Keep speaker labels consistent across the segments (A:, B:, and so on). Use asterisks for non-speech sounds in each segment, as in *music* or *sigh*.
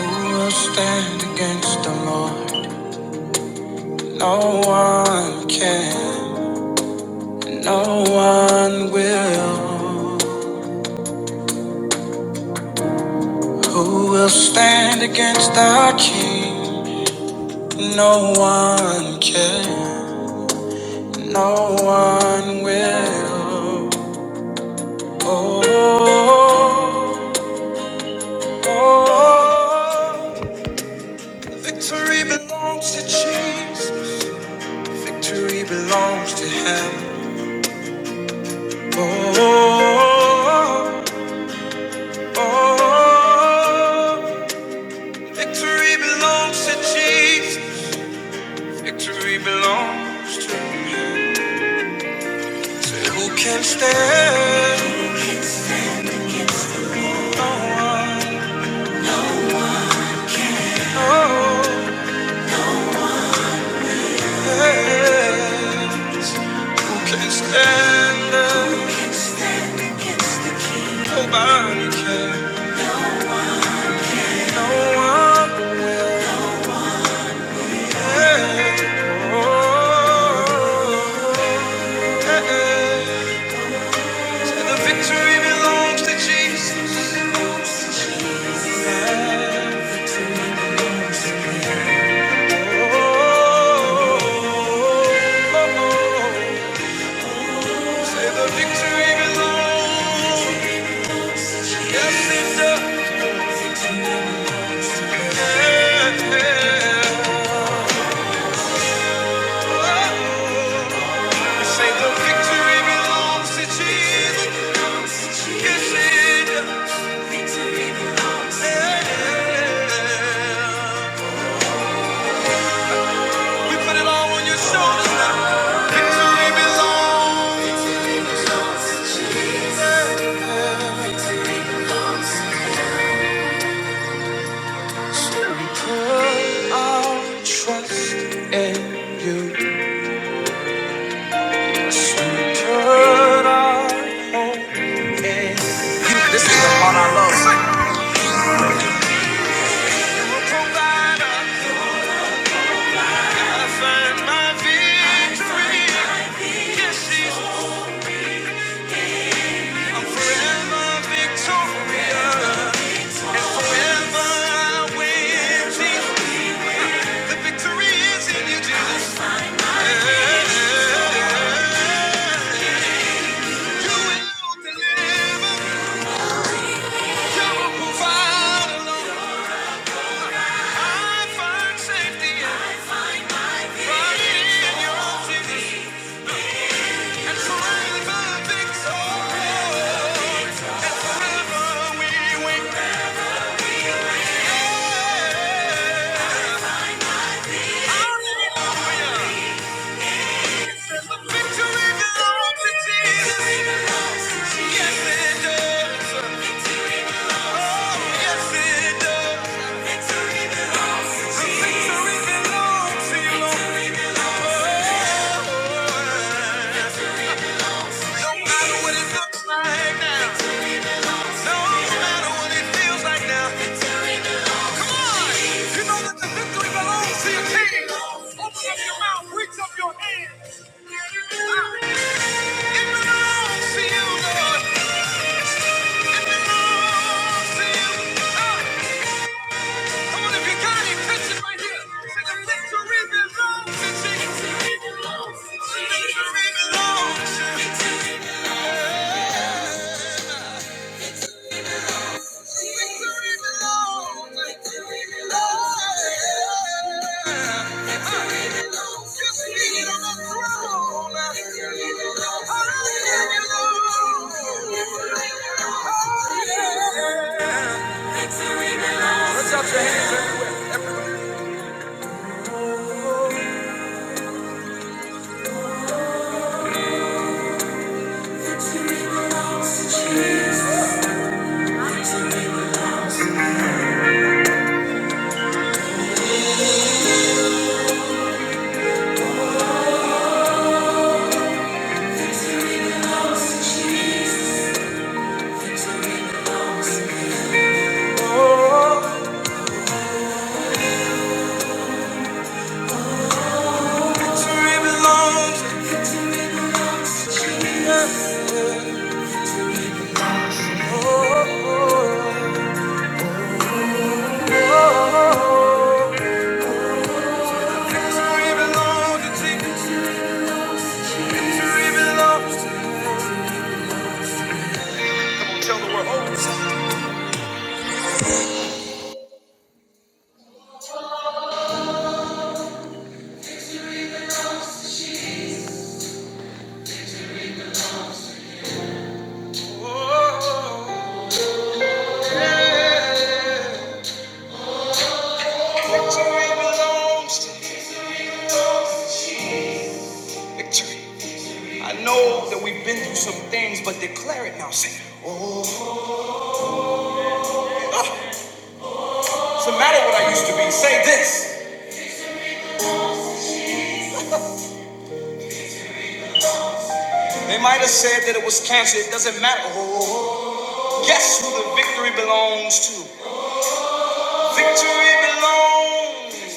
A: Who will stand against the Lord? No one can, no one will. Who will stand against our King? No one can, no one will. Oh, oh, oh. Victory belongs to Jesus. Victory belongs to Him. Oh, oh, oh. Oh, victory belongs to Jesus. Victory belongs to you. Who can stand? No one. Oh, yeah. Who can stand? Nobody can. No one. Yeah. Oh, yeah. So The victory belongs to Jesus. Yeah. Say the victory belongs. Yes, it does. Say the victory belongs to Jesus. Yes, it does. We put it all on your shoulders now. Victory belongs. Still put our trust in you. We put our hope in you. This is about our love. song. You provide I find my victory. Yes, she's I'm forever victorious. And forever I will The victory is in you, Jesus. Yeah. You will deliver. You will provide. No matter what it looks like now. No matter what it feels like now. Come on! You know that the victory belongs to your king. Open up your mouth. Ah. It belongs to you, Lord. It belongs to you. Ah, Come on, if you got right here. Say the victory belongs to Jesus. The victory belongs to you. The victory belongs. Lift your hands and Oh, oh, oh, oh. Victory belongs to Jesus. Victory belongs Come on, tell the world. Oh, yeah. Victory belongs to Victory. I know that we've been through some things, but declare it now. Say, oh, doesn't matter what I used to be. Say this. *laughs* They might have said that it was cancer. It doesn't matter. Oh, guess who the victory belongs to? Victory belongs.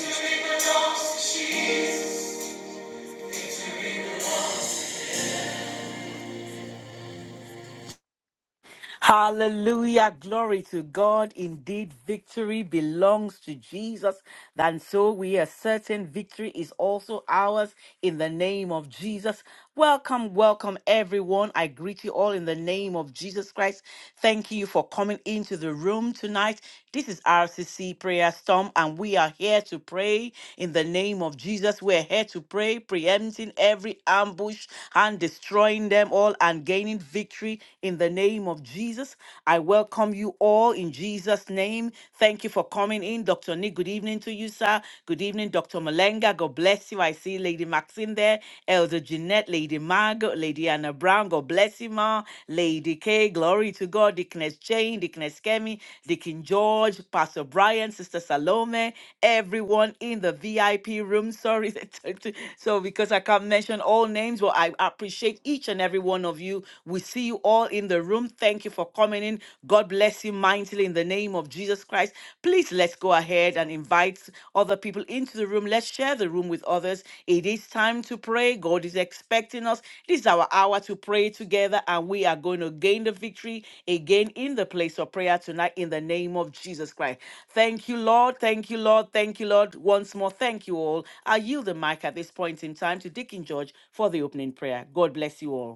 B: Hallelujah. Glory to God. Indeed, victory belongs to Jesus. And so we are certain victory is also ours in the name of Jesus. Welcome, welcome, everyone. I greet you all in the name of Jesus Christ. Thank you for coming into the room tonight. This is RCC Prayer Storm, and we are here to pray in the name of Jesus. We're here to pray, preempting every ambush and destroying them all and gaining victory in the name of Jesus. I welcome you all in Jesus' name. Thank you for coming in. Dr. Nick, good evening to you, sir. Good evening, Dr. Malenga. God bless you. I see Lady Maxine there, Elder Jeanette, Lady Margaret, Lady Anna Brown. God bless you, ma. Lady K, glory to God. Dickness Jane, Dickness Kemi, Dickin George, Pastor Brian, Sister Salome, everyone in the VIP room. Sorry, *laughs* so because I can't mention all names, but I appreciate each and every one of you. We see you all in the room. Thank you for coming in. God bless you mightily in the name of Jesus Christ. Please let's go ahead and invite other people into the room. Let's share the room with others. It is time to pray. God is expecting us. This is our hour to pray together, and we are going to gain the victory again in the place of prayer tonight in the name of Jesus Christ. Thank you, Lord. Thank you, Lord. Thank you, Lord. Once more, thank you all. I yield the mic at this point in time to Deacon George for the opening prayer. God bless you all.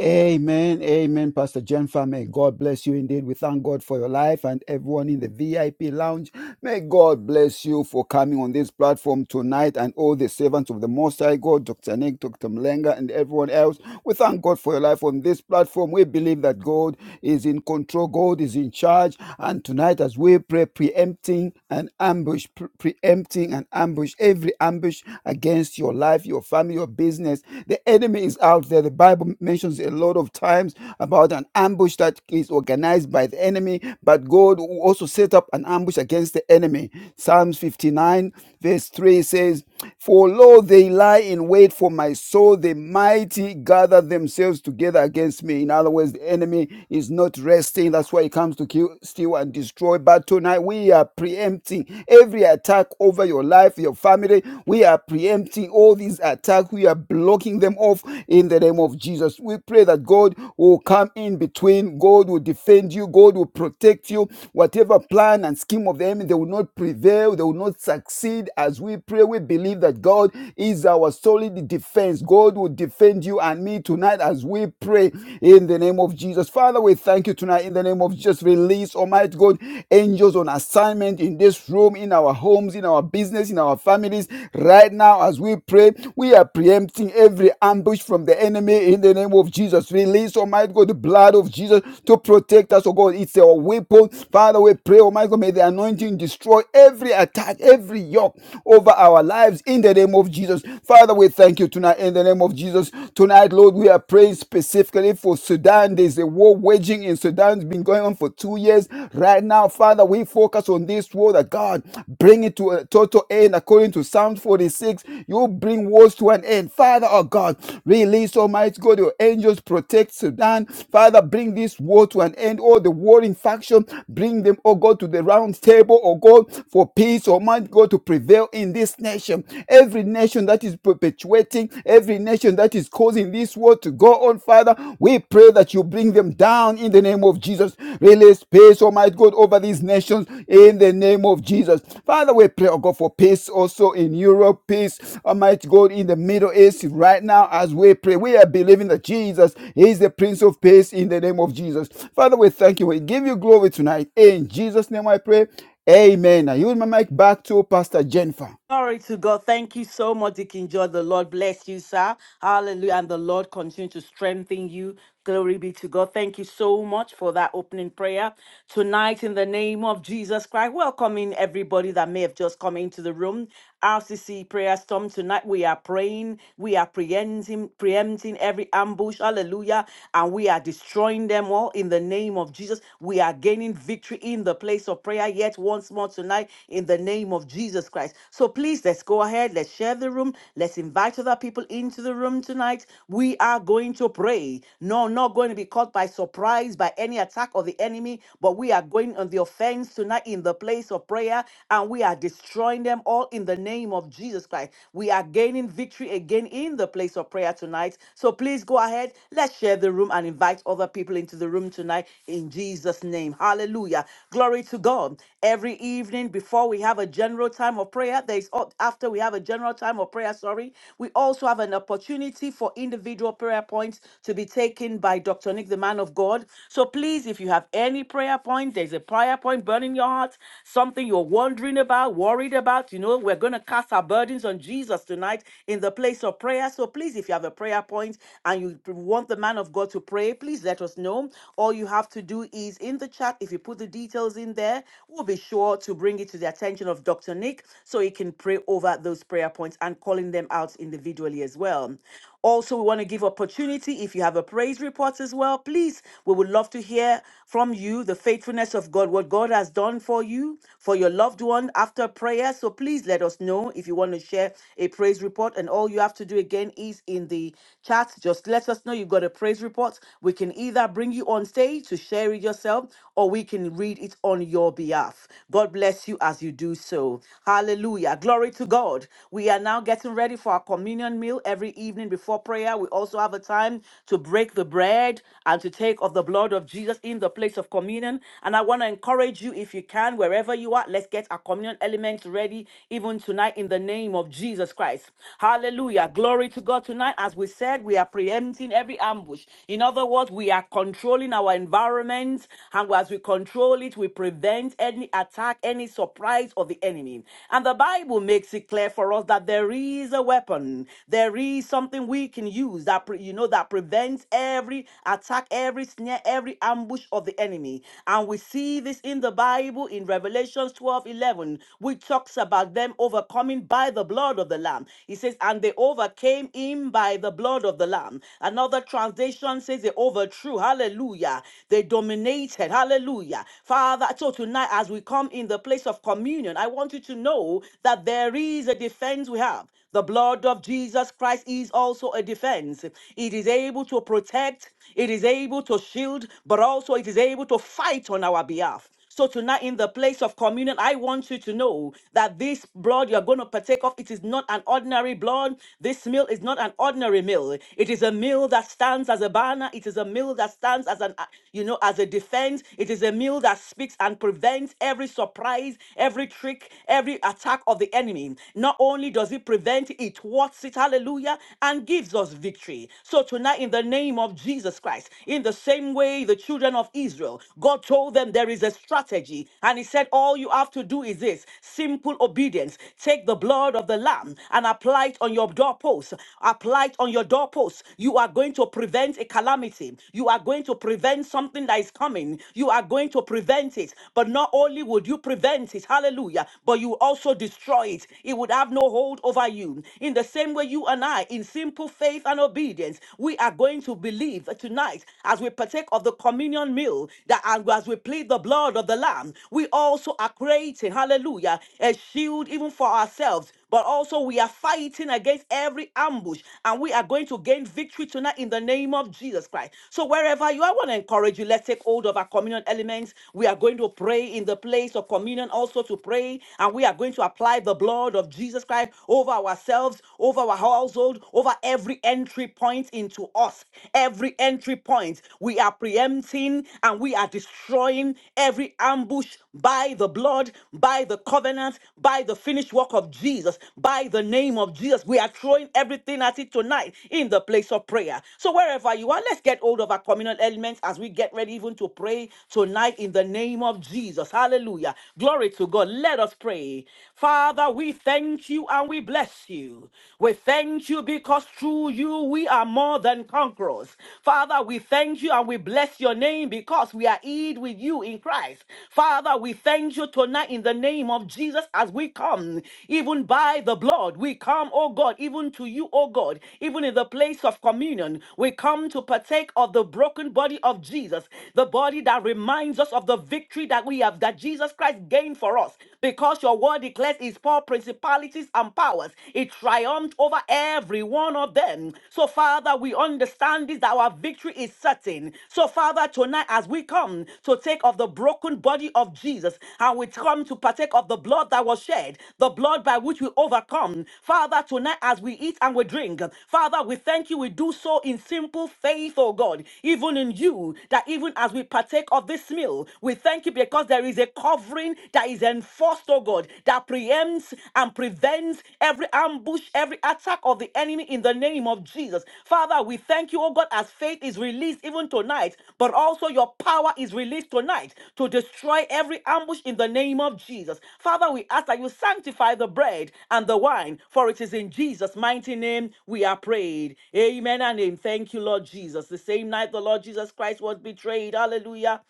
C: Amen. Amen, Pastor Jennifer. May God bless you indeed. We thank God for your life and everyone in the VIP lounge. May God bless you for coming on this platform tonight and all the servants of the Most High God, Dr. Nick, Dr. Mlenga, and everyone else. We thank God for your life on this platform. We believe that God is in control, God is in charge. And tonight, as we pray, preempting an ambush, pre- preempting an ambush, every ambush against your life, your family, your business. The enemy is out there. The Bible mentions a lot of times about an ambush ambush that is organized by the enemy, but God also set up an ambush against the enemy. Psalms 59, verse 3 says, For lo, they lie in wait for my soul, the mighty gather themselves together against me. In other words, the enemy is not resting. That's why he comes to kill, steal, and destroy. But tonight we are preempting every attack over your life, your family. We are preempting all these attacks. We are blocking locking them off in the name of Jesus. We pray that God will come in between, God will defend you, God will protect you. Whatever plan and scheme of the enemy, they will not prevail, they will not succeed. As we pray, we believe that God is our solid defense. God will defend you and me tonight as we pray in the name of Jesus. Father, we thank you tonight in the name of Jesus. Release, Almighty God, angels on assignment in this room, in our home homes, in our business, in our families. Right now, as we pray, we are preempting every ambush from the enemy in the name of Jesus. Release, Almighty God, the blood of Jesus to protect us, oh God. It's our weapon. Father, we pray, Almighty God, may the anointing destroy every attack, every yoke over our lives in the name of Jesus. Father, we thank you tonight in the name of Jesus. Tonight, Lord, we are praying specifically for Sudan. There's a war waging in Sudan. It's been going going on for two years. Right now, Father, we focus on this word that God bring it to a total end according to Psalm 46. You bring wars to an end. Father, oh God, release Almighty God, your angels protect Sudan. Father, bring this war to an end. All the warring faction, bring them, oh God, to the round table, oh God, for peace, Almighty God, to prevail in this nation. Every nation that is perpetuating, every nation that is causing those in this world to go on, Father. We pray that you bring them down in the name of Jesus. Release peace, Almighty God, over these nations in the name of Jesus. Father, we pray, oh God, for peace also in Europe, peace, Almighty God, in the Middle East right now as we pray. We are believing that Jesus is the Prince of Peace in the name of Jesus. Father, we thank you. We give you glory tonight. In Jesus' name I pray. Amen. I yield my mic back to Pastor Jennifer.
B: Glory to God. Thank you so much, Deacon George. The Lord bless you, sir. Hallelujah. And the Lord continue to strengthen you. Glory be to God. Thank you so much for that opening prayer. Tonight, in the name of Jesus Christ, welcoming everybody that may have just come into the room. RCC prayer storm tonight. We are praying. We are preempting, preempting every ambush. Hallelujah. And we are destroying them all in the name of Jesus. We are gaining victory in the place of prayer yet once more tonight in the name of Jesus Christ. So please, let's go ahead. Let's share the room. Let's invite other people into the room tonight. We are going to pray. No, not going to be caught by surprise by any attack of the enemy, but we are going on the offense tonight in the place of prayer and we are destroying them all in the name of Jesus Christ. We are gaining victory again in the place of prayer tonight. So please go ahead. Let's share the room and invite other people into the room tonight in Jesus' name. Hallelujah. Glory to God. Every evening before we have a general time, time of prayer, there is al- after we have a general time of prayer, sorry, we also have an opportunity for individual prayer points to be taken by Dr. Nick, the man of God. So please, if you have any prayer point, there's a prayer point burning in your heart, something you're wondering about, worried about, you know, we're going to cast our burdens on Jesus tonight in the place of prayer. So please, if you have a prayer point and you p- want the man of God to pray, please let us know. All you have to do is in the chat, if you put the details in there, we'll be sure to bring it to the attention of Dr. Dr. Nick so he can pray over those prayer points and calling them out individually as well. Also, we want to give opportunity if you have a praise report as well, please. We would love to hear from you the faithfulness of God, what God has done for you, for your loved one after prayer. So please let us know if you want to share a praise report. And all you have to do again is in the chat, just let us know you've got a praise report. We can either bring you on stage to share it yourself or we can read it on your behalf. God bless you as you do do so. Hallelujah. Glory to God. We are now getting ready for our communion meal every evening before prayer. We also have a time to break the bread and to take of the blood of Jesus in the place of communion. And I want to encourage you, if you can, wherever you are, let's get our communion elements ready even tonight in the name of Jesus Christ. Hallelujah. Glory to God tonight. As we said, we are preempting every ambush. In other words, we are controlling our environment. And as we control it, we prevent any attack, any surprise surprise of the enemy. And the Bible makes it clear for us that there is a weapon, there is something we can use that you know that prevents every attack, every snare, every ambush of the enemy. And we see this in the Bible in Revelation 12:11. 11, which talks about them overcoming by the blood of the Lamb. It says, And they overcame him by the blood of the Lamb. Another translation says they overthrew. Hallelujah. They dominated. Hallelujah. Father, so tonight as we come in the the place of communion, I want you to know that there is a defense we have. The blood of Jesus Christ is also a defense. It is able to protect, it is able to shield, but also it is able to fight on our behalf. So tonight in the place of communion, I want you to know that this blood you're going to partake of, it is not an ordinary blood. This meal is not an ordinary meal. It is a meal that stands as a banner. It is a meal that stands as an, uh, you know, as a defense. It is a meal that speaks and prevents every every surprise, every trick, every attack of the enemy. Not only does it prevent, it thwarts it, hallelujah, and gives us victory. So tonight, in the name of Jesus Christ, in the same way the children of Israel, God told them there is a strategy, and He said, All you have to do is this simple obedience. Take the blood of the Lamb and apply it on your doorposts. Apply it on your doorposts. You are going to prevent a calamity. You are going to prevent something that is coming. You are going to prevent it. But not only only would you prevent it, hallelujah, but you also destroy it. It would have no hold over you. In the same way, you and I, in simple faith and obedience, we are going to believe that tonight as we partake of the communion meal that and as we plead the blood of the Lamb, we also are creating, hallelujah, a shield even for ourselves but also we are fighting against every ambush and we are going to gain victory tonight in the name of Jesus Christ. So wherever you are, I want to encourage you, let's take hold of our communion elements. We are going to pray pray in the place of communion, also to pray. And we are going to apply the blood of Jesus Christ over ourselves, over our household, over every entry point into us. Every entry point, we are preempting and we are destroying every ambush by the blood, by the covenant, by the finished work of Jesus, by the name of Jesus. We are throwing everything at it tonight in the place of prayer. So, wherever you are, let's get hold of our communal elements as we get ready even to pray tonight in the name of name of Jesus. Hallelujah. Glory to God. Let us pray. Father, we thank you and we bless you. We thank you because through you we are more than conquerors. Father, we thank you and we bless your name because we are hid with you in Christ. Father, we thank you tonight in the name of Jesus as we come, even by the blood. We come, oh God, even to you, oh God, even in the place of communion. We come to partake of the broken body of Jesus, the body that reminds us of the of the victory that we have, that Jesus Christ gained for us. Because your word declares his power, principalities, and powers. It triumphed over every one of them. So, Father, we understand this that our victory is certain. So, Father, tonight as we come to take of the broken body of Jesus and we come to partake of the blood that was shed, the blood by which we overcome. Father, tonight as we eat and we drink, Father, we thank you. We do so in simple faith, oh God, even in you, that even as we partake of this meal, meal. We thank you because there is a covering that is enforced, oh God, that preempts and prevents every ambush, every attack of the enemy in the name of Jesus. Father, we thank you, oh God, as faith is released even tonight, but also your power is released tonight to destroy every ambush in the name of Jesus. Father, we ask that you sanctify the bread and the wine, for it is in Jesus' mighty name we are prayed. Amen and amen. Thank you, Lord Jesus. The same night the Lord Jesus Christ was betrayed. Hallelujah.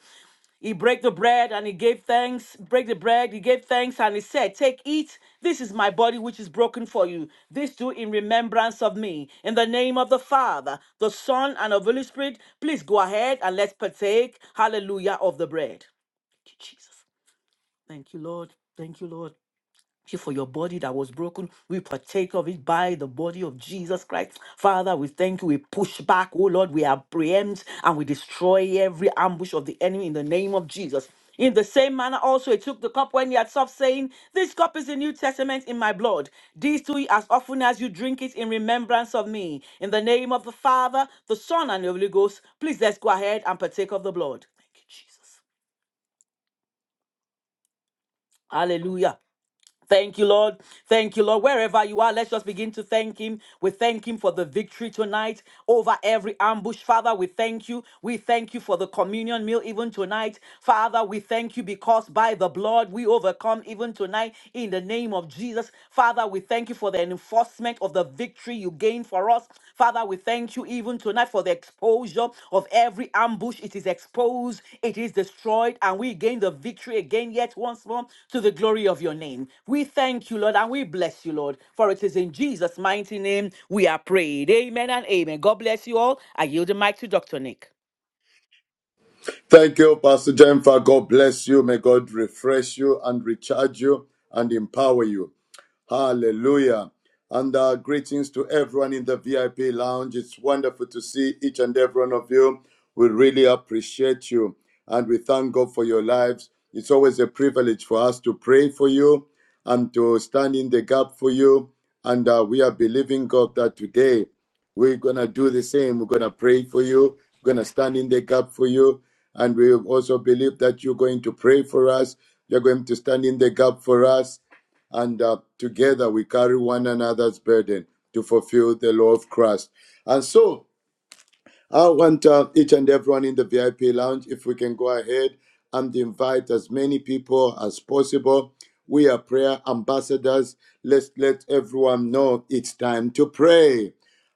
B: He broke the bread and he gave thanks. Break the bread, he gave thanks and he said, Take, eat. This is my body which is broken for you. This do in remembrance of me. In the name of the Father, the Son, and of the Holy Spirit, please go ahead and let's partake, hallelujah, of the bread. Thank you, Jesus. Thank you, Lord. Thank you, Lord you for your body that was broken. We partake of it by the body of Jesus Christ. Father, we thank you. We push back, oh Lord. We apprehend and we destroy every ambush of the enemy in the name of Jesus. In the same manner, also, he took the cup when he had stopped saying, This cup is the New Testament in my blood. These do ye as often as you drink it in remembrance of me. In the name of the Father, the Son, and the Holy Ghost, please let's go ahead and partake of the blood. Thank you, Jesus. Hallelujah. Thank you, Lord. Thank you, Lord. Wherever you are, let's just begin to thank Him. We thank Him for the victory tonight over every ambush. Father, we thank you. We thank you for the communion meal even tonight. Father, we thank you because by the blood we overcome even tonight in the name of Jesus. Father, we thank you for the enforcement of the victory you gain for us. Father, we thank you even tonight for the exposure of every ambush. It is exposed, it is destroyed, and we gain the victory again yet once more to the glory of your name. We thank you, Lord, and we bless you, Lord, for it is in Jesus' mighty name we are prayed. Amen and amen. God bless you all. I yield the mic to Dr. Nick.
D: Thank you, Pastor Jennifer. God bless you. May God refresh you and recharge you and empower you. Hallelujah. And uh, greetings to everyone in the VIP lounge. It's wonderful to see each and every one of you. We really appreciate you and we thank God for your lives. It's always a privilege for us to pray for you and to stand in the gap for you. And uh, we are believing God that today we're going to do the same. We're going to pray for you, we're going to stand in the gap for you. And we also believe that you're going to pray for us, you're going to stand in the gap for us and uh, together we carry one another's burden to fulfill the law of Christ. And so I want uh, each and everyone in the VIP lounge, if we can go ahead and invite as many people as possible. We are prayer ambassadors. Let's let everyone know it's time to pray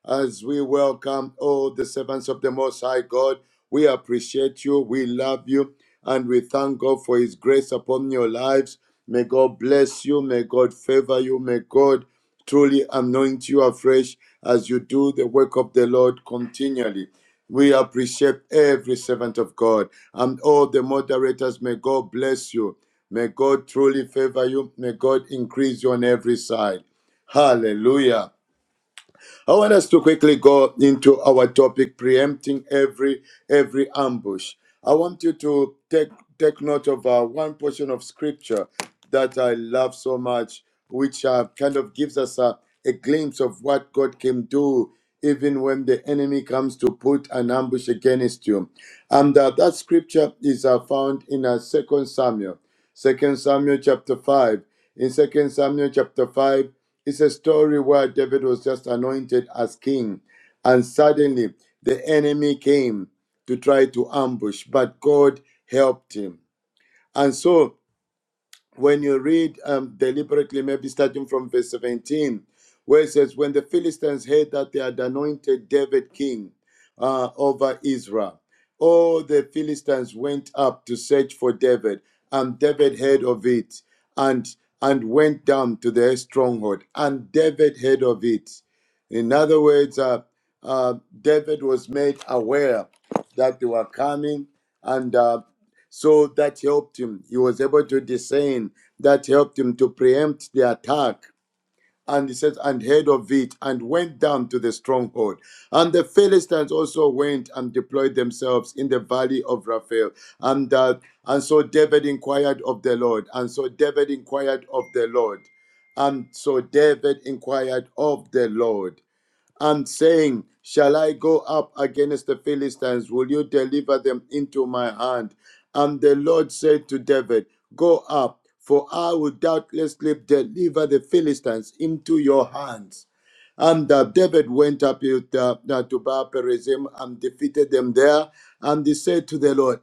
D: as we welcome all the servants of the Most High God. We appreciate you, we love you, and we thank God for His grace upon your lives. May God bless you, may God favor you, may God truly anoint you afresh as you do the work of the Lord continually. We appreciate every servant of God and all the moderators. May God bless you. May God truly favor you. May God increase you on every side. Hallelujah. I want us to quickly go into our topic, preempting every every ambush. I want you to take take note of uh, one portion of scripture that I love so much, which uh, kind of gives us a, a glimpse of what God can do even when the enemy comes to put an ambush against you. And uh, that scripture is uh, found in uh, 2 Samuel, Second Samuel chapter 5. In Second Samuel chapter 5, it's a story where David was just anointed as king, and suddenly the enemy came to try to ambush, but God helped him. And so when you read um, deliberately, maybe starting from verse 17, where it says, When the Philistines heard that they had anointed David king uh, over Israel, all the Philistines went up to search for David, and David heard of it and, and went down to their stronghold, and David heard of it. In other words, uh, uh, David was made aware that they were coming, and uh, so that helped him. He was able to discern. That helped him to preempt the attack. And he says, and heard of it and went down to the stronghold. And the Philistines also went and deployed themselves in the valley of Raphael. And, uh, and so David inquired of the Lord. And so David inquired of the Lord. And so David inquired of the Lord and saying, Shall I go up against the Philistines? Will you deliver them into my hand? And the Lord said to David, Go up, for I will doubtlessly deliver the Philistines into your hands. And uh, David went up with, uh, uh, to Baal Perazim and defeated them there. And he said to the Lord,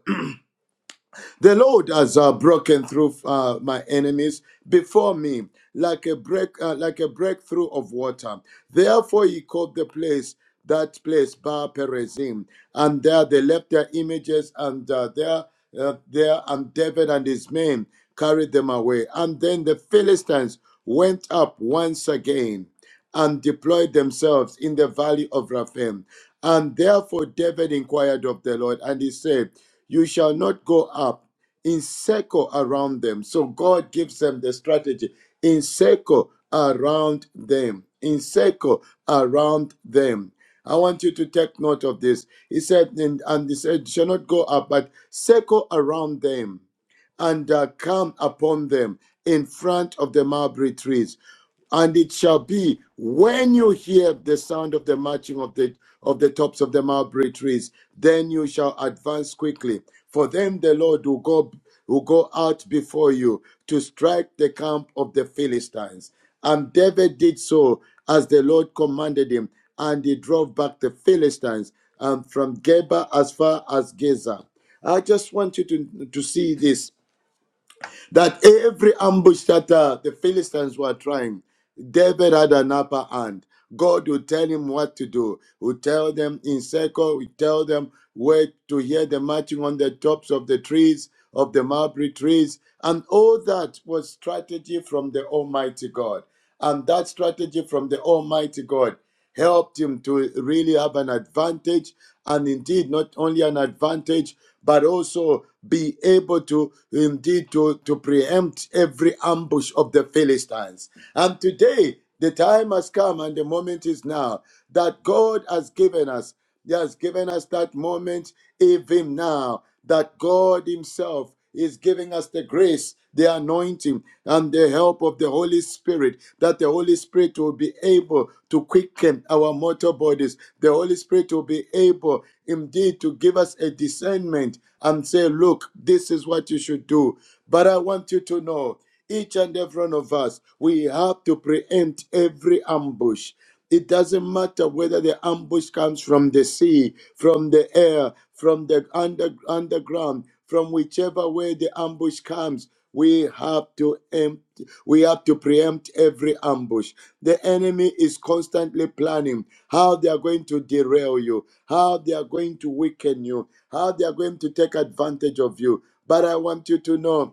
D: the Lord has uh, broken through uh, my enemies before me, like a break, uh, like a breakthrough of water. Therefore, he called the place that place Bar Perazim, and there they left their images, and uh, there, uh, there, and David and his men carried them away. And then the Philistines went up once again and deployed themselves in the valley of Rephaim, And therefore David inquired of the Lord, and he said, You shall not go up in circle around them. So God gives them the strategy in circle around them, in circle around them. I want you to take note of this. He said, and, and he said, shall not go up, but circle around them and uh, come upon them in front of the mulberry trees. And it shall be when you hear the sound of the marching of the of the tops of the mulberry trees, then you shall advance quickly. For them the Lord will go will go out before you to strike the camp of the Philistines. And David did so as the Lord commanded him, and he drove back the Philistines and from Geba as far as Gaza. I just want you to, to see this that every ambush that uh, the Philistines were trying, David had an upper hand. God will tell him what to do. Will tell them in circle. Will tell them where to hear the marching on the tops of the trees of the mulberry trees, and all that was strategy from the Almighty God. And that strategy from the Almighty God helped him to really have an advantage, and indeed not only an advantage, but also be able to indeed to, to preempt every ambush of the Philistines. And today, the time has come and the moment is now that God has given us. He has given us that moment even now that God Himself is giving us the grace, the anointing, and the help of the Holy Spirit, that the Holy Spirit will be able to quicken our mortal bodies. The Holy Spirit will be able indeed to give us a discernment and say, look, this is what you should do. But I want you to know, each and every one of us, we have to preempt every ambush. It doesn't matter whether the ambush comes from the sea, from the air, from the under, underground, from whichever way the ambush comes. We have to empty, we have to preempt every ambush. The enemy is constantly planning how they are going to derail you, how they are going to weaken you, how they are going to take advantage of you. But I want you to know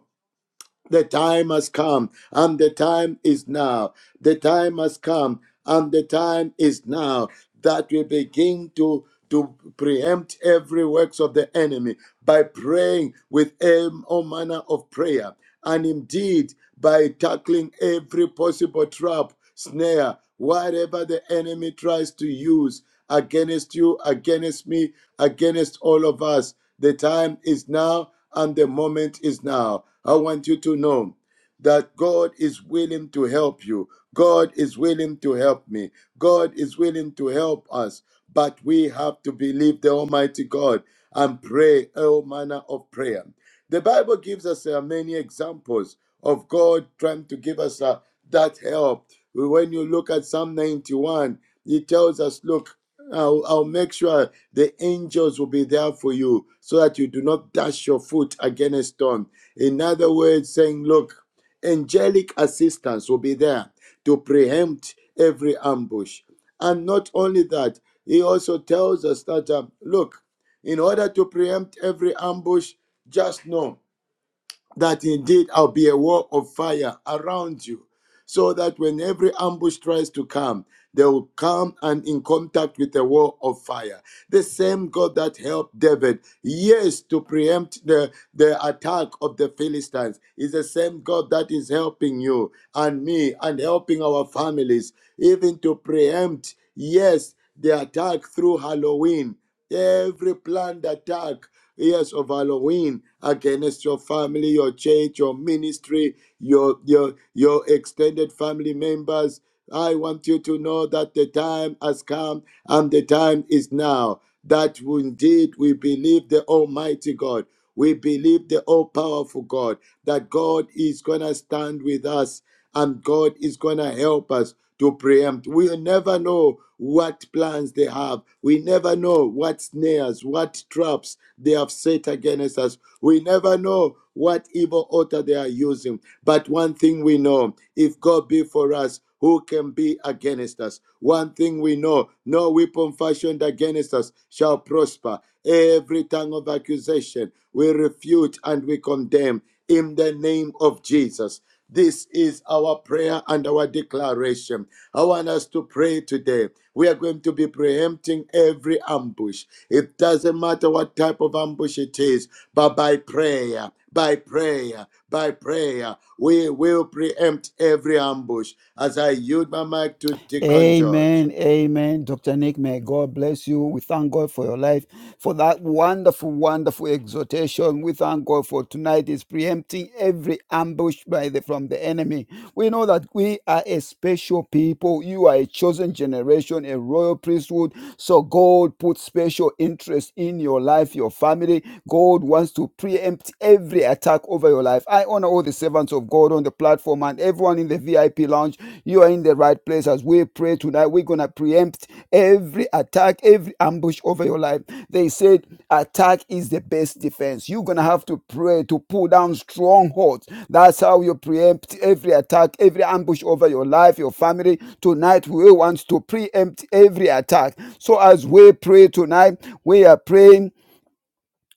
D: the time has come, and the time is now. The time has come, and the time is now that we begin to to preempt every works of the enemy by praying with em- all manner of prayer, and indeed by tackling every possible trap, snare, whatever the enemy tries to use against you, against me, against all of us. The time is now and the moment is now. I want you to know that God is willing to help you. God is willing to help me. God is willing to help us. But we have to believe the Almighty God and pray all manner of prayer. The Bible gives us uh, many examples of God trying to give us uh, that help. When you look at Psalm 91, he tells us, Look, I'll, I'll make sure the angels will be there for you so that you do not dash your foot against a stone. In other words, saying, Look, angelic assistance will be there to preempt every ambush. And not only that, he also tells us that, um, look, in order to preempt every ambush, just know that indeed I'll be a wall of fire around you, so that when every ambush tries to come, they will come and in contact with the wall of fire. The same God that helped David, yes, to preempt the, the attack of the Philistines, is the same God that is helping you and me and helping our families, even to preempt, yes, the attack through Halloween. Every planned attack Years of Halloween against your family, your church, your ministry, your your your extended family members. I want you to know that the time has come and the time is now. That indeed we believe the Almighty God we believe the all powerful God that God is going to stand with us and God is going to help us to preempt. We'll never know what plans they have. We never know what snares, what traps they have set against us. We never know what evil altar they are using. But one thing we know if God be for us, who can be against us? One thing we know no weapon fashioned against us shall prosper. Every tongue of accusation we refute and we condemn in the name of Jesus. This is our prayer and our declaration. I want us to pray today. We are going to be preempting every ambush. It doesn't matter what type of ambush it is, but by prayer, by prayer by prayer. We will preempt every ambush. As I yield my mic to Deacon George.
C: Amen. Amen. Dr. Nick, may God bless you. We thank God for your life, for that wonderful, wonderful exhortation. We thank God for tonight is preempting every ambush by the from the enemy. We know that we are a special people. You are a chosen generation, a royal priesthood. So God put special interest in your life, your family. God wants to preempt every attack over your life. I honor all the servants of God on the platform and everyone in the VIP lounge. You are in the right place as we pray tonight. We're going to preempt preempt every attack, every ambush over your life. They said attack is the best defense. You're going to have to pray to pull down strongholds. That's how you preempt every attack, every ambush over your life, your family. Tonight, we want to preempt every attack. So as we pray tonight, we are praying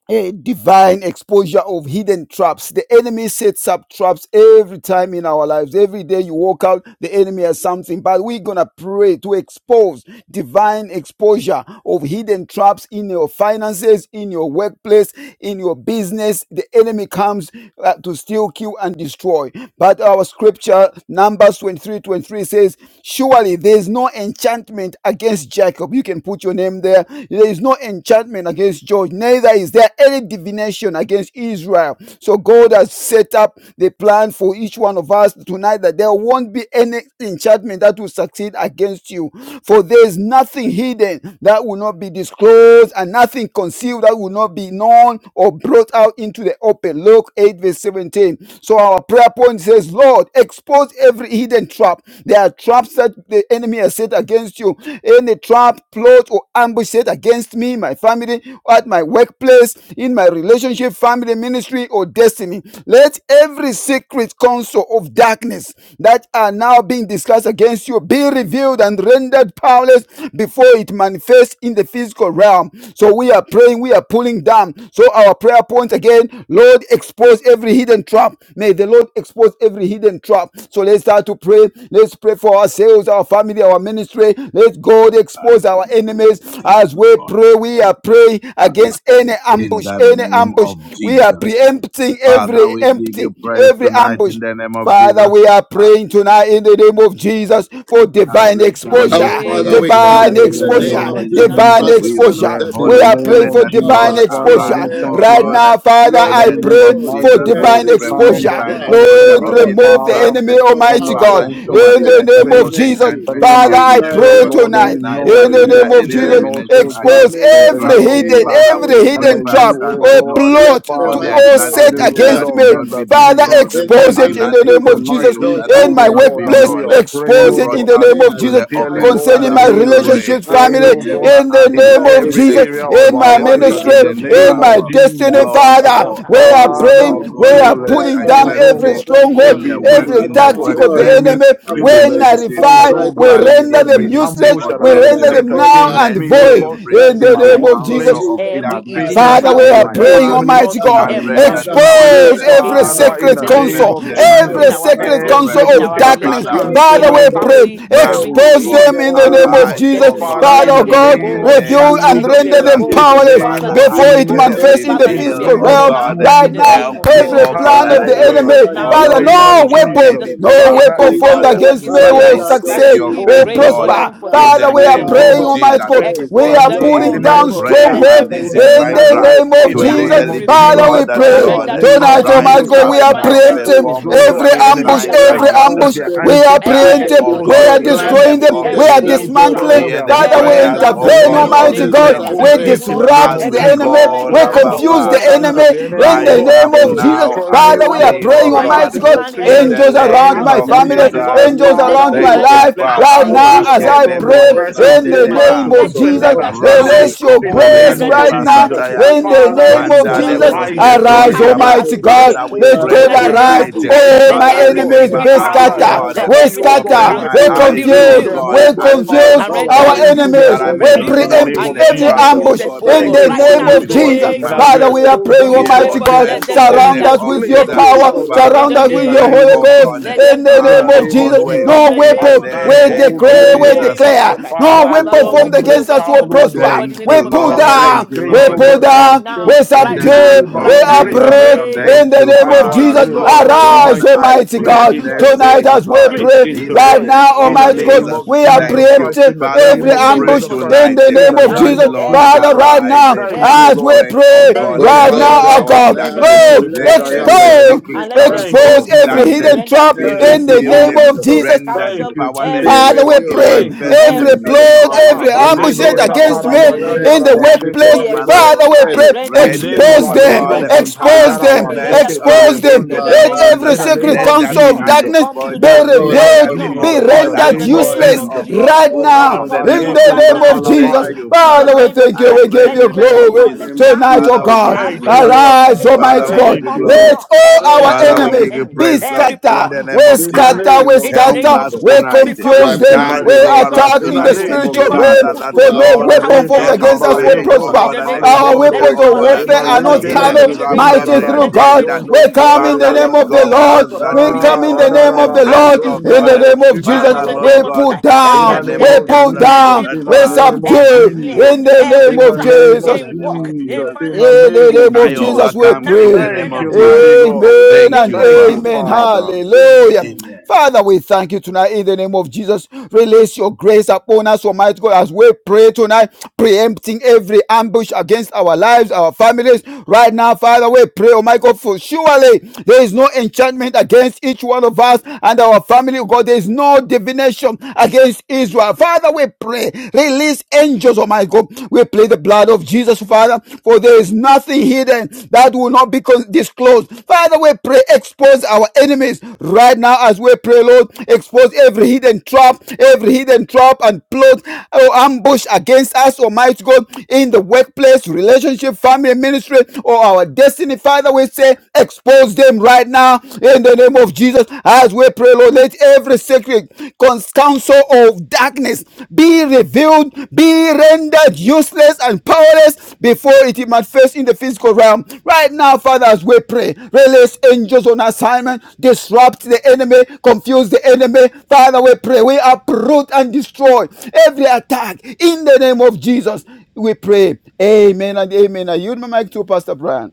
C: a divine exposure of hidden traps. The enemy sets up traps every time in our lives. Every day you walk out, the enemy has something, but we're going to pray to expose divine exposure of hidden traps in your finances, in your workplace, in your business. The enemy comes uh, to steal, kill, and destroy. But our scripture, Numbers 23, 23 says, Surely there is no enchantment against Jacob. You can put your name there. There is no enchantment against George, neither is against there any divination against Israel. So God has set up the plan for each one of us tonight that there won't be any enchantment that will succeed against you. For there is nothing hidden that will not be disclosed and nothing concealed that will not be known or brought out into the open. Luke 8 verse 17. So our prayer point says, Lord, expose every hidden trap. There are traps that the enemy has set against you. Any trap, plot, or ambush set against me, my family, at my workplace workplace, in my relationship, family, ministry, or destiny. Let every secret counsel of darkness that are now being discussed against you be revealed and rendered powerless before it manifests in the physical realm. So we are praying, we are pulling down. So our prayer point again, Lord, expose every hidden trap. May the Lord expose every hidden trap. So let's start to pray. Let's pray for ourselves, our family, our ministry. Let God expose our enemies as we pray. We are praying against against any
A: In
C: ambush,
A: the
C: any
A: name
C: ambush.
A: of
C: We are
A: Jesus.
C: preempting
A: Father,
C: every
A: we give you
C: empty,
A: praise
C: every
A: tonight in
C: ambush.
A: the name of
C: Father,
A: Jesus.
C: we are praying tonight in the name of Jesus for
A: As
C: divine
A: we
B: In the
A: come
D: Our
C: exposure,
A: before
B: name
D: Father,
E: Thank
A: you
B: of
D: we
E: you,
D: come
C: divine
B: Jesus,
A: tonight
E: Lord,
A: in
D: in
B: we
A: the
E: in
D: the
E: the
B: pray,
A: name
B: oh
D: name
A: of
E: name
C: exposure,
D: of
B: God,
E: of
A: Jesus,
D: Jesus
B: tonight.
C: divine
E: Jesus.
D: Christ, the
A: we
B: In
D: Son of
C: exposure.
A: pray,
D: the
E: In
C: We
E: the
A: Holy
D: living
C: are
E: name
D: God.
C: praying
A: Spirit,
C: for
E: of
A: that
D: Our
C: divine
A: Lord
E: Jesus,
D: Father, we
E: Father,
C: exposure.
E: we
A: arise,
D: pray
A: O
E: thank
D: right
E: you,
C: Right
A: God,
E: Lord.
D: now,
C: now, Father,
D: Lord,
A: in
E: That
C: I
A: the
E: even
A: name
C: pray
A: of
D: expose
E: tonight,
A: Jesus,
C: for
E: oh
A: as
E: God,
A: we
C: divine
E: we
D: every
A: pray
E: stand
A: for
D: hidden
E: under
C: exposure.
E: the
A: divine
D: trap,
E: unction
A: exposure
E: of
C: Lord,
A: of
E: your
D: plot,
A: hidden
C: remove the
D: or
E: power,
A: traps.
C: enemy,
D: or
C: Almighty
E: under the
D: ambush
C: God,
A: Father,
C: in
E: unction of
A: surely
E: your
D: set
C: the
A: there is
C: name of
A: no
E: grace.
D: against
C: Jesus.
D: me
E: That
A: enchantment
E: even
C: Father,
E: as
A: against
D: in
C: I
E: we
D: my
E: pray,
A: Jacob,
C: pray
E: Lord, we
C: tonight
D: workplace,
E: know
A: neither
C: in
E: that
C: the
A: is
E: you
A: there
E: are
C: name of
A: any
E: here
C: Jesus,
E: and
D: relationships,
A: divination
E: also, God,
C: expose
A: against
D: family,
E: that
A: Israel.
C: every
E: you are with
C: hidden,
E: us
A: Father,
D: ministry,
A: we
C: every
E: and
A: pray
D: or
C: hidden
E: that
A: first
E: you,
C: trap
A: that,
E: oh
D: destiny.
A: that
C: or
E: God,
A: Lord,
D: Let
C: plot
A: for
C: to,
A: there
E: Father,
A: is
D: Almighty
C: or
D: God
E: are
A: nothing
C: set
E: the
D: right
A: hidden
C: against
E: rewarder
A: that
D: now
A: will
E: of
C: me.
A: not
E: them
A: be
E: that
C: Father,
A: disclosed,
E: diligently
D: in the
C: expose
E: seek
C: it
A: and
D: name
E: you.
C: in
D: of
C: the
A: nothing
C: name of
D: Jesus.
E: Tonight
C: Jesus.
A: concealed
E: we
D: Those
A: that
C: In
E: come,
C: my
A: will
E: oh
D: hidden
A: not
E: God,
A: be
E: and
D: traps,
C: workplace,
D: oh
E: we
A: known
E: are
D: God,
E: praying,
A: or
C: expose
E: oh
C: it
A: brought
C: in
E: God,
D: hidden
C: the
A: out
C: name of
A: into
D: snares,
C: Jesus.
A: the
E: sincerely,
A: open.
D: Father,
E: Lord,
D: I
C: Concerning
E: that
A: Father,
C: my
E: you
A: we
E: will
D: renounce,
A: pray.
C: relationships,
D: I
E: intervene,
C: family,
E: oh
D: reject,
E: God,
A: Remember
C: in the
A: us,
D: and
E: in
C: name
D: I
A: Lord.
C: of
E: every
C: Jesus.
D: resist
E: area of
C: In
A: Expose
D: by
E: our
C: my
D: the
B: I
E: lives,
A: every
E: that
B: pray
C: ministry,
D: blood
E: in
B: for
E: the
D: of
A: hidden
B: in the
C: in
E: name
A: trap,
E: of
B: name
C: my
D: Jesus,
A: uh,
B: of Jesus.
D: by
C: destiny,
E: Jesus,
D: the
A: plot,
C: Father,
D: fire
E: now,
D: of
A: or
B: Father,
D: the
C: we
B: I
C: are
D: Holy
B: pray
A: ambush,
E: Father,
B: in
C: praying,
A: oh
B: the
D: Spirit.
C: we
A: God,
E: you
D: My
B: name
C: are
E: will
B: of
A: set
C: pulling
D: Father,
B: Jesus
D: I
C: down
E: expose,
A: against
B: Christ.
E: oh
C: every
D: pray
E: God,
A: me
D: right
C: stronghold,
A: in
D: now
E: every
A: the work,
B: Yes,
C: every
E: hidden
D: that
A: in the
E: trap
D: my
E: of
C: tactic
B: Lord,
E: the
C: of the
D: God,
A: workplace, uh,
E: enemy.
C: enemy.
E: You will
C: We
D: affliction shall
A: relationship,
D: not
A: uh,
E: expose,
C: nullify,
E: oh
D: arise the
C: we
E: God,
D: second
C: render
A: family,
C: them
E: every
D: time.
A: ministry,
C: useless,
E: ambush
D: My
A: or
E: that
C: we
E: has
D: God,
E: been
C: render
D: I
A: destiny.
D: am
E: set
C: them
D: calling
C: now
B: then
E: against
C: and
A: Let
B: the
D: upon
E: me, oh
B: name
D: you
C: void
B: of
E: God,
A: every
D: right
C: in
B: Jesus
E: in
C: the
D: now in
E: my
B: Christ,
A: secret
C: name
D: the
B: I
C: of
D: name
B: pray.
D: of
C: Jesus.
A: counsel
E: workplace,
D: Jesus,
A: of
E: in my
B: Every
A: darkness
D: by
B: hidden
A: be
D: the
E: business,
C: Father,
B: trap,
C: we
D: blood
E: in
C: are
E: my
D: of
A: revealed
C: praying,
B: every
D: Jesus,
E: family,
C: Almighty
B: plot,
D: that
E: in my
C: God,
D: my
A: and
B: every
A: rendered
D: Father,
B: ambush
E: relationship.
A: powerless
D: you
B: set
C: expose
A: uh,
C: every
B: against
D: arise
E: Father,
A: before
B: me,
A: it
E: in
C: secret
E: the
B: set against my
E: name
C: counsel,
A: manifests in
E: of
A: the,
D: on
A: ma-
B: children,
D: my
E: Jesus,
C: every
B: in
A: the
D: on
B: our
D: my
C: secret
A: physical
D: on
B: workplace,
C: counsel
D: my
E: every
B: in
A: realm.
C: of
B: our
D: behalf.
E: secret
C: darkness.
A: Father,
B: relationship,
D: Lord,
A: we
B: in
E: counsel,
C: Father,
E: oh
A: pray
B: our
C: we
E: God,
A: that
C: pray,
D: expose
B: family, in
A: now,
E: every
A: O
C: expose
D: every
B: ministry,
A: God,
E: stake,
C: them in
D: hidden
B: or
C: the
B: des-
E: oh
C: name
D: trap,
C: of
E: God.
A: arise,
C: Jesus.
A: O
B: destiny,
D: every
A: God,
E: Father,
B: let
C: Father
E: in
B: it
C: oh
E: the
D: hidden
B: be
C: God,
D: trap
A: in
E: name
A: the
D: of
B: exposed.
E: of
C: reveal
A: name
B: Father,
D: iniquity,
C: and
A: of
B: let
E: Jesus,
B: it be
C: render
A: Jesus.
C: them
D: every
E: in
B: exposed.
E: the
D: hidden
C: powerless
D: trap
E: name
B: Father,
A: Father,
D: of
B: let
E: of
B: it be
A: I
C: before
D: sin,
C: it
A: pray,
B: exposed.
E: Jesus
C: manifests in
D: every
C: the
B: Father,
E: in
B: let it be
E: the
B: exposed.
D: hidden
A: reveal,
C: physical
A: O
D: trap,
E: name
B: exposed
E: of
C: realm.
A: God,
B: now in
D: Almighty
C: Right
B: the
E: Jesus.
C: now,
B: name
A: help
D: Father.
B: of
A: me,
E: Lord,
C: every
A: O
B: Jesus.
E: have
A: God,
C: plan
A: that
B: Let
C: of
A: I
C: the
B: it
E: your
D: Father
A: do
E: way
A: not
B: expose
C: enemy,
D: and
E: in
A: fall,
E: the
B: now
C: Father,
A: O
D: Lord,
B: in
E: name
B: the
A: God,
E: of
C: no
B: name
A: in
B: of
D: Father, in
E: Jesus.
C: weapon,
A: any
B: Jesus.
D: the name
C: no
B: Let it
A: trap,
D: of
E: Father,
A: O
C: weapon
B: expose now,
C: formed
A: God,
D: Jesus,
B: oh God,
C: against me
B: in
E: expose,
D: by
B: the
A: but
E: oh
D: the
B: name
C: will
A: I
E: God,
B: of
D: blood
B: Jesus.
D: of
A: seek
C: succeed,
A: your
B: We
D: Jesus,
A: face,
C: will
E: expose,
B: pray, oh
E: oh
B: God,
E: God,
A: Lord,
D: right
B: even
C: prosper.
B: for this
A: in
D: now,
C: Father,
A: the
B: tonight,
C: we
B: in
C: are
B: the
A: name
E: expose, oh
B: name
C: praying,
B: of
A: of
D: Father,
E: God,
B: Jesus.
D: I
C: Almighty
A: Jesus.
C: God,
D: pray,
E: every
C: we
A: This
B: Expose
E: plant
C: are
B: them
E: of
D: Lord,
E: the
A: is
B: all,
C: putting tearing
A: my
B: Lord
C: down
D: expose
E: enemy.
B: God.
A: prayer
D: every
B: Let
C: strongholds
A: and
D: hidden
B: every
A: this
E: Expose
A: is
D: trap,
B: secret
E: them,
C: in
A: my
E: oh
C: the
E: God,
A: cry.
B: counsel
D: Lord,
C: name of
E: in
A: To
B: of
E: the
D: oh
A: you,
B: darkness
A: the
E: name
B: be
D: ambush,
C: Jesus.
E: of
A: living
D: oh
C: Father,
B: revealed
D: God,
E: Jesus
A: God,
C: we
A: that
E: Christ,
B: and
C: pray
E: in
D: set
E: the
A: Lord,
B: rendered
E: name of
C: tonight,
D: against
B: powerless
A: rise
C: Almighty
D: me,
E: Jesus
C: God,
E: Christ.
A: up
B: before
C: we
B: it
C: are
A: now,
B: manifests
D: Father,
B: in the
C: preempting
E: Expose,
B: physical
A: perform
E: oh
B: realm.
E: God,
C: every
E: the
B: Let
A: miracles,
B: it be
E: enemy.
D: in
C: ambush,
D: the
A: signs,
B: rendered
D: realm
C: every
A: and
D: of
B: powerless
D: the
E: Expose
A: wonders.
C: ambush.
E: their
C: We
D: spirit,
C: are
E: antics,
A: Judge,
D: in the
C: preempting,
B: Every
A: O
E: expose
B: us
C: we
B: God.
A: God,
E: their
D: physical
C: are
A: in the
B: Let
D: realm,
E: plans.
B: there
C: destroying
A: name
B: be
C: them,
D: in
A: of
D: the
C: we
B: every
C: are
A: Jesus.
E: expose,
B: hidden
E: oh
D: spiritual
E: God,
B: trap.
C: dismantling.
E: all
D: realm.
A: Hear
E: their
A: the
C: Father,
B: Every
C: we
E: wickedness,
A: prayers,
D: Father, in
B: trap
A: O
D: the
E: and let
C: intervene,
A: God,
D: name
E: them
B: in the
D: of
A: of
E: fall
C: Almighty
B: name
A: the
B: of
E: into
C: God.
D: Jesus,
E: their
B: Jesus,
D: I
A: saints
E: own
C: We
B: every
D: pray
E: pit in the
B: plot,
E: name
C: disrupt
A: as
D: that
E: of
C: the
B: every
A: we
D: my
E: Jesus
C: enemy,
B: ambushment
A: call
C: we
D: Father,
E: whatever,
A: Abba
B: against
E: oh
C: confuse
E: God,
B: me,
C: the
D: right
A: Father.
B: against
E: plans
B: my
C: enemy
D: now,
E: of the
B: children,
E: enemy,
C: in
B: in
E: oh
B: the
C: the
A: Rise
E: God,
C: name
A: up
B: workplace,
C: of
E: to
B: in
D: expose,
C: Jesus.
A: now
E: destroy
B: relationship,
E: me,
B: in
A: and
D: expose,
C: Father,
E: oh
C: we are
E: God,
B: family,
A: see,
E: my
A: O
C: praying,
D: expose,
B: where they
A: God,
B: are
C: Almighty
E: finances, my
C: God,
B: planning
A: in
B: every
E: business,
D: expose
A: the
C: angels
E: my
D: right
B: secret
A: name
C: around
E: family, my
C: my
D: now
A: of
B: counsel.
C: family,
B: My
E: relationship.
D: in the
A: Jesus.
B: God,
C: angels
D: name
B: let
D: of
E: Father,
B: it
C: around
B: be
E: oh
C: my
A: Thank
E: God,
D: Jesus.
B: rendered
A: you,
C: life
E: let the
A: Father.
C: right
D: I
B: powerless,
E: arrow
B: oh
E: of
C: now
D: pray,
B: God,
C: as
D: Father,
C: I
E: destruction
D: let
B: before
C: pray
A: Makelebo
B: it
E: reverse
D: every
E: and
C: in
B: comes to
E: go
C: the name
D: secret
B: man.
E: back
C: name
A: sateleba
E: to the
C: of
B: Let it
D: counsel
B: be
E: sender
C: Jesus.
D: of
E: that
B: rendered
E: ascended
D: darkness,
E: it
C: Release
B: powerless.
C: your
A: lebrazesko
E: in the
B: Let
D: Father,
B: it be
C: grace
E: name
D: when
E: of
A: poriande
B: rendered
D: they
C: right now
E: Jesus.
D: discuss
B: powerless, oh
A: basataya.
D: me,
B: God, in
C: in
B: the
C: the
B: name
D: when
B: of
E: Father,
B: this
D: they
B: guy.
C: name of
E: expose
D: discuss
E: the
B: Lord,
A: Mandale
C: Jesus.
B: Lord, it be
E: lies
D: Mulenga,
E: of
B: rendered
E: the
D: Natasha,
C: Arise,
D: and
A: brosketori
E: wicked
B: powerless
E: one.
A: baba.
B: as
C: Almighty
D: Erasa,
B: we
C: God.
D: Joshua,
B: pray.
A: Father, we
E: Expose,
C: Let
B: Even
E: oh
A: pray
C: God
B: tonight,
E: God,
B: in the
E: their
B: name
C: arise.
B: of
A: tonight.
B: this
D: RCCE,
E: crafty
B: guy,
C: Oh,
B: let
E: expert,
C: my
A: Father,
D: Father,
E: oh
B: every
D: let
E: God.
C: enemies
A: remember
B: secret
C: be
D: every
A: us, oh
E: Father,
D: secret
B: counsel,
E: their
C: scattered.
A: God.
B: let
D: counsel
C: We
D: of
E: crafty,
B: every
E: oh
D: darkness
E: God,
B: secret
A: Open
C: scatter.
E: work,
A: my
E: oh
C: We
B: counsel
D: be
E: God.
B: be
A: eyes,
E: Let
A: oh
D: reviewed
C: confuse.
E: them,
B: revealed
C: We
A: God.
E: oh
D: and
E: God,
A: Avert,
D: rendered
E: Father,
C: confuse
B: and
A: oh
B: render
C: our
E: fall
A: God,
D: powerless,
B: them
E: into their
D: and
B: useless,
A: that
C: enemies.
A: I
E: own
C: We
A: may
D: rendered
A: not
E: pits in
B: revealed
E: the
A: walk
E: name
D: powerless,
C: preempt
A: in
B: and
E: of
A: the
C: every
B: render
A: trap,
D: and
B: them
E: Jesus.
A: oh
C: ambush
D: rendered
B: useless,
A: God,
B: oh
A: but
C: in
E: Thank
B: God.
D: powerless
C: the
E: you
B: Right
A: expose
E: so
C: name
B: now,
A: it
E: much,
B: in
C: of
B: the
E: Lord.
A: before
D: before
A: it
D: it
B: name
C: Jesus.
E: That
B: of
E: as you
C: Father,
B: Jesus
C: we
A: manifested
D: manifests,
C: are
B: Christ,
E: expose
C: praying,
E: them,
B: we
E: oh
A: here
B: pray
D: before
C: Almighty
E: God,
A: on
B: for
D: it
E: they
B: it.
C: God.
A: earth
B: Let
E: also
B: them
A: in
B: be
A: the
E: come
D: manifests
C: Surround
E: into
A: name
E: a
C: us
B: rendered
A: of
D: in
C: with
E: place
D: the
C: your
B: useless,
E: of
A: Jesus.
B: oh
C: power.
D: physical
B: God.
E: destruction.
D: realm,
B: In
A: Father,
C: Surround
B: the
C: us
A: we
E: In
C: with
E: the
C: your
B: name
A: pray,
B: of
E: name
C: Holy
B: Jesus
A: oh
E: of
D: in
B: Christ,
D: the
A: God,
C: Ghost
B: let
E: Jesus.
C: in
B: them
D: physical
B: be
C: the
E: In
A: have
C: name
E: the
D: realm.
B: rendered
C: of
A: your
E: name of
A: own
C: Jesus.
A: way
B: useless.
D: Oh
E: Jesus.
B: In
C: No
D: my
B: the
A: in
E: I
A: the
B: name
D: God.
B: of
C: weapon.
B: Jesus
E: stand
C: We
B: Christ.
A: name
E: boldly,
B: In
D: I
A: of
C: declare
B: the
E: oh
C: we
E: God.
D: pray
A: Jesus.
B: name
D: in
B: of
C: declare,
B: Jesus
D: the
E: As
B: Christ.
D: name of
C: no
E: Father, as
B: Father,
C: weapon
D: Jesus
E: your
B: Lord, we
C: formed
D: Christ.
B: pray,
E: humble
B: oh
C: against
B: God,
C: us will
E: child,
B: even for
E: oh
B: this, oh
E: God.
C: prosper.
B: God, in
A: Thank
B: the
E: That
A: you,
B: name
C: We
B: of Jesus,
C: pull
B: Christ,
E: Father,
A: Lord.
B: let
E: by
B: them
E: your
B: be
A: Thank
C: down,
A: you,
E: grace,
C: we
E: oh
B: destroyed
A: Lord.
C: pull
E: God, I
B: right
E: am
C: down, we
B: now,
E: saved.
A: in
B: right
E: It
A: the
E: is
D: Mm,
B: now,
C: subdue,
E: only
A: name
E: by
D: mm,
C: we
B: right
A: of
E: your
B: now, in
E: grace
B: the
E: that
A: Jesus.
E: I
C: uproot
E: am
B: name
E: saved.
B: of
C: in
A: Thank
C: the
B: Jesus
A: you,
B: Christ.
C: name
E: And
C: of
D: mm.
E: so I
B: Be
A: Father.
E: pray,
C: Jesus.
E: Lord
B: destroyed,
A: Lord
E: God
B: be
A: God,
C: Arise,
E: Almighty,
A: I
B: destroyed,
C: Almighty
B: be
E: please
A: pray
C: God,
B: destroyed,
A: mercy,
C: tonight
B: be
E: intervene.
A: oh
C: as we
A: God,
B: destroyed,
E: Please
C: pray
B: be
A: in the
C: right
E: intervene.
B: destroyed,
A: name
C: now,
B: in
E: In
A: of
B: the
E: the
C: Almighty
B: name
C: God,
E: name
B: of
A: Jesus.
E: of
C: we
B: Jesus
C: are
B: Christ.
E: Jesus
A: Thank you.
E: Christ,
C: preempting
E: in the
A: Father,
E: name
C: every
E: of
A: we
B: In the
A: pray
B: name
C: ambush
E: Jesus
B: of Jesus
E: Christ,
C: in
B: Christ,
A: tonight
C: the
A: eh,
E: in
C: name
E: the
B: every
C: of
A: that,
E: name
B: ambush,
C: Jesus.
E: of
A: Lord,
B: every
E: Jesus
C: Father,
E: Christ.
C: right
B: plot,
A: arise
C: now,
A: eh,
E: Thank
B: every
E: you,
A: and
C: as we
E: Lord.
B: plot,
A: break, oh
C: pray,
B: let
A: God,
B: it
E: Thank
D: Oh
B: be
E: you,
C: right
A: every
E: mighty
C: now,
D: God,
B: revealed,
C: our
E: God.
D: I
A: power
B: let
A: of
C: God,
B: it be
D: declare,
A: darkness.
E: Thank you,
B: revealed,
E: the
C: Lord,
D: let
E: great
A: Let
B: let it
E: I
B: be
E: am that
A: every
D: every
E: I
B: revealed,
E: am.
C: expose
B: and
D: secret
A: secret
B: let it
E: Thank
A: counsel
D: counsel
E: you,
C: expose
D: of
B: expose,
A: of
C: every
B: let it be
E: Jesus.
A: darkness
C: hidden
D: darkness,
B: rendered
C: trap
A: be
D: every
E: Thank
B: useless.
C: in the
E: you,
D: secret
A: revealed, eh,
C: name
B: Every
C: of
E: Jesus.
D: counsel of
B: secret
C: Jesus.
A: rendered
E: Thank
D: darkness
B: council,
E: you,
A: powerless
B: every
D: be
E: Jesus.
C: Father, we
A: before
B: secret
A: it
D: revealed
C: pray
B: meeting,
E: Thank
D: and
E: you,
A: manifests in the
C: every
B: every
D: rendered
E: Jesus.
B: secret
C: plot,
A: physical,
D: powerless
E: Ah,
C: every
B: gathering
A: in the
C: ambush
E: balebro
B: against
A: name
D: before
B: us,
A: of
D: it
B: oh
C: against me
B: God, in the
A: Jesus.
E: sakarabayanda
B: name
C: in
B: of
D: manifests,
C: the
B: Jesus, Christ,
A: Thank
E: rabacheke
C: workplace.
A: you,
D: before
B: be
D: it
E: telebos.
A: Father.
C: Father,
B: exposed
C: we
B: be
A: I
D: manifests
C: pray,
B: rendered
A: pray,
D: in the
E: Inderi
B: useless,
C: expose
A: Jehovah
D: physical
B: be
C: them,
A: God,
E: barondo
B: rendered
D: organ. I
C: expose
A: have
B: powerless,
E: zuntariara
A: the
C: them,
D: pray,
B: be
A: mercy,
B: rendered
E: bacheke
A: oh God,
C: expose
B: powerless
C: them.
A: in
B: in
A: the
E: telebondo.
B: the
A: name
C: Let
B: name
A: of
D: Father,
B: of Jesus
A: Jesus.
C: every
E: In the
B: Christ.
E: name
C: secret
A: Let
B: Come
E: of
A: there
B: to
C: counsel
A: be
C: of
B: naught,
A: an
E: Jesus.
C: darkness
B: come to
E: In
A: exposure.
D: I
C: be
E: the
B: naught,
D: call
E: name
A: Let
B: come
E: of
B: to
C: revealed,
A: there be,
D: upon
B: naught
D: you,
A: oh
C: be
D: the
E: Jesus. In
B: right
A: God,
E: the
D: righteous
B: now in
A: an
C: rendered
B: the
E: name of
D: God.
B: name
A: open,
C: useless
B: of
E: Jesus.
A: oh
B: Jesus
D: I
A: God,
B: Christ.
C: right
D: call
A: book
B: Let
C: now
E: Ah,
B: it
A: on
D: upon
A: the
D: you,
B: come to
A: name
C: in
A: of
B: naught
E: baleko
B: right
C: the name
A: Jesus.
D: the
B: now as
C: of
B: we pray.
C: Jesus.
A: Thank
E: satalabare.
D: Almighty
A: you,
B: In the
D: God,
C: Father,
A: Father.
C: we
B: name of
C: thank
B: Jesus
A: I
C: you,
D: right
B: Christ,
C: we
A: pray
C: give
B: let
A: in
B: it
D: now,
C: you
B: be
A: the name
B: rendered
A: of
D: in
C: glory
D: the
A: Jesus.
B: powerless
D: name of
B: now,
C: tonight,
B: oh
C: oh
A: Father,
B: God,
D: Jesus.
A: we give
C: God.
A: you
B: as we
E: Thank you,
A: praise.
B: pray.
E: Lord.
D: Abba,
B: In
C: Arise,
B: the name
D: Father,
B: of
D: I
B: Jesus
A: Father,
C: Almighty
A: we
B: Christ,
D: pray.
C: God.
A: give
E: Thank
A: you
B: Come
E: you,
B: to
A: glory.
D: Mm.
E: Lord.
C: Let
B: naught
C: all our
B: every
C: our
E: Thank you,
A: Father,
B: counsel of
A: we
E: Lord.
B: the
C: enemies
A: give you
B: enemy,
C: be
A: praise, Lord,
B: every
A: in
B: plot,
A: the
C: scattered. We
A: name of
E: In the
A: Jesus.
C: scatter,
B: powerless
E: name
C: we
B: in
E: of
B: the
A: Help
B: name
C: scatter,
B: of
A: us
E: Jesus.
B: Jesus.
C: we
A: tonight.
B: Become
C: confuse
E: Thank
D: Right
E: you,
C: them,
D: now,
A: Judge
D: in
C: we
B: unfruitful,
E: mighty
D: the
E: God.
D: name
A: over
D: of
B: become
A: us
C: attack
E: In
C: in
E: the
C: the
A: tonight.
D: Jesus,
B: unfruitful,
D: I
E: name of
C: spiritual
B: become
D: pray.
C: realm,
A: Father,
E: Jesus.
A: that
B: unfruitful.
C: for no
B: Let the
A: Lord,
D: Father,
B: power
C: weapon formed
E: Bareza
B: behind
A: the
B: you
D: mm,
B: be
C: against
D: do
C: us
B: choked,
D: it
C: will
B: oh
A: opening,
B: God,
E: tabareko
A: oh
D: now.
C: prosper.
B: in
A: God,
B: the
A: and
B: name of Jesus.
C: Our
B: Let
A: exposure,
D: Do
E: sakalebondo.
B: the
C: weapons
D: it
A: oh
C: of
B: power
A: God,
D: now,
B: behind
A: of
B: you
C: warfare
B: be
C: are
D: Abba,
A: every
B: choked,
C: not
B: oh
E: Imaleke
B: God,
E: leke
A: hidden
D: Father.
B: in
C: carnal,
B: the
A: trap,
B: name of
E: lzunda
B: Jesus.
C: mighty
A: every
C: through
B: Let it
D: Mm.
E: rararaba
B: be
C: God.
A: agenda.
C: We
E: yondo
B: released, oh
C: come in
B: Lord
C: the
A: Father,
B: God,
C: name
A: Lord
E: zunderebosa.
C: of the
A: God,
B: exposed, oh
C: Lord,
A: does
B: God,
A: that we
C: we
B: be
A: may,
C: come
E: Ah,
C: in
A: oh
C: the
A: God,
C: name of
B: exposed
C: the
B: and
E: rarararaba
A: embrace,
B: be
C: Lord,
A: oh
C: in
A: God.
C: the
B: destroyed
E: zonderebo
C: name of
B: now
C: Jesus.
B: in
A: Father,
B: the
C: We
A: Lord
B: name
E: shikatalaba.
B: of Jesus.
A: God,
C: pull
A: in
E: In
B: Every
E: the
A: the
C: down,
A: name
C: we
E: name
A: of
E: of
B: agenda,
C: pull
A: Jesus,
E: Jesus.
B: every
A: that
C: down,
E: In the
C: we
B: plot,
A: Father,
E: name of
B: every
C: subdue
A: I
E: Jesus.
A: pull
B: snare,
C: in the
A: down,
B: every
C: name
E: In
A: oh
E: the
C: of
B: trap
A: God,
E: name
A: in
E: of
C: Jesus.
A: the
B: in
A: name of
B: work, in
E: Jesus.
A: Jesus.
C: In
E: In
B: finance,
E: the
B: in
C: the
E: name
B: be
E: of
C: name of
A: I
E: Jesus.
C: Jesus,
B: destroyed
C: we
A: overcome
B: now.
A: in
C: pray.
A: the
B: Be
A: name
E: Thank
B: rendered
A: of
E: you,
B: power
A: Jesus.
E: mighty God.
B: totally in the
C: Amen
A: Thank
C: and
B: name
A: you,
B: of
E: Thank you,
A: Father.
B: Jesus
C: amen.
B: Christ.
E: Father.
B: Amen. In
C: Hallelujah.
B: the
A: Amen.
C: Father, we thank you tonight in the name of Jesus. Release your grace upon us, Almighty God, as we pray tonight, preempting every ambush against our lives, our families. Right now, Father, we pray, Almighty God, for surely there is no enchantment against each one of us and our family, oh God. There is no divination against Israel. Father, we pray. Release angels, oh my God. We plead the blood of Jesus, Father, for there is nothing hidden that will not be con- disclosed. Father, we pray, expose our enemies right now as we pray, Lord. Expose every hidden trap, every hidden trap and plot or ambush against us, Almighty God, in the workplace, relationship, family, ministry, or our destiny. Father, we say, expose them right now in the name of Jesus. As we pray, Lord, let every secret cons- counsel of darkness be revealed, be rendered useless and powerless before it manifests in the physical realm. Right now, Father, as we pray, release angels on assignment, disrupt the enemy, confuse the enemy. Father, we pray, we uproot and destroy every attack in the name of Jesus. We pray. Amen and amen. I yield my mic to Pastor Brian.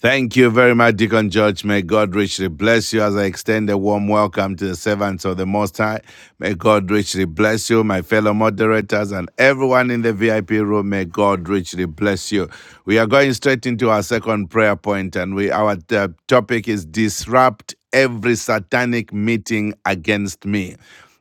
A: Thank you very much, Deacon George. May God richly bless you as I extend a warm welcome to the servants of the Most High. May God richly bless you, my fellow moderators, and everyone in the VIP room. May God richly bless you. We are going straight into our second prayer point, and we our uh, topic is disrupt every satanic meeting against me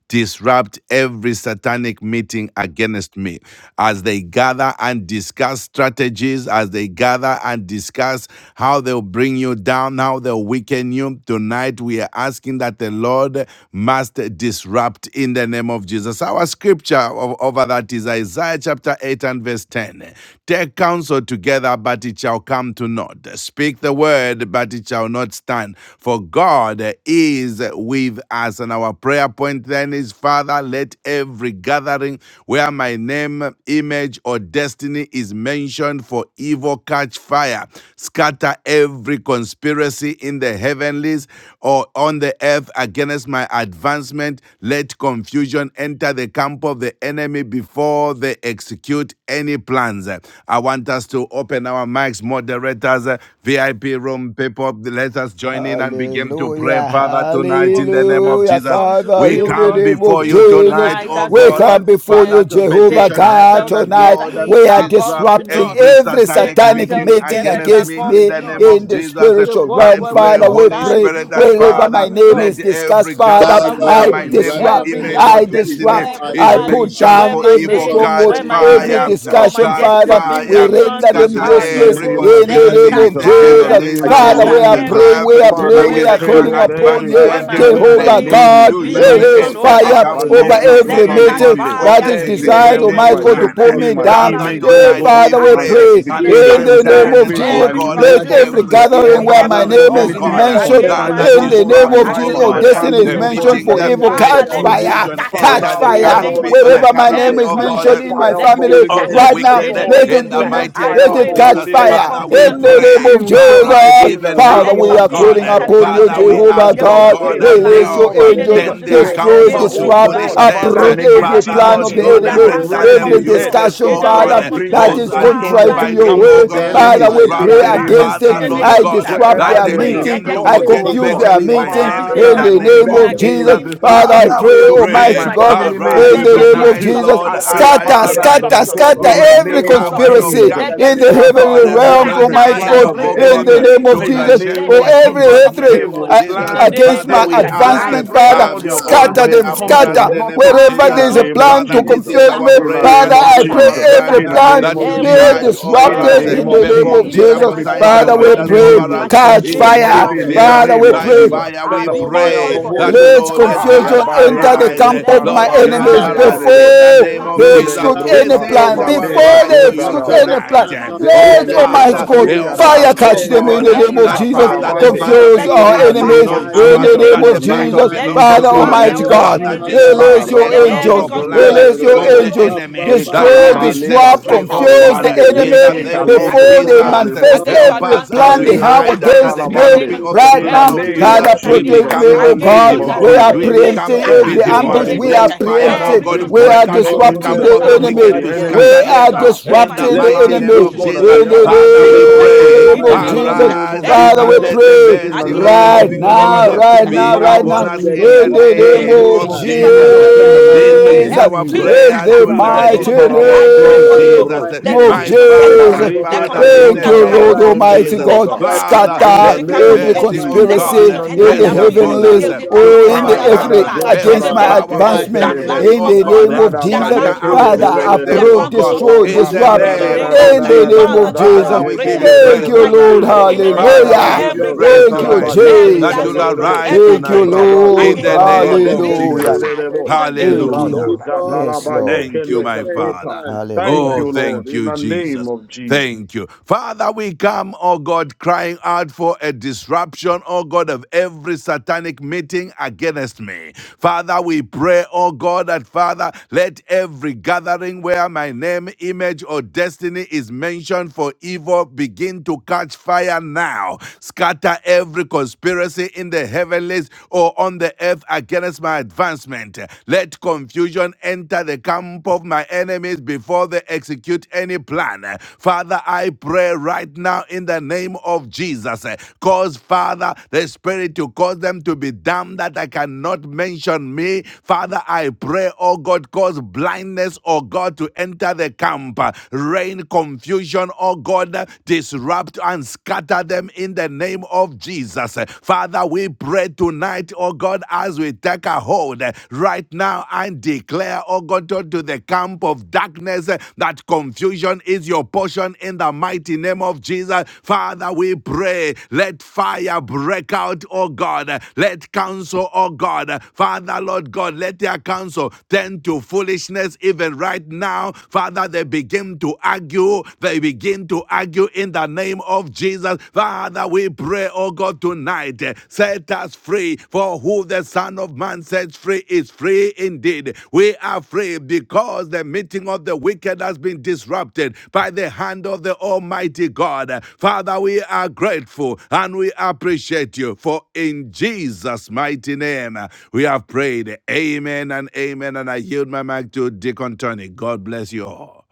A: disrupt every satanic meeting against me as they gather and discuss strategies as they gather and discuss how they'll bring you down down how they'll weaken you. Tonight, we are asking that the Lord must disrupt in the name of Jesus. Our scripture over that is Isaiah chapter 8 and verse 10. Take counsel together, but it shall come to naught. Speak the word, but it shall not stand. For God is with us. And our prayer point then is Father, let every gathering where my name, image, or destiny is mentioned for evil, catch fire. Scatter every conspiracy in the heavenlies or on the earth against my advancement. Let confusion enter the camp of the enemy before they execute any plans. I want us to open our mics, moderators, uh, VIP room people. Let us join in and begin to pray,
C: Hallelujah,
A: Father,
B: name
A: tonight in
B: of
A: the name
B: Jesus,
A: of
B: we
C: hallelujah,
A: Jesus.
B: come to
C: Father,
A: We
B: pray,
C: in
B: oh
C: the
A: come
B: God,
C: name of
A: before you
B: even
C: Jesus,
A: tonight,
B: tonight
A: oh
B: as your
C: we
A: God.
C: come
B: word
C: before
B: declares.
A: Father,
C: you,
A: to
C: Jehovah
B: Take
A: petition
C: God,
B: counsel
A: heaven that
C: tonight.
B: together,
A: Lord uh,
B: it
C: We are
B: shall come
A: disrupt
B: to
C: disrupting
B: naught.
A: every
C: every
B: Take
A: satanic
C: satanic
B: counsel
A: meeting
C: meeting
B: together, it
A: against
B: shall
C: against
A: me
B: come
A: in
C: me
B: to
A: the name
B: naught.
C: in
A: of
C: the
A: Jesus. Uh,
B: the
C: spiritual
B: word
A: I
C: realm,
B: where we
A: pray,
C: Father.
B: not
C: We
A: Holy
B: stand
C: pray
A: Spirit, that
B: for
C: wherever
B: God is
C: my
A: Father,
B: with
C: name
B: us.
C: is
A: let
C: discussed,
A: every
C: Father.
B: Father,
A: gathering
B: we
A: where
C: I
D: Father,
A: my
B: pray
D: right
A: name,
D: now in
C: disrupt,
B: every
D: the
A: image,
D: name
A: or
C: I
D: of
B: gathering,
A: destiny
D: Jesus,
C: disrupt,
D: I
B: every
A: is
C: I
D: pray,
B: gathering
C: put
A: mentioned
D: Father,
B: where
C: down
A: for
B: my
C: every
A: evil
B: name,
C: stronghold,
A: catch
B: where
D: concerning
B: my
C: every
A: fire,
B: image
D: Almighty
B: or
D: God,
B: my
C: discussion,
A: catch
B: destiny
D: the
B: is
C: Father.
D: night
B: being
C: We
A: fire,
D: God that you
C: render
B: mentioned,
C: them
A: scatter
B: for
E: In
D: disrupt
E: the
C: useless
A: every
D: every
E: name
B: evil,
E: of
C: in
B: let
C: the
B: it
A: conspiracy
D: satanic
C: name
B: catch
A: in
C: of
E: Jesus,
A: the
E: in the
B: fire.
C: Jesus.
D: meeting
A: heavenlies
E: name of
C: Father,
A: or
C: we
B: Father,
A: on
D: against
C: are
D: me.
A: the earth
B: every
E: Jesus.
B: my
C: praying, we
A: behalf,
C: are
D: In
B: name,
D: the
E: Father,
C: praying,
B: where
D: name
C: we
E: we
B: my
C: are
D: of
A: against
E: pray,
A: my
C: calling
D: Jesus,
E: Lord,
B: children's
C: upon
B: name,
E: every
C: you,
B: where
A: advancement.
D: Father,
B: my
E: gathering
D: I
E: where
B: husband's
E: my
D: pray
C: Jehovah
A: Let
B: name
E: name is
C: God.
B: is being
D: let
A: confusion
C: Release
B: mentioned,
E: mentioned.
B: oh
A: enter
D: every
A: the
B: God,
E: Ah,
C: fire
B: for
A: camp
D: gathering
C: over
A: of
D: where
B: evil,
E: Baleto
A: my
D: my
B: let
C: every
B: it
D: name,
B: catch
A: enemies
C: meeting
E: Sotalemande.
A: before
D: where
C: that
B: fire
A: they
C: is
D: my
B: in the
D: name,
C: designed,
E: Everywhere
A: execute
B: name
E: where
B: of
A: any
C: Almighty
E: my
C: God, to
D: image
A: plan.
C: pull
B: Jesus.
D: of
E: destiny,
C: me
E: my
C: down.
B: Father,
A: Father,
D: destiny
B: we
E: image, oh
C: Eh,
D: is
A: tonight
B: pray.
E: God,
A: we
C: Father, we
B: I
E: my
A: pray
D: mentioned
B: pray
C: pray
D: for
B: this in the
A: and
C: in
D: evil,
B: name
C: the
B: of
A: stand
E: certifications,
D: catch
C: name
B: Jesus.
C: of
A: against,
E: every,
A: oh
C: Jesus.
E: my,
D: fire,
B: Every
A: God,
E: oh
C: Let
D: catch
E: God,
C: every
A: every
B: conspiracy
D: fire.
B: in
A: evil
C: gathering
B: the
E: wherever,
C: where my
E: oh
B: heavens
A: gathering,
E: God,
C: name
B: or
A: oh
B: in
C: is
D: Father,
B: the
E: anything
A: God,
B: earth
E: that
C: mentioned,
B: against
D: wherever
A: that
B: my
D: they
E: concerns,
A: that
C: in
E: oh
C: the
E: God,
D: mention
B: advancement,
C: name
E: my
A: disrupt,
D: my
C: of
E: life
A: oh
C: Jesus,
B: against the
D: name
E: and
C: or
E: my
A: God,
D: for
B: advancement of my
C: destiny
E: family,
C: is
A: the
D: evil,
B: children
E: oh
B: and my
E: God, is
C: mentioned
A: meetings.
C: for
B: husband,
D: let the
C: evil,
E: mentioned
B: Father,
E: for
A: Let
C: catch
B: let
D: gathering
B: it be
E: evil.
D: catch
C: fire,
A: confusion
E: Father,
B: scattered
D: fire.
C: catch
A: enter the
B: in the
E: oh
D: Let
C: fire.
B: name
D: the
B: of
A: canopy
E: God,
A: or
B: Jesus.
A: the
C: Wherever my
A: canopy,
C: name
D: individuals
B: Every
C: is
A: oh
E: let
D: catch
E: the
A: God
C: mentioned in
B: conspiracy,
C: my
E: fire
D: fire,
E: of
B: let
E: the
B: it be
C: family
D: be
E: Holy
A: of
E: Ghost
A: the
D: burnt
C: right
B: scattered
D: by
C: now,
B: in
A: wicked
B: the
E: destroy.
C: let
D: fire.
B: name of
A: in
C: it
A: the
C: be
B: Jesus.
E: Let
D: Let
E: the
C: men-
A: mighty
B: I
D: the
E: fire
A: name
C: let
E: of the
C: it
B: pray,
A: of
C: it
D: demons
B: Lord,
D: be
C: catch
A: Jesus.
E: Holy
B: and
D: burnt
E: Ghost
B: let
C: fire
D: by
A: Father, we
B: confusion
E: bring
C: in the
D: fire.
B: enter
C: name
A: pray,
C: of
B: the camp
E: confusion.
B: of the
D: The
A: arise
E: In
C: Jesus.
E: the
B: enemies.
A: even
D: witchcraft be
C: Father,
A: now,
B: Let
E: name
C: we
D: burnt
A: O
C: are
E: of
D: by
B: confusion
A: God.
C: calling
E: Jesus,
B: enter
D: fire.
B: the
C: upon
B: camp
C: you,
B: of
E: bring
B: the
A: Father, we
B: enemies.
C: Jehovah
D: Father,
A: ask,
B: They will
D: I
E: confusion.
A: O
B: not speak
C: God.
A: God,
D: pray
E: In the
B: one
C: Release
E: name
B: language
D: in
C: your
A: help,
E: of
D: the
B: in the
D: name
C: angels,
B: name
D: of
E: Jesus,
B: of
A: turn
B: this
A: their
D: Jesus,
B: guy.
C: destroy,
E: wherever,
B: They
A: counsel
B: will be
A: to
D: the
E: oh
C: disrupt,
E: God,
D: Father,
B: divided,
A: foolishness.
E: Father,
D: let
B: and
C: uproot
B: because
D: every
B: they
C: every
B: are
A: Father,
C: plan
D: gathering
A: Lord
C: of
E: negativity,
B: divided,
C: the
D: where
E: oh
A: God,
D: my
B: their
C: enemy,
E: God,
D: name,
B: counsel
A: render
B: will
E: raise
A: them
B: come
C: every
E: his
B: to
D: image
E: head.
B: naught.
D: of
A: useless,
C: discussion,
B: In
A: O
B: the
D: destiny
E: Father,
C: Father,
B: name
A: God.
D: is
B: of
E: bring
B: Jesus
C: that
B: Christ,
A: Cause
C: is
D: mentioned
A: an
E: confusion
B: Father,
C: contrary
E: in
D: for
B: I
C: to
E: the
C: your
A: infighting,
B: pray
E: camp
D: evil,
A: O
C: way.
E: of
B: they
E: the
B: will
A: God, to
B: not
D: catch
B: be
E: enemy.
B: able
C: Father,
B: to
C: we
B: execute
D: fire,
E: In
B: their
C: pray
A: disrupt.
E: the name
B: plan.
D: catch
E: of
C: against
A: Father,
B: In
C: it.
B: the
D: fire
B: name
A: Lord
C: I
E: Jesus,
B: of Jesus
A: God,
B: Christ,
C: disrupt
B: I
D: right
E: wherever
A: that
C: their
A: they
E: there's
B: pray
D: now.
C: meeting,
B: let
E: a
A: begin
B: there
A: to
B: be
D: In
C: I
E: plot,
D: the
E: oh
A: forget
D: name
C: confuse
D: of
E: God,
B: disruption
C: their
A: mentioning
D: Jesus,
B: of
A: my
D: I
C: meeting
B: every
A: name in
C: in
D: pray.
E: Father,
A: the
C: the
B: satanic
E: to
A: name
B: meeting
D: Let
C: name
E: bring
C: of
A: of
D: them
E: me
D: be
B: against
E: to a
C: Jesus.
A: Jesus.
B: me,
D: consumed
C: Father,
D: by
C: I
B: against my
A: Father,
E: disrepute,
A: we
C: pray,
B: husband,
E: to
D: fire.
E: bring
A: pray
B: against
E: my
C: Almighty
D: Let
B: my
A: glory.
D: them
C: God,
D: be
B: children.
E: family name
D: burnt
E: to
C: in
A: Arise
E: a
B: Let
D: by
C: the
B: there be
C: name
B: a
C: of
A: tonight,
D: fire.
E: disrepute.
C: Jesus.
A: Lord.
B: disruption.
E: I
D: Right
E: pray,
B: Let
D: now,
A: Arise
B: there
C: Scatter,
B: be a
E: Father,
A: tonight.
C: scatter,
B: disruption.
D: everyone,
E: destroy
C: scatter
E: in
B: Let
E: the
D: my
B: there
A: Break
B: be
A: the
B: a
C: every
D: name,
E: name of
A: powers
B: disruption.
A: of
C: conspiracy
E: Jesus.
B: Let
D: Omelenga's
B: there
C: in
B: be
A: darkness,
B: a
C: the
D: name,
A: oh
E: Scatter,
C: heavenly
A: God.
B: disruption.
E: oh God,
D: Natasha's
C: realms,
B: Right
A: That
D: name,
E: every
B: now, as
C: Almighty
B: I
A: aim,
E: plan
C: God,
D: Neriah's
E: of the
A: oh
B: pray,
D: name,
C: in
A: God,
B: in
C: the
E: enemy
B: the
D: let
C: name
B: name of
C: of
A: to
B: Jesus
E: in the
D: Joshua's
B: Christ,
A: uh,
C: Jesus,
D: name,
E: name
B: let
A: shame
C: or
A: me,
E: of
B: there be
A: oh
B: a
C: every
E: Jesus.
A: God, in the
D: Arashi's
B: disruption,
C: hatred
E: They
D: name
B: oh
A: name
B: God.
A: of
C: uh,
D: is
E: will
B: In
A: Jesus.
B: the
E: plan,
D: mentioned.
C: against
B: name of
A: Father,
E: they
C: my
D: Let
B: Jesus
A: we
E: will
B: Christ,
D: them catch
A: ask,
B: I
E: plan.
C: advancement,
B: pray
D: fire
B: for
C: Father.
E: All
A: have
B: this, oh
E: their
A: your
D: now.
B: God,
A: own
B: right
E: plans
C: Scatter
A: way
D: Oh,
B: in
E: will
C: them,
B: the name
E: come
A: upon
D: God,
B: of
D: I
A: us
E: to
B: Jesus
C: scatter
A: in
B: Christ.
D: pray
A: the name
E: nothing
A: of
C: wherever
E: in
B: Father,
C: there
A: Jesus.
E: the
C: is a
B: Lord
E: name of
C: plan
A: Father,
C: to
D: in
A: this
E: Jesus.
A: is
D: the
C: confuse
A: our
C: me,
D: name of
E: In
B: scatter,
E: the
A: prayer
C: Father.
D: Jesus
E: name
A: and
E: of
A: this
C: I
A: is
D: Christ,
C: pray
B: scatter,
A: our
E: Jesus.
D: the
A: cry
C: every
E: In
D: Son
A: now,
E: the
D: of
B: scatter
C: plan
D: the
E: name
A: that
E: of
A: you
D: living
C: be
D: God.
A: charge
E: Jesus.
B: everywhere
D: My
A: over
E: In
B: where
E: the
B: my
A: us,
C: disrupted
D: Father,
A: eh,
E: name
C: in
D: I
E: of
C: the
B: name,
C: name
D: pray,
E: Jesus.
C: of
A: perform
B: the image of
A: miracle
E: Every
C: Jesus,
A: signs
B: myself,
E: plan
D: capture
A: and
C: Father.
E: of the
C: We
B: my
A: wonders
D: every
E: enemy
B: name,
C: pray,
A: over us
B: my
E: will come
B: children's
C: catch
A: in
E: to
D: conspiracy
B: name,
A: the name
D: in
B: or
C: fire,
B: our
A: of
D: the
E: nothing in
B: children,
E: the
B: my
A: Jesus.
C: Father.
E: name
C: We
D: heavenlies,
B: their
E: of
A: By
D: of
C: pray.
E: Jesus.
B: images
D: God,
A: fire
E: Let
A: we
B: have
E: the
B: been
D: or
E: fire
D: on
E: of the
B: mentioned
A: pray
D: the
B: for
E: Holy
D: earth
A: that
E: Ghost.
B: evil.
C: Let
A: Lord eh,
E: Ah,
D: against
E: ya
A: God
C: confusion
D: my
C: enter the
E: bareke
B: Father,
A: arise,
D: advancement,
A: eh,
C: camp
E: zota
D: of
B: let
C: of
B: it
C: my
D: God.
E: raba
A: Lord
B: catch
A: God
E: yende
C: enemies
A: arise
D: Capture
C: before
D: the
B: fire.
A: in the
B: Let it
A: name
B: catch catch
A: of
C: they
D: conspiracies.
A: Jesus.
B: fire
C: execute
E: bro
C: any
A: This
B: now.
D: Father,
E: zata
A: is
C: plan.
B: Let
D: the
B: it
A: our
B: catch
E: mande
C: Before
E: ka
D: snares.
A: cry
C: they
A: to
B: fire
A: you
C: execute
D: capture
B: now.
D: them
C: any
B: Let
C: plan,
A: tonight.
B: it
A: eh.
B: catch
D: now in
A: Oh
B: fire
C: let
D: the
E: Zendele
B: now,
D: name
E: ke
B: oh
C: Almighty
A: Father,
D: of
B: God.
C: God
B: In the
A: help
D: Jesus.
C: fire
A: us,
B: name of
A: oh
C: catch
D: Bend
C: them
B: Jesus,
E: zendele
C: in
A: God,
D: them
C: the
E: bo
A: eh,
B: let
C: name
B: it
C: of
D: now
B: catch
A: that
E: shika
C: Jesus.
D: in
A: Father,
B: fire,
A: the
D: the
B: oh
D: name
A: battle
D: of
B: God.
C: Confuse
B: Let it
C: our
A: before
E: in
D: Jesus.
B: catch
E: the
A: us is
E: name
C: enemies
B: fire.
A: not
E: of
C: in
D: I
B: In
A: our,
B: the
C: the
E: Jesus,
B: name
E: in
A: but
D: declare,
C: name
B: of
E: the
C: of
A: the
B: Jesus,
E: name
A: battle
C: Jesus.
E: of
D: I
B: let it
A: belongs to
B: catch
C: Father
E: Jesus, in
D: decree,
E: the
A: God.
B: fire,
A: Eh,
C: Almighty
B: oh
E: name
D: the
E: of
B: God.
C: God,
B: In
A: Father,
B: the
E: Jesus.
B: name of
D: Father
B: Jesus,
E: Ah,
C: release
A: disrupt
C: your
B: let
A: every
B: every
C: angels.
A: evil plan uh,
D: right
B: conspiracy
C: Release
B: be
C: your
A: of
D: now,
E: radadabazonderererebo.
A: the
C: angels.
B: destroyed,
D: Abba
A: enemy
B: be
A: that we
C: Destroy,
B: scattered.
A: be
D: Father.
B: Be
A: set
E: Lekalabaleba
C: disrupt,
A: free,
D: Oh
B: scattered.
A: oh
D: God,
B: It
C: confuse
D: I
A: God,
C: the
A: uh,
E: jotalemande.
B: conspiracy
D: pray
A: in
B: against
A: the
C: enemy
A: name
B: Amy,
A: of
E: Yekekaleko
D: against,
B: against
C: before
B: your
D: oh
A: Jesus.
C: they
D: God,
B: health,
C: manifest
A: Uh,
C: manifest
D: oh
B: against
E: lebozo
B: your
A: Help
C: every
D: Master,
A: us
B: advancement.
A: as
C: plan
D: eh,
A: we
B: Be
C: they have
E: Balebro
A: hide
D: after
B: scattered
A: under the
C: against
D: every
B: in the
C: me
B: name
E: satalabande.
A: canopy
B: of
A: of
B: Jesus.
A: the
D: conspiracy
C: right
E: In the
A: blood
B: Every
C: now.
A: of
D: in
E: name
B: conspiracy
D: the
E: of
A: Jesus.
C: Father,
B: against
A: We
D: heavenlies,
B: Daniela,
C: protect
D: oh
E: Jesus,
C: me,
A: become
E: in
D: God,
E: the
C: oh
B: against your
C: God.
E: name
D: in
E: of
C: We
A: invisible.
D: the
C: are
B: advancement.
A: We
E: Jesus.
D: heavenlies,
B: Be
D: oh
A: become
C: preempting
D: God,
B: scattered
C: every
E: Thank you,
D: in
B: in the
C: ambush.
E: mighty
A: invisible.
D: the
B: name
C: We
B: of
C: are
E: God.
A: Let
D: heavenlies,
B: Jesus.
D: oh
A: fire,
D: God.
E: Father,
A: oh
C: preempting.
B: Every
E: bring
A: God,
C: We are
A: break
B: conspiracy
A: out in
D: God
E: confusion
A: the
B: against
D: on
E: into
B: police
C: disrupting
D: the
A: camp
E: the
C: the
A: of the
D: earth
B: advancement
E: camp of
C: enemy.
A: wicked
E: the
A: to
B: in health,
C: We
D: against
E: enemy.
A: scatter
D: my
B: in
C: are
A: them. uh,
E: Ah,
B: jobs,
D: advancement.
B: in
A: in
E: every
A: the
C: disrupting
B: finances,
D: Let
C: the
A: mighty
B: in
E: plan,
A: name
C: enemy
E: oh
A: of
E: God,
B: relationship,
D: confusion
E: that
A: Jesus,
E: they
B: in
C: in
E: have,
D: enter
B: destiny.
A: Father,
B: Be
D: the
E: it
A: we
E: comes
D: camp
E: to
B: scattered
D: of
A: pray,
C: the
B: in
D: my
B: the
C: name of
E: nothing
B: name
E: in
B: of
E: the
B: Jesus.
C: Jesus.
D: enemies
E: name
A: arise
E: of
A: uh,
C: Father,
B: Every
A: and
C: we
E: Jesus.
D: before
A: let
D: they
A: the
C: pray
B: conspiracy
E: In the
A: mercy
D: execute
A: of
B: against
E: name
A: the
E: of
B: me
C: right
A: living
B: in the
D: any
A: God
B: name
C: now,
A: uh,
B: of
E: Jesus,
B: Jesus
D: plan.
C: right
E: in the
A: be
C: now,
B: for
E: name
B: my
C: right
E: of
A: upon
C: now,
D: Before
A: us
B: advancement
D: they
A: in
E: Jesus,
B: in
A: the
C: in
D: execute
B: work,
C: the
E: in the
C: name
B: in
A: name
D: any
C: of
E: name
B: ministry,
A: of
E: of
D: plan.
B: in
C: Jesus,
A: Jesus.
B: finances,
E: Jesus,
B: in
E: in
D: Father,
E: the
D: I
B: relationship,
A: This
E: name
B: in
E: of
D: pray,
A: is
B: health.
A: our
B: Be
E: Jesus.
D: let
C: in
A: prayer
B: scattered
C: the
E: La,
B: in the
E: Lada
D: confusion
A: tonight
B: name of
A: in
B: of
C: mighty
A: the
B: Jesus.
D: enter
E: zotarabas
B: I
A: name
D: the
B: pray
E: teke
A: of
B: for
D: camp
B: this, oh
D: of
B: God.
A: Jesus.
E: telebros.
D: my
C: name
B: Let
C: of
D: enemies,
A: My
B: confusion
D: the
A: Father,
B: enter.
A: my
C: Jesus.
D: camp of
B: Let
E: Babarike
D: my
A: Father,
B: confusion
A: in
D: enemies.
C: Thank
A: the
B: enter the
C: you,
B: camp
A: name
E: kazontarabas
B: of
C: Lord
B: the
D: Right
A: of
B: wicked.
C: Almighty
D: now,
A: Jesus.
B: Let
C: God.
E: zendeleboza.
D: right
B: confusion
A: Father,
B: enter
D: now,
E: In
C: Scatter
E: the
B: the
A: let the
B: camp of
E: name
D: let
B: the
C: every
E: of
A: mercy
B: enemies.
A: of
D: Almighty
B: Let
D: mighty
E: Jesus,
C: conspiracy
E: in
A: God
B: confusion
E: the
D: God.
B: enter
C: in the
E: name
B: their
A: rest
D: Let
E: of
B: midst
A: upon us
C: heavenlies
E: Jesus.
B: till they
A: to
D: confusion
B: cannot
C: or in
B: carry
C: the
E: Ah,
D: enter
B: out their
A: overcome
E: Rada
C: earthly
D: the
B: plan.
D: camp of
B: In
C: against
B: the
A: every
D: my,
E: Zotaraba
C: my
B: name of
A: power
B: Jesus,
D: my
E: Sheke
A: of
C: advancement
B: that plan
A: darkness,
E: Telebo.
D: enemies
C: in
A: oh
B: becomes
C: the
D: right
C: name
A: God.
B: worthless.
C: of
D: now.
E: Rada Ba
B: That
C: Jesus.
B: plan
A: Scatter
D: Those
E: Yeke
D: who
A: and
B: becomes
D: hate
E: Lede
C: Father,
D: me
B: useless.
A: break
E: Lede
D: without
A: them,
B: That
E: Lede.
A: oh
C: uproot,
B: plan
D: a
A: God,
D: cause,
B: becomes
C: destroy,
E: Oh,
A: in
D: even
B: unfruitful.
A: the
E: Raka
D: those
B: In
C: disrupt
E: Da
B: the
E: Da
D: who
A: name
D: hate
E: Da
B: name of
E: Da
D: me
A: of
B: Jesus,
C: in
D: with
E: Da
C: the
D: a
E: Da
A: Jesus.
E: Da
C: name
D: cause.
E: Da
B: Father,
C: of
E: Da
B: this is
E: Ba
A: Father,
B: our
C: Jesus.
A: we
E: Yeke
A: give
D: Father,
B: prayer.
A: you
E: Lede
D: let
C: Thank
B: Even
A: praise
C: you,
E: Lebo.
B: right
C: Lord.
A: tonight.
B: now,
D: confusion
E: Oh,
B: in the
E: Rada
B: name of
E: Da
B: Jesus,
A: Father,
E: Ba
A: we
D: enter.
C: Hallelujah.
A: give you
B: every
D: Let
E: Yado
D: enter
A: praise
C: Thank you,
B: gathering,
D: the
E: Zotalaba
A: tonight eh,
D: camp
E: Yeke
B: every
A: that
E: Lede
C: Jesus.
A: you'll
D: of
E: Le
B: gathering,
D: my
E: Lebo.
A: arise
B: every
C: Thank
D: enemies
E: Lo
C: you,
A: tonight
B: agenda
A: eh,
E: Brabra
A: in
C: Lord.
A: the
B: against us,
E: Zotala
D: before
B: oh
E: Bra
A: name
D: they
B: God,
A: of
E: Deke
B: be
E: Lede
A: Jesus.
C: Hallelujah.
B: scattered.
D: execute
E: Lede Lebo.
B: In
D: any
B: the name
D: plan.
B: of
C: Thank
B: Jesus
A: Hallelujah.
E: Librado
C: you.
B: Christ.
D: Before
C: Yes,
D: they
E: Zatalaba
B: Amen.
C: Lord.
E: Yeke
A: Thank you,
D: execute
A: my
E: Lede
D: any
E: Zota.
A: Father.
D: plan
E: Thank
D: right
A: Oh,
C: Hallelujah.
E: you,
D: now
E: Lord,
A: thank
E: in
A: you,
E: the name
A: Jesus.
E: of Jesus.
A: Thank you. Father, we come, oh God, crying out for a disruption, oh God, of every satanic meeting against me. Father, we pray, oh God, that Father, let every gathering where my name, image, or destiny is mentioned for evil begin to catch fire now. Scatter every conspiracy in the heavenlies or on the earth against hinders my advancement. Let confusion enter the camp of my enemies before they execute any plan. Father, I pray right now in the name of Jesus. eh, Cause, Father, the Spirit to cause them to be dumb that I cannot mention me. Father, I pray, oh God, cause blindness, oh God, to enter the camp. Rain confusion, oh God, disrupt and scatter them in the name of Jesus us. Father, we pray tonight, oh God, as we take a hold eh, right now and declare, oh God, to the camp of darkness eh, that confusion is your portion in the mighty name of Jesus. Father, we pray, let fire break out, oh God. eh, Let counsel, oh God. eh, Father, Lord God, let their counsel turn to foolishness even right now. Father, they begin to argue. They begin to argue in the the name of Jesus. Father, we pray, oh God, tonight, eh, set us free. For who the Son of Man sets free is free indeed. We are free because the meeting of the wicked has been disrupted by the hand of the Almighty God. Father, we are grateful and we appreciate you. For in Jesus' mighty name, we have prayed. Amen and amen. And I yield my mic to Deacon Tony. God bless you all.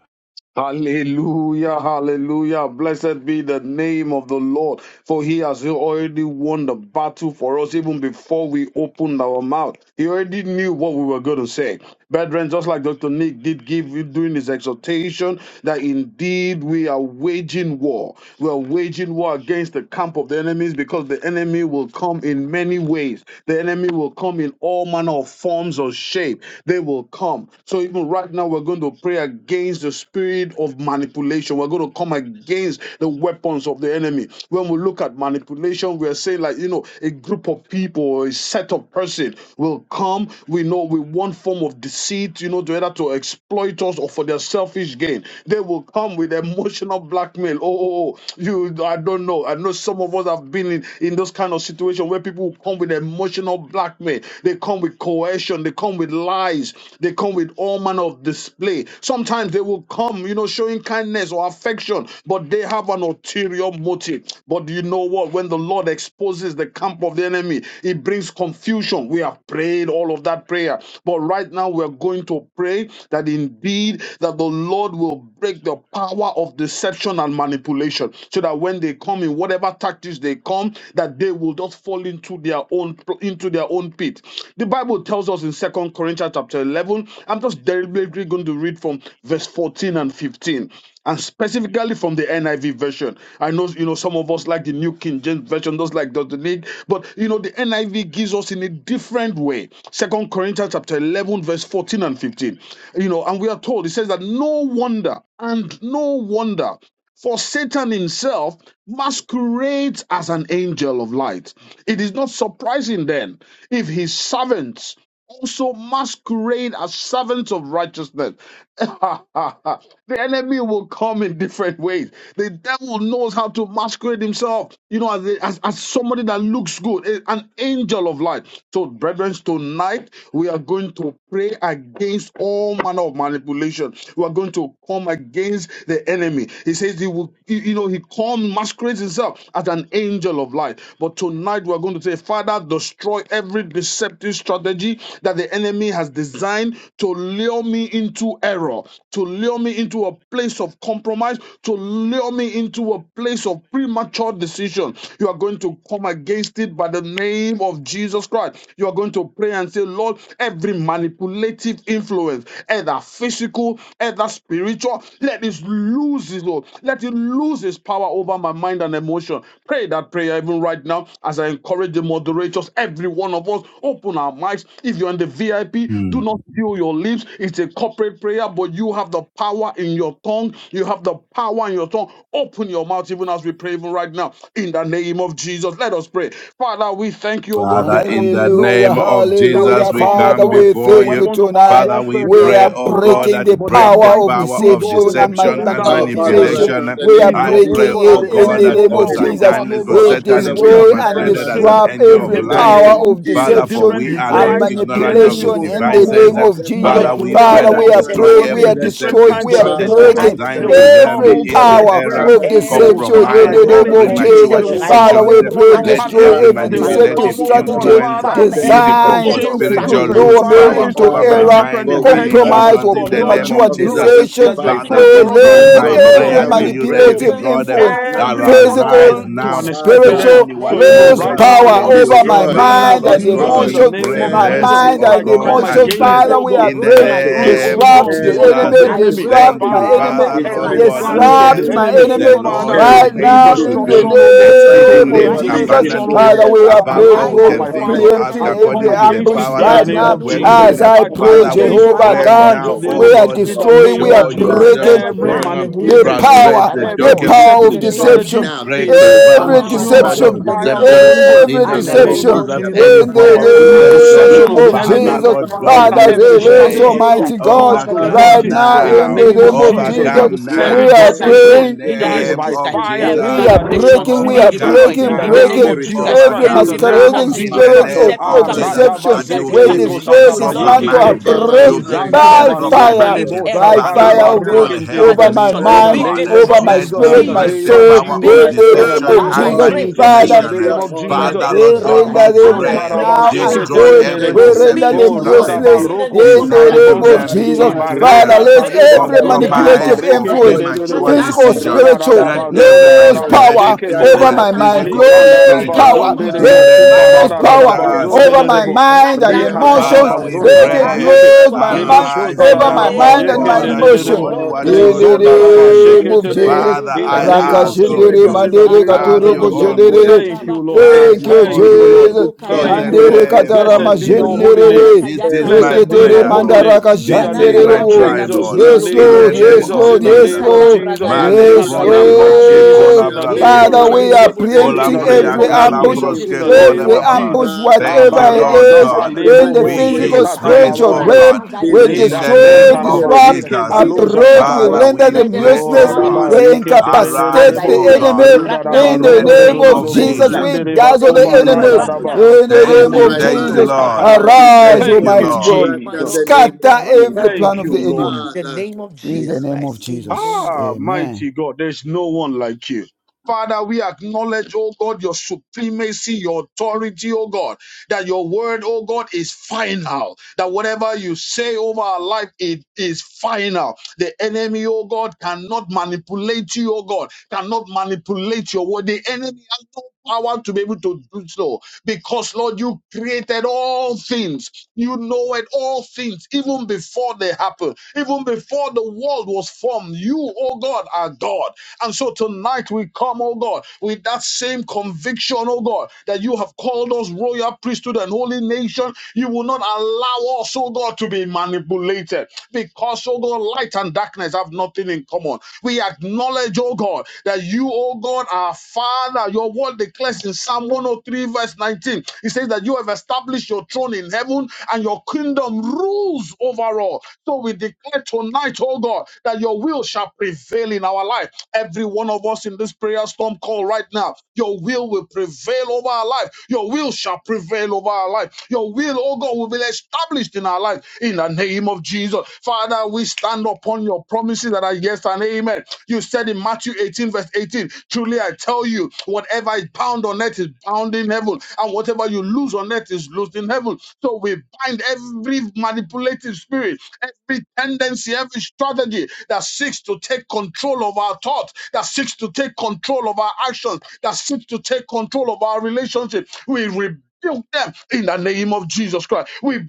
E: Hallelujah, hallelujah. Blessed be the name of the Lord, for he has already won the battle for us even before we opened our mouth. He already knew what we were going to say. Brethren, just like Dr. Nick did give you during his exhortation, that indeed we are waging war. We are waging war against the camp of the enemies because the enemy will come in many ways. The enemy will come in all manner of forms or shape. They will come. So even right now, we're going to pray against the spirit of manipulation. We're going to come against the weapons of the enemy. When we look at manipulation, we are saying like you know, a group of people or a set of person will come. We know with one form of deceit, you know, to either to exploit us or for their selfish gain. They will come with emotional blackmail. Oh, oh, oh, you, I don't know. I know some of us have been in, in those kind of situations where people come with emotional blackmail. They come with coercion. They come with lies. They come with all manner of display. Sometimes they will come, you know, showing kindness or affection, but they have an ulterior motive. But you know what? When the Lord exposes the camp of the enemy, it brings confusion. We have prayed all of that prayer. But right now, we're going to pray that indeed that the Lord will break the power of deception and manipulation so that when they come in whatever tactics they come that they will just fall into their own into their own pit the bible tells us in second corinthians chapter 11 i'm just deliberately going to read from verse 14 and 15 and specifically from the NIV version. I know you know some of us like the New King James version, those like Dr. Nick, but you know the NIV gives us in a different way. Second Corinthians chapter 11, verse 14 and 15. You know, and we are told it says that no wonder and no wonder for Satan himself masquerades as an angel of light. It is not surprising then if his servants also masquerade as servants of righteousness. *laughs* the enemy will come in different ways. The devil knows how to masquerade himself, you know, as, a- as, as somebody that looks good, a- an angel of light. So, brethren, tonight we are going to pray against all manner of manipulation. We are going to come against the enemy. He says he will, you you know, he comes, masquerades himself as an angel angel of light. But tonight we're going to say, Father, destroy every deceptive strategy that the enemy has designed to lure me into error, to lure me into a place of compromise, to lure me into a place of premature decision. You are going to come against it by the name of Jesus Christ. You are going to pray and say, Lord, every manipulative influence, either physical, either spiritual, spiritual. Let it lose it, Lord. Let it lose its power over my mind and emotion. Pray that prayer even right now as I encourage the moderators, every one of us, open our mics. If you're in the VIP, do
A: Mm.
E: not seal your lips. It's a corporate prayer, but you have the power in your tongue. You have the power in your tongue. Open your mouth even as we pray, even right now. In the name of Jesus, let us pray. Father, we thank you, oh God,
A: Father,
E: because
A: in
E: we
A: the
E: know, oh
C: Hallelujah,
A: name
E: God
A: of
E: that we
A: Jesus,
C: hallelujah.
A: we
E: come, oh
C: Father,
A: come
E: God.
C: we
E: The
A: before
C: thank
A: you.
C: you
E: weapons of our
C: tonight.
A: Father, we
E: warfare, they are
C: We are
A: pray,
E: not
A: oh
E: carnal,
A: God,
C: breaking
A: that
C: the
E: but they
A: break
E: are
A: the
C: power of
E: mighty
A: power
E: through
A: of
E: God
C: deception
E: in the
C: and, ma-
A: deception
E: pulling
B: Right
C: and
A: and
B: now,
E: down
B: the
E: of
D: Our Father,
B: power
D: right
B: of
C: manipulation.
D: now,
E: strongholds.
A: manipulation.
D: in the
C: We are
E: We
D: name of
A: I
E: know,
B: the name
E: oh
C: breaking
A: pray,
D: Jesus
E: God, that
C: it
A: oh
D: Christ, the
E: the
C: in
A: God,
B: is
D: Son
C: the
E: enemy,
A: that
D: of
E: oh
C: name
D: the
A: for
B: every
E: God,
C: of
E: will
D: living
B: power
C: Jesus.
D: God,
B: of
E: come,
A: Satan,
E: oh
A: for
E: God,
C: We
D: our
B: deception.
A: Satan
E: in,
B: of
D: Father,
B: God.
D: we
E: in
A: himself
C: destroy and
B: We
D: declare
E: different
A: masqueraded
D: right
A: as
B: break
D: now,
A: an
E: shapes,
C: disrupt
B: it
A: angel
E: in
A: of
B: now
C: every
D: in
B: in
D: the
B: the
E: different
A: light.
C: power
D: name
B: name
D: of
E: forms,
B: of
C: of
B: Jesus.
D: Jesus,
A: Father,
E: in
A: for
C: deception
E: different
A: we
D: we
B: We
A: are
C: and
A: not
B: break
D: pray
E: disguise.
B: it
E: The
B: now
A: ignorant
B: in the
A: of
D: against
E: enemy
A: his
C: manipulation
E: will
B: name
C: in the
E: come,
D: deception
E: oh
B: of
A: devices.
C: name
E: God,
C: of
D: the
B: Jesus.
C: Jesus.
A: Father,
D: power
B: Every
A: we
D: of
B: power
A: pray
C: Father,
E: manipulating
B: of
C: we
A: that
E: us,
C: are
D: deception
E: oh
D: and
A: destroy
C: praying,
E: God,
B: deception
C: we
A: every
C: are
E: in
D: manipulation.
E: different
C: destroying,
A: deceptive
B: of
E: kinds
C: we are
E: of
B: Jesus
D: Father,
A: strategy
C: breaking
E: emotions.
B: Christ,
D: right
B: I
C: shaken
D: now in the
E: They
A: designed to
B: pray
E: will
D: name of
A: lure
E: come,
C: every
A: me
E: oh God,
D: Jesus,
A: into
E: like
B: name
C: power
B: of Jesus,
A: error,
E: friends.
C: of
D: Satan
E: They
D: himself
E: will
B: every
C: deception
E: come
C: in
A: compromise,
E: like
B: power
C: the
D: masquerades
A: or
C: name
D: as
C: of
D: an
E: relatives.
B: of
A: premature
E: They
C: Jesus.
B: deception,
D: angel
E: will
B: I
D: of
C: Father,
E: come,
B: break
C: we
A: decisions.
E: oh
D: light.
B: the
E: God,
C: pray,
E: like
B: power of
A: Let
D: And
E: partners.
C: destroy
A: every
B: deception
D: Father,
C: every
E: They
B: and
D: we are
E: will
D: not
C: deceptive
A: manipulative
E: come, oh
B: manipulation.
C: strategy
E: God,
D: ignorant
A: influence
E: Father,
D: of
B: Father,
D: the
E: in
B: every
A: physical
E: different
C: designed
A: or
D: devices of
B: deceptive
C: to,
E: shapes,
D: the
E: in
C: to
A: spiritual,
B: strategy
D: enemy.
E: different
A: lose
C: lure me
D: And
B: designed
A: power
E: sizes,
B: to
C: into
A: over my
D: Father,
E: with
B: lure
C: error.
B: me
E: different
A: mind
D: for
A: and
D: we
B: into
D: are
E: intentions.
D: not
C: Compromise
B: error,
C: or
A: emotions in
E: But
A: the
B: into
E: Lord,
A: name
D: ignorant
E: we
C: premature
A: of
D: of, of
E: know
A: Jesus.
D: his
B: compromise,
C: decisions,
E: that
B: into
E: your thought
A: Father,
D: devices.
C: Lord,
A: this
E: for
B: premature
E: us are
A: is
E: of
D: And
E: good
C: let
A: my
B: decisions,
D: so,
E: and not of
C: every
A: prayer
B: let
D: Father,
B: it
A: to
D: we
B: be
E: evil.
A: you, the
D: pray
E: So
C: manipulative
A: living
B: broken
E: bring
A: God, that
D: right
C: influence
B: as I
D: now
E: every
B: pray
E: one
B: right now
E: of us
B: in
A: arise
B: the
C: physical,
E: to
B: name
A: now,
E: an
B: of Jesus
E: expected
A: do
B: Christ.
D: Father,
E: end.
C: spiritual,
A: only
B: Let
E: So
A: what
B: it be
E: even
A: you,
C: lose
A: the
E: right
D: Father,
B: broken
A: Lord,
E: now,
B: as
C: power
B: I
E: Lord,
A: can
B: pray
A: do.
C: over
B: in
E: in
B: the
E: the
C: my
D: destroy,
B: name of
E: name
A: Father,
C: mind
B: Jesus.
E: of
C: and
A: Lord
B: Let
A: God,
E: Jesus,
B: it
E: in
B: be
D: destroy
E: the
A: we
C: emotions,
E: name
A: pray
B: broken,
E: of
B: oh
C: my
B: God,
E: Jesus,
B: as I
A: mercy,
C: mind
D: every
B: pray
A: O
B: in
E: I
C: and
B: the
A: God,
B: name
E: come
B: of
D: every
A: and
C: emotions.
B: Jesus.
A: grace
E: against,
B: Let
C: Father,
E: oh
B: it
C: we
B: be
E: God,
C: are
D: deceptive
A: in the
B: broken,
C: praying,
B: my
E: every,
B: God,
D: strategy,
B: in the
A: name
E: oh
B: name of
A: of
E: God,
C: disrupt the
B: Jesus
D: every
B: Christ.
E: work
A: Jesus.
E: of the
C: enemy,
B: I
D: deceptive
E: enemy.
B: pray, oh God,
C: disrupt
A: Thank
B: even
A: you,
C: my
D: strategy
B: for
E: Father,
B: this,
C: enemy,
B: oh
A: Father,
B: God,
A: Lord
B: right
E: every
D: designed
A: God,
D: to
B: now
E: plan
A: that
D: lower
E: of
A: yes,
E: the
C: disrupt
B: in
D: me
B: the
C: my
E: enemy.
C: enemy.
A: the
B: name of
D: into
E: Father,
A: Lord
B: Jesus,
E: to
A: is
B: I
C: Right
D: error,
E: bring
B: be
A: able
C: now,
A: to
C: in the
D: designed
B: broken.
A: do
E: destruction, oh God.
B: Be
D: trying
E: To
D: to
C: name
B: broken
A: exceedingly
C: of
E: bring
D: lower
B: right now in
D: me
B: the
C: Jesus,
E: destruction,
B: name
E: oh
D: into
B: of
E: God,
A: abundantly
C: Father, we
B: Jesus.
D: error
E: over
C: are
E: my
A: above
E: life,
C: praying,
A: all
B: I
A: we
E: over
C: God,
D: into
B: pray
A: can
E: my
B: for
A: think
B: this
D: Almighty
A: or
E: family,
B: right now
A: ask
B: in
C: preempting
E: I
D: God
B: the name of
E: come
C: every
A: according
B: Jesus.
A: to
D: compromise.
A: the
E: against
B: Let
E: it
C: ambush
B: it
A: power
B: be
E: in
A: that
E: the
C: right
A: is
E: name
D: Father,
A: at
B: broken,
C: now.
E: of
B: oh
A: work
B: God,
E: Jesus.
B: in the
A: within
C: As
D: into
A: us.
C: I
E: I
B: name of
E: come
B: Jesus.
C: pray,
D: Almighty
A: Father,
B: Christ.
D: God
A: we
E: against, oh
C: Jehovah
B: Father,
E: God, the
A: pray
B: as I
D: premature
C: God,
E: plans
B: pray,
A: now,
E: of
B: oh
E: the
B: God,
A: oh
C: we
B: as
E: enemy
B: I
C: are
D: decisions,
A: God,
D: oh
E: in
B: call
E: the
D: God.
C: destroying,
B: upon
E: name
C: we
B: you,
C: are
E: of
A: show
B: may
E: Jesus.
B: it
D: Father,
B: be
D: I
A: yourself
C: breaking
B: destroyed
E: Every
B: now
D: pray
A: strong,
B: in the
A: um,
D: in
B: name
C: the
B: of
D: the
E: manipulative
D: name of
E: spirit,
B: Jesus
A: frustrate
C: power,
B: Christ,
D: just
A: the
B: my
E: Every
D: let
C: the
B: God.
D: it
A: token of
D: be
C: power
B: In
C: of
E: deceptive
B: the name of
A: wickedness,
D: destroyed
B: Jesus,
E: strategy
C: deception,
B: Christ,
D: now
B: be
A: break
E: it
A: the
D: by
E: is
B: destroyed right
C: every
A: power,
D: fire,
B: now
A: oh
B: as
E: consumed
B: I
D: by
E: by
A: God,
B: pray
E: the
A: of
B: in
C: deception,
B: the
E: fire of
B: name
D: fire,
E: the
B: of
D: by
A: deception.
E: Holy
B: Jesus. Christ.
E: Ghost
A: In
C: every
A: the
B: I
E: in
D: fire,
B: pray,
E: the
A: name
D: by
A: of
B: oh
E: name
C: deception
E: of
B: God,
A: Jesus,
B: in the
D: fire,
E: Jesus.
B: name
A: any
C: in
B: of
D: by
A: form
B: Jesus
D: the
A: of
B: Christ,
E: Every
D: blood
B: Father,
D: of
A: deception,
B: be
E: deception
C: the
E: of
C: name
D: Jesus.
E: the
C: of
B: destroyed, oh
E: enemy,
A: Father,
B: God,
D: Cleanse
C: Jesus.
B: right
A: Lord
D: my
B: now as
A: God,
B: I
E: Father,
C: Father,
A: we
B: pray
D: conscience
B: that
E: every
B: in the
D: in the
C: release
B: name
D: name
B: of
E: strategy,
A: pray.
D: of
E: O
B: Jesus
E: Lord,
B: Christ.
C: Almighty
D: Jesus.
C: God
E: comes
B: Father,
E: to
B: let them be
C: right
D: Father,
A: Overcome
E: nothing
C: now
E: in
B: destroyed,
E: the
C: in
A: now.
C: the
B: be
E: name of
C: name
D: I
C: of
B: destroyed,
E: Jesus
D: pray,
B: be
C: Jesus.
E: Christ.
A: Overcome
D: let
B: destroyed.
E: Every
C: We
A: now.
C: are
B: As I
A: In
D: every
B: pray,
E: deception
A: the
C: praying
B: in the name
E: dies
B: of
A: name
E: by
D: manipulative
B: Jesus Christ,
A: of
E: fire
B: every
C: we
A: Jesus.
E: in
D: influence,
C: are
E: the name
B: manipulation
E: of
C: breaking, we
B: be
C: are
D: whether
E: Jesus Christ.
B: destroyed.
A: Overcome
E: In
C: breaking,
D: physical
E: the
B: In
D: or
B: the
A: now.
E: name
B: name
C: breaking
E: of
B: of Jesus
D: spiritual,
B: Christ,
E: Jesus
C: every
E: Christ. In
B: every
A: Overcome
E: the
D: lose
B: diverse
A: now.
E: name of
C: masquerading
A: In
B: strategy,
D: power
E: Jesus
A: the
E: Christ.
C: spirit of,
A: name
B: deceptive
D: over
E: Ah,
A: of
C: of
D: my
A: Jesus.
B: strategy,
C: deception.
D: mind,
A: That you
B: deceptive
C: We
E: radabazekele
A: give
D: lose
A: me
B: strategy
A: a
C: destroy,
B: to
D: power
B: lure
A: sober
C: dismantle,
B: me,
E: kosatabayekele.
A: mind.
B: to
D: over
B: lure my
D: my
C: uproot
A: You
B: children,
A: give
D: mind
A: me
E: Luzanda
B: to lure
A: a
B: my
C: by
D: and
A: sober
B: husband
C: fire,
E: rabashetele
A: mind.
D: emotions.
B: into
E: bo
B: error,
C: by
A: Father,
B: into
C: fire,
D: Beginning
E: satariba
A: Lord
C: oh God,
A: God,
B: compromise,
D: now,
E: rekendele
A: help
C: over
B: premature
D: I
C: my
A: me,
B: decision,
A: oh
D: pray,
E: in the
C: mind,
B: be
A: God.
E: name
D: Abba,
E: of
C: over my
A: Let
B: destroyed,
E: Jesus,
A: me
E: in
D: Father,
C: spirit,
B: be
E: the
C: my
A: break
E: name
A: the
E: of
B: destroyed,
C: soul,
A: power
C: in
D: that
B: be
E: Jesus,
A: of
D: my Lord,
E: in
B: destroyed.
E: the
C: the
D: that
C: name
A: deception
C: of
D: my
E: name
B: As I
E: of
A: and
D: God,
C: Jesus.
B: pray,
E: Jesus, in
B: be
E: the
C: Father,
D: we
A: manipulation.
E: name
D: are
B: destroyed
E: of
D: more
B: in the
D: than
E: Jesus.
A: Father,
B: name of
C: we
A: Lord
D: able
B: Jesus
A: God,
B: Christ.
A: we
C: render
B: As
E: Abazon
C: them
B: I
C: n-
A: pray,
D: able
B: pray
D: to
C: now
B: right
C: and
D: do
B: now,
A: destroy
B: in
C: void.
B: the name
A: every
B: of
C: We
B: Jesus,
E: tarabasheketererebo.
D: exceeding
C: render
B: be
D: and
A: deceptive
C: them
E: Oh, runda
B: destroyed
C: useless
A: strategy
D: abundantly
B: in the
E: baroko
B: name
C: in
B: of Jesus Christ.
A: designed
C: the
D: above
A: to
C: name
D: all
E: sotalibonsa.
C: of
B: Be
A: lure
D: that
A: me
D: we
C: Jesus.
B: destroyed
D: ask,
A: into
B: as
C: Father,
B: we
E: Libareka
A: error,
C: let
D: above
B: pray
D: all
E: tariba
B: in
C: every
D: that
B: the
E: zon
D: we
B: name of
D: think,
B: Jesus
C: manipulative
A: compromise,
B: Christ.
A: or
E: tarabareke
B: Let them
C: influence,
B: be
D: according to
B: destroyed
A: premature
E: tererebo.
D: the
B: now,
C: physical,
B: oh
D: power
B: God.
A: decision.
E: Rida
B: In
C: spiritual,
D: that
A: Not
B: the
E: raraba
D: is
B: name
A: every
D: at
B: of
E: zonda
B: Jesus
C: lose
B: Christ,
D: work
E: raraba
B: be
A: manipulative
C: power
D: right
B: destroyed
C: over
A: influence,
D: now,
B: right
E: sheketerebo.
C: my
B: now as
C: mind.
B: I
A: physical
D: Almighty
A: or
B: pray.
D: God.
E: Likanda
C: Lose
B: In the
E: raba
A: spiritual.
C: power.
B: name of Jesus
A: In
D: Father,
E: zonderebo.
B: Christ,
A: the name
B: Father, I
C: Lose
A: of
E: Kumbarara
B: pray,
C: power
B: let them
E: raraba
B: be
D: hear
A: Jesus.
D: my
C: over my
B: destroyed
E: zonderebo.
D: prayer,
C: mind
B: right
C: and
B: now
D: hear
B: in
E: Reka
B: the
D: my
B: name of
C: emotions.
A: Father,
E: taraba
B: Jesus
A: we
B: Christ.
E: zonda
C: Let
D: intercession
C: it
E: raba
B: As I
A: pray,
E: yeke.
B: pray, oh
D: right
C: lose
B: God,
C: my
B: be
E: Lebo
D: now.
C: mind
E: shon
B: destroyed
A: arise
B: in
D: Thank
C: over
B: the
D: you,
C: my
A: now, O
B: name
C: mind
B: of
C: and
E: yeke
B: Jesus.
C: my
A: God,
D: Father.
A: and do
B: My
C: emotion.
E: nderebo.
A: only
D: Oh
B: Lord, and
A: what
B: my
C: In
B: God,
A: you,
D: God,
B: I
A: the
E: Rizonda
B: pray,
A: Lord,
B: oh God,
E: raba
D: Father, I
A: can
D: give
C: the
A: do.
B: let
C: name
D: you
B: them
C: of
B: be
D: praise.
E: sheketelebo.
B: destroyed,
C: Jesus.
B: oh
A: Father,
E: In
B: God, in
D: I
E: the
B: the
A: I
D: give you
E: name
B: name
E: of
A: ask
B: of
A: of
B: Jesus.
C: Rakashendere
E: Jesus,
A: you,
E: in
D: adoration.
E: the
C: mandere
B: As
E: name
B: I
D: That
E: of
A: have
B: pray,
A: your
D: Father,
C: katuruko
D: you
E: Jesus.
D: are
A: own
B: Makabo
A: way,
E: Thank
C: shendere.
D: preempting
E: you,
B: Shataba
E: Lord.
A: have
C: Thank
A: your
C: you,
B: Koribashandi,
E: Thank
D: every
A: own
E: you, Lord.
A: way,
D: every
C: Jesus.
B: Lemoka
A: in
D: plot,
E: Thank
A: the
E: you,
C: Mandere
E: Lord.
B: Yakarina
D: every
A: name
D: oh
A: of
D: my
C: katarama
E: Blessed
B: Masoto,
E: be
D: God,
E: your
A: Jesus.
E: holy name.
C: jenderere.
D: yes,
B: Ibranaka
A: This is
D: every
A: my
B: Yakarina
E: Blessed be
D: plan
C: Reketere
D: of
E: your
A: prayer,
D: the
E: holy
B: Mazente,
A: Lord.
E: name.
D: evil
C: mandaraka
D: one.
E: In
A: This
E: the
A: is
B: Ilanaka
E: name
C: janderere
A: my
E: of
D: Lord,
C: wo.
A: cry,
D: thank
B: Yambragado
D: you,
E: Jesus,
A: Lord,
E: in the
C: Yes,
E: name
A: in
B: Zimbrokoto
D: Father.
E: of
A: the
C: Lord.
A: name
D: The
C: Yes,
B: Yende,
E: Jesus,
A: of
E: in
C: Lord.
D: time
E: the
D: has
C: Yes,
A: Jesus.
E: name
B: Lenika
E: of
D: come.
C: Lord.
E: Jesus,
A: Male
D: Every
B: Yambragalaboza
E: in
C: Yes,
E: the
A: kola
E: name
B: Brayanda
E: of
A: braske
D: manipulative
B: Labosaha,
E: Jesus,
C: Lord.
A: kola
E: in the
D: um,
B: Yere
E: name
A: braske
E: of
C: Father,
A: kala.
C: we
D: influence,
C: are
E: Jesus, in
D: every
E: the
C: preempting
E: name
A: Olambria
C: every
B: Bosketerian,
E: of
D: manipulative
C: ambush.
B: Be
E: Jesus, in
A: kalambroske
E: the
B: destroyed,
E: name
A: kola
C: Every
D: influence,
E: of
B: be
A: bababa.
E: Jesus.
C: ambush,
B: destroyed
A: Thank
C: whatever
B: in
A: you,
B: the
D: Father
C: it
B: name
A: Lord
B: of
E: Abaraza
C: is,
B: Jesus
A: God.
D: every
C: in
E: balebo
B: being
C: the
E: bo
A: We
B: destroyed
C: physical,
A: give
D: manipulative
B: totally
A: praise,
C: spiritual
A: oh
E: shikata
B: right
D: influence,
B: now
A: God,
C: realm,
B: as I
C: we
B: pray
A: in
D: physical
E: Reda
A: the
B: in the
E: zon
C: destroy,
A: name
D: or
B: name
A: of
B: of
E: taraba
D: spiritual,
C: disrupt,
B: Jesus,
E: yeke
A: Jesus.
B: in the
E: baloza
D: physical
B: name
C: uproot,
B: of
C: we
B: Jesus,
D: or
A: Father,
E: tarabra.
C: render
A: we
B: let
C: them
D: spiritual,
B: them be
A: pray,
E: O
A: oh
C: useless,
B: destroyed, oh
A: God,
E: radaba
B: God,
D: lose
C: we
E: rike
D: power,
B: as
C: incapacitate
A: arise,
B: I
C: the
E: tererebo.
A: oh
D: lose
B: pray
A: God,
D: power
E: Ruda
B: right
C: enemy.
B: now,
E: daba
B: oh
C: In
A: in
B: God,
C: the
A: the
B: in
E: rodo
B: the
E: do
A: name
E: do
C: name
B: name
E: do
C: of
D: over
B: of
A: of
E: do
D: my
E: bo
B: Jesus,
C: Jesus,
A: Jesus.
C: we
D: mind
B: let
E: zundereba
C: dazzle
B: them
C: the
B: be
E: koba
D: and
B: destroyed
C: enemy.
E: rada
B: right
A: Mm.
D: emotions,
E: daba
B: now
C: In the
D: over
A: Thank
B: as
C: name
B: I
A: you,
C: of
D: my
E: zenderebo
B: pray,
A: thank you,
C: Jesus,
D: mind
E: sika
B: Jehovah,
A: Lord.
D: and
B: in
E: talaba.
B: the
C: arise,
A: Thank
B: name of
E: Thank
D: emotions,
A: you,
E: you,
B: Jesus,
C: Almighty
A: Lord.
C: God.
D: right
B: my
D: in
E: Jesus.
B: Lord
D: the
B: and my
D: name
C: Scatter
D: of
B: God, right
C: every
B: now,
D: Jesus.
C: plan
E: Thank
C: of
E: you,
C: the
B: this
E: Lord.
C: enemy.
B: in the
D: Father,
B: name of
C: In the
B: Jesus
D: hear.
C: name of
B: Christ,
C: Jesus,
B: amen.
E: Ah,
C: amen.
E: mighty God, there's no one like you. Father, we acknowledge, oh God, your supremacy, your authority, oh God that your word, oh God, is final. That whatever you say over our life, it is final. The enemy, oh God, cannot manipulate you, oh God, cannot manipulate your word. The enemy has no power to be able to do so because, Lord, you created all things. You know it, all things, even before they happen, even before the world was formed. You, oh God, are God. God. And so tonight we come, oh God, with that same conviction, oh God, that you have called us royal priesthood and holy nation. You will not allow us, oh God, to be manipulated because, oh God, light and darkness have nothing in common. We acknowledge, oh God, that you, oh God, our Father, your word declares in Psalm 103, verse 19, it says that you have established your throne in heaven and your and your kingdom rules over all. So we declare tonight, oh God, that your will shall prevail in our life. Every one of us in this prayer storm call right now, your will will prevail over our life. Your will shall prevail over our life. Your will, oh God, will be established in our life in the name of Jesus. Father, we stand upon your promises that are yes and amen. You said in Matthew 18, verse 18, truly I I tell you, whatever is bound on earth is bound in heaven, and whatever you lose on earth is loosed in heaven. So we bind every manipulative spirit, every tendency, every strategy that seeks to take control of our thoughts, that seeks to take control of our actions, that seeks to take control of our relationship. We rebuke them in the name of Jesus Christ. We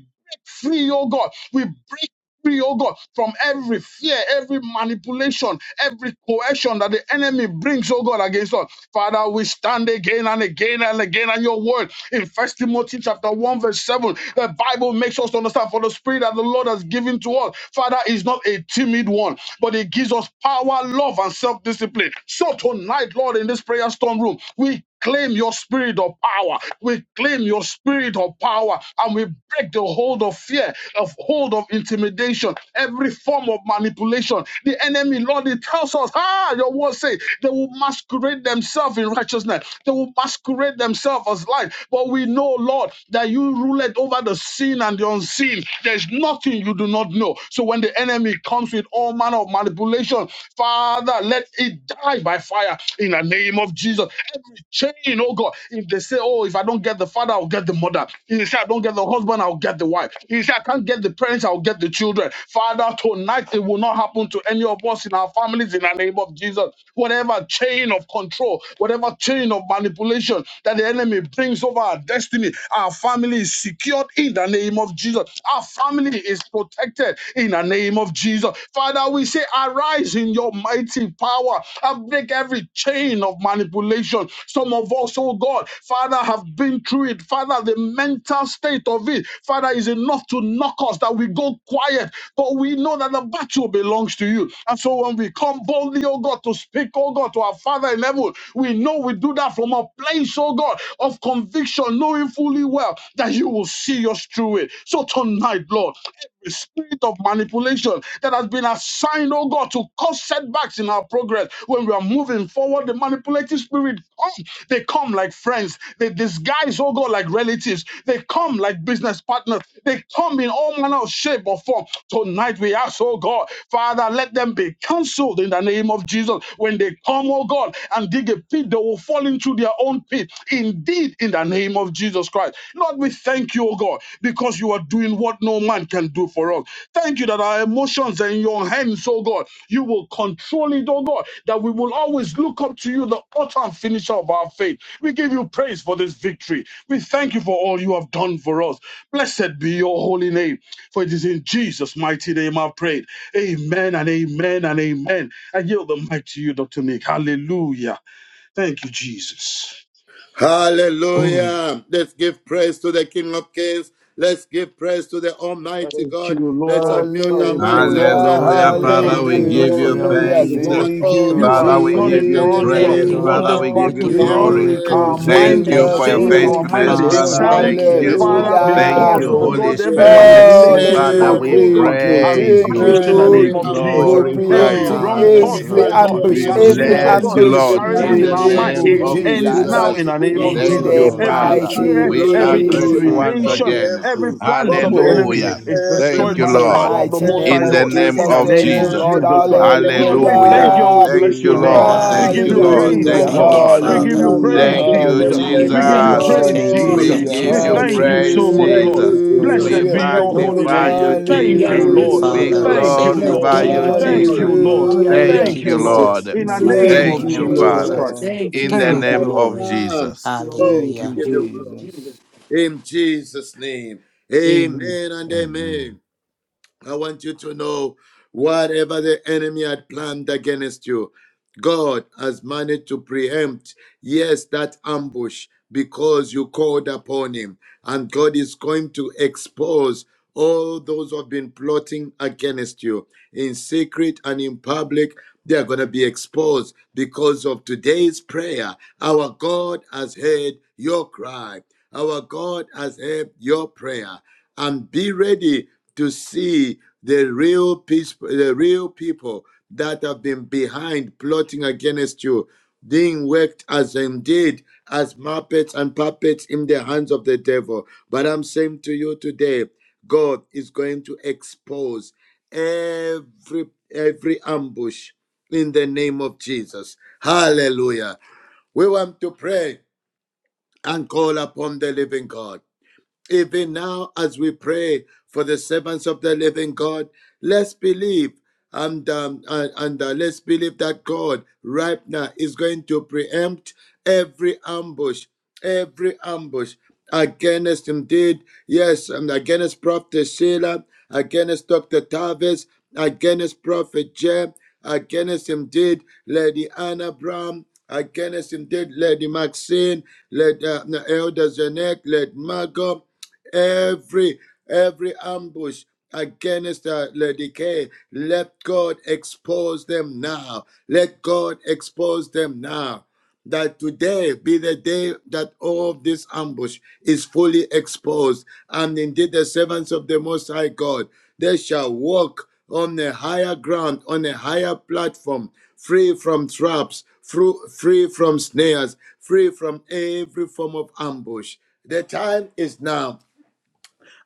E: free, oh God. We break free, oh God, from every fear, every manipulation, every coercion that the enemy brings, oh God, against us. Father, we stand again and again and again on your word. In First Timothy chapter 1, verse 7, the Bible makes us to understand for the spirit that the Lord has given to us, Father, is not a timid one, but it gives us power, love, and self-discipline. So tonight, Lord, in this prayer storm room, we claim your spirit of power. We claim your spirit of power and we break the hold of fear, of hold of intimidation, every form of manipulation. The enemy, Lord, it tells us, ah, your word says they will masquerade themselves in righteousness, they will masquerade themselves as light. But we know, Lord, that you rule it over the seen and the unseen. There's nothing you do not know. So when the enemy comes with all manner of manipulation, Father, let it died by fire in the name of Jesus. Every chain, oh God. If they say, oh, if I don't get the father, I'll get the mother. If they say I don't get the husband, I'll get the wife. If they say I can't get the parents, I'll get the children. Father, tonight it will not happen to any of us in our families in the name of Jesus. Whatever chain of control, whatever chain of manipulation that the enemy brings over our destiny, our family is secured in the name of Jesus. Our family is protected in the name of of Jesus. Father, we say, arise in your mighty power and break every chain of manipulation. Some of us, oh God, Father, have been through it. Father, the mental state of it, Father, is enough to knock us that we go quiet. But we know that the battle belongs to you. And so when we come boldly, oh God, to speak, oh God, to our Father in heaven, we know we do that from a place, oh God, of conviction, knowing fully well that you will see us through it. So tonight, Lord, every spirit of manipulation that has been assigned, oh God, to cause setbacks in our progress when we are moving forward, the manipulative spirit come. They come like friends. They disguise, oh God, like relatives. They come like business partners. They come in all manner of shape or form. Tonight we ask, oh God, Father, let them be cancelled in the name of Jesus. When they come, oh God, and dig a pit, they will fall into their own pit. Indeed, in the the name of Jesus Christ. Lord, we thank you, O God, because you are doing what no man can do for us. Thank you that our emotions are in your hands, O God. You will control it, O God, that we will always look up to you, the author and finisher of our faith. We give you praise for this victory. We thank you for all you have done for us. Blessed be your holy name, for it is in Jesus' mighty name I've prayed. Amen and amen and amen. I yield the mic to you, Dr. Nick. Hallelujah. Thank you, Jesus.
D: Hallelujah. Let's give praise to the King of Kings. Let's give praise to the Almighty
E: Thank you,
D: God. Let's
E: Lord.
D: unmute our
E: Thank you,
D: mics and
E: Lord.
C: Hallelujah,
D: say
A: Hallelujah.
F: Father,
D: thank
F: we
E: Thank
A: Father,
D: you
F: thank you,
A: we
E: you,
F: Lord,
A: give
E: Lord.
F: for
A: you
F: your
E: Thank
C: hallelujah.
E: you,
A: thanks.
F: mercy. We
E: Lord.
D: that
C: Thank
F: thank
D: all
F: you,
C: you,
D: the
E: You
A: Father,
F: Lord,
D: plans
E: have
A: we
F: for
D: of
E: done
A: give
E: it
D: the
F: everything
A: you
E: for us.
F: that
E: You
F: you
E: have
F: have
B: Thank
D: enemy
A: praise.
B: you,
E: won
C: Jesus.
F: done.
A: Father,
E: this
D: have
A: we
F: We
A: give
D: been
E: battle
B: Lord.
A: you
F: give you
E: for us.
A: glory.
F: glory,
C: Thank
D: preempted.
C: you,
B: We
E: Our
F: God. We
B: give you
F: say
E: mind
A: Thank
D: Every
E: is
A: you
B: thanks,
F: thank
A: for
C: Jesus.
F: you,
A: your
E: safe.
D: ambush
F: thank
E: Our
F: you,
C: Thank
B: Lord,
C: you,
E: mind
D: has
A: faithfulness,
E: is
D: been
C: Lord.
F: Father.
A: Father.
E: sound.
F: Thank
A: Thank
F: you,
A: you.
D: preempted.
B: what you
E: Father,
F: Lord.
B: have
F: We give
B: done,
D: God
F: you
A: Thank
C: Hallelujah.
E: because,
D: has
A: you,
E: oh
B: Lord.
D: come to
A: Holy
F: glory.
E: God, every
A: Spirit.
D: preempt
F: We
B: We
C: Father,
B: thank
F: exalt
E: manipulative
F: you,
B: you,
A: Father,
C: we
E: thought,
F: Father,
A: we
B: Lord.
E: oh
D: every
F: Lord
E: God,
C: thank you.
D: ambush,
E: has
F: Almighty. We
A: praise
C: Thank
A: you.
B: We
C: you,
E: vanished
B: give
F: thank
E: in
F: you.
E: the
F: We
B: you
A: We
C: Lord,
E: name
F: give
D: every
B: the
E: of
F: you
D: ambush.
B: glory,
E: Jesus
C: for
F: glory.
B: Lord.
A: glorify you.
E: every
D: Oh,
C: preempting
F: Ah,
E: wrong
D: Father,
B: We
F: yes,
E: thought,
D: we
C: every
B: give
F: Lord,
B: you
E: oh
F: we
D: thank
B: the
E: God,
D: you,
F: give you
C: ambush,
A: We
B: praise,
E: that
B: oh
D: Almighty
F: glory.
C: every
E: seems,
D: God.
E: oh
B: God.
F: We
A: bless
E: God,
A: you,
E: to be
C: ambush
F: thank
D: We
A: Lord,
F: you,
B: We
C: in
D: thank
A: in
E: parading
C: the
D: you,
E: in
A: the
E: our
D: King
F: Jesus.
D: of
C: name
E: mind,
B: appreciate
A: name
B: you,
C: of
E: it
A: of
D: Kings.
B: Lord,
E: ends
D: We
F: Father.
C: Jesus.
E: now
D: thank
A: Jesus.
E: in
B: Jesus.
D: you,
E: the
D: King
E: name
D: of
E: of
B: I thank
F: Thank
C: In
F: you,
A: Thank
E: Jesus.
D: Glory.
C: the
A: you,
F: Lord.
B: you
E: Every
D: We
B: for
A: Father.
F: Thank
B: your
F: you,
D: thank
C: mighty
E: fear,
D: you,
B: great
F: Lord.
A: We
D: Lord of
A: are
E: every
F: Thank you,
D: Lords,
A: grateful
C: name
A: once
F: Father.
D: for
E: intimidation,
F: Thank
B: service
A: again.
F: you.
E: every
D: preempting,
B: as
E: plant
D: for
E: of the
B: we
C: of
B: pray.
F: Thank
E: enemy
D: preempting
C: Jesus.
A: Hallelujah.
F: you.
E: is
D: every
A: Thank
E: destroyed by
C: In
A: you,
E: the
C: the
F: Thank you,
D: plan,
A: Lord,
E: power of the
C: mighty
E: Most
F: Father.
C: name
E: High
A: in
D: every
A: the
C: of
E: God
D: plan,
A: name
E: in
C: Jesus,
E: the
A: of
E: name
C: thank you,
E: of
A: Jesus.
D: every
C: Lord.
E: Jesus
D: plan
E: Christ.
D: of the
E: Lord,
F: Hallelujah,
E: we
D: enemy,
A: Hallelujah.
E: thank you and
C: Hallelujah.
E: we
A: Thank
E: bless
A: you,
E: your
F: hallelujah,
B: Oh,
D: even
E: name.
B: Lord,
A: Lord.
E: We
D: now,
A: Thank
E: give
A: you,
E: you
B: hallelujah to
D: Almighty
A: Lord.
B: you,
E: praise,
F: hallelujah.
B: my
E: oh
C: Hallelujah.
A: Thank
D: God.
A: you,
E: God.
F: Thank you,
B: God.
A: Lord.
E: We give
F: Father.
E: you
D: Abba,
C: Hallelujah.
B: Oh,
E: praise,
D: Father, we
A: Thank
D: are
B: thank you,
A: you,
D: saying
E: Jesus.
B: Father,
E: We
F: You-
D: thank
E: give
C: Hallelujah.
D: you,
E: you
F: Thank
B: Lord.
A: Jesus.
F: you,
E: praise,
F: thank
B: We
F: you,
D: Lord.
A: We
E: Jesus.
B: bless
F: thank
C: Hallelujah.
F: you,
B: you
E: We
A: give
B: and
A: you
B: we
F: thank
E: thank
F: you.
E: you
B: thank you,
E: so
A: praise,
E: much,
B: Lord.
D: Thank
F: We
E: Lord.
F: give
A: Jesus.
D: you,
F: you
B: You
F: glory.
D: Jesus.
A: We
B: have
E: Blessed
C: Hallelujah.
E: be
B: done it,
E: your
D: Thank you,
E: holy
D: King
B: Lord.
D: of
A: magnify
E: name.
A: you,
F: We
D: Kings.
B: And
F: give you
B: we
E: Thank
B: are
A: Jesus.
D: Thank
E: you,
D: you,
F: glory,
D: King
E: Lord.
B: grateful,
D: of
B: Lord.
F: Father. We
D: Glory.
C: Hallelujah.
E: Thank
F: say
E: you,
B: You have
D: Thank
E: Lord.
F: thank
D: you,
B: done
F: you.
B: it,
D: Lord of
B: Lord.
F: Thank
E: Thank
D: Lords.
F: you,
E: you,
B: And
E: Lord.
F: Lord.
B: we are
D: Father, we
F: Thank
C: Hallelujah.
E: Thank
F: you,
B: grateful,
E: you,
D: bless
B: Lord.
E: Lord.
D: you.
F: Jesus.
E: In
B: We
F: In the
E: the
B: say
F: mighty
D: Yes,
E: name
B: thank
C: Thank
E: of
B: you,
F: name
C: you,
F: of
D: Father,
B: Lord.
D: we
E: Jesus
F: Jesus,
D: bless
E: Christ.
C: Lord.
D: you
B: Thank
F: we
B: you,
F: give you
B: Father,
E: Thank you,
D: right
E: Lord.
F: glory.
D: now.
B: Lord.
D: Oh,
C: Thank
D: we
C: you,
F: Hallelujah.
D: give you
B: Praise you, for Jesus.
C: Jesus.
D: glory. In Jesus' name.
B: Amen.
D: Amen and
C: Amen.
D: amen. I want you to know whatever the enemy had planned against you, God has managed to preempt, yes, that ambush because you called upon him. And God is going to expose all those who have been plotting against you in secret and in public. They are going to be exposed because of today's prayer. Our God has heard your cry. Our God has heard your prayer and be ready to see the real peace, the real people that have been behind plotting against you being worked as indeed as muppets and puppets in the hands of the devil. But I'm saying to you today, God is going to expose every every ambush in the name of Jesus. Hallelujah. We want to pray and call upon the living God. Even now, as we pray for the servants of the living God, let's believe and, um, and, and, uh, let's believe that God right now is going to preempt every ambush, every ambush against indeed, yes, and against Prophet Sheila, against Dr. Tavis, against Prophet Jeb, against indeed Lady Anna Brown, against indeed Lady Maxine, Led uh, Elder Zenek, Led Margot every every ambush against uh, Lady K. Let God expose them now. Let God expose them now. That today be the day that all of this ambush is fully exposed. And indeed, the servants of the Most High God, they shall walk on a higher ground, on a higher platform, free from traps, free from snares, free from every form of ambush. The time is now.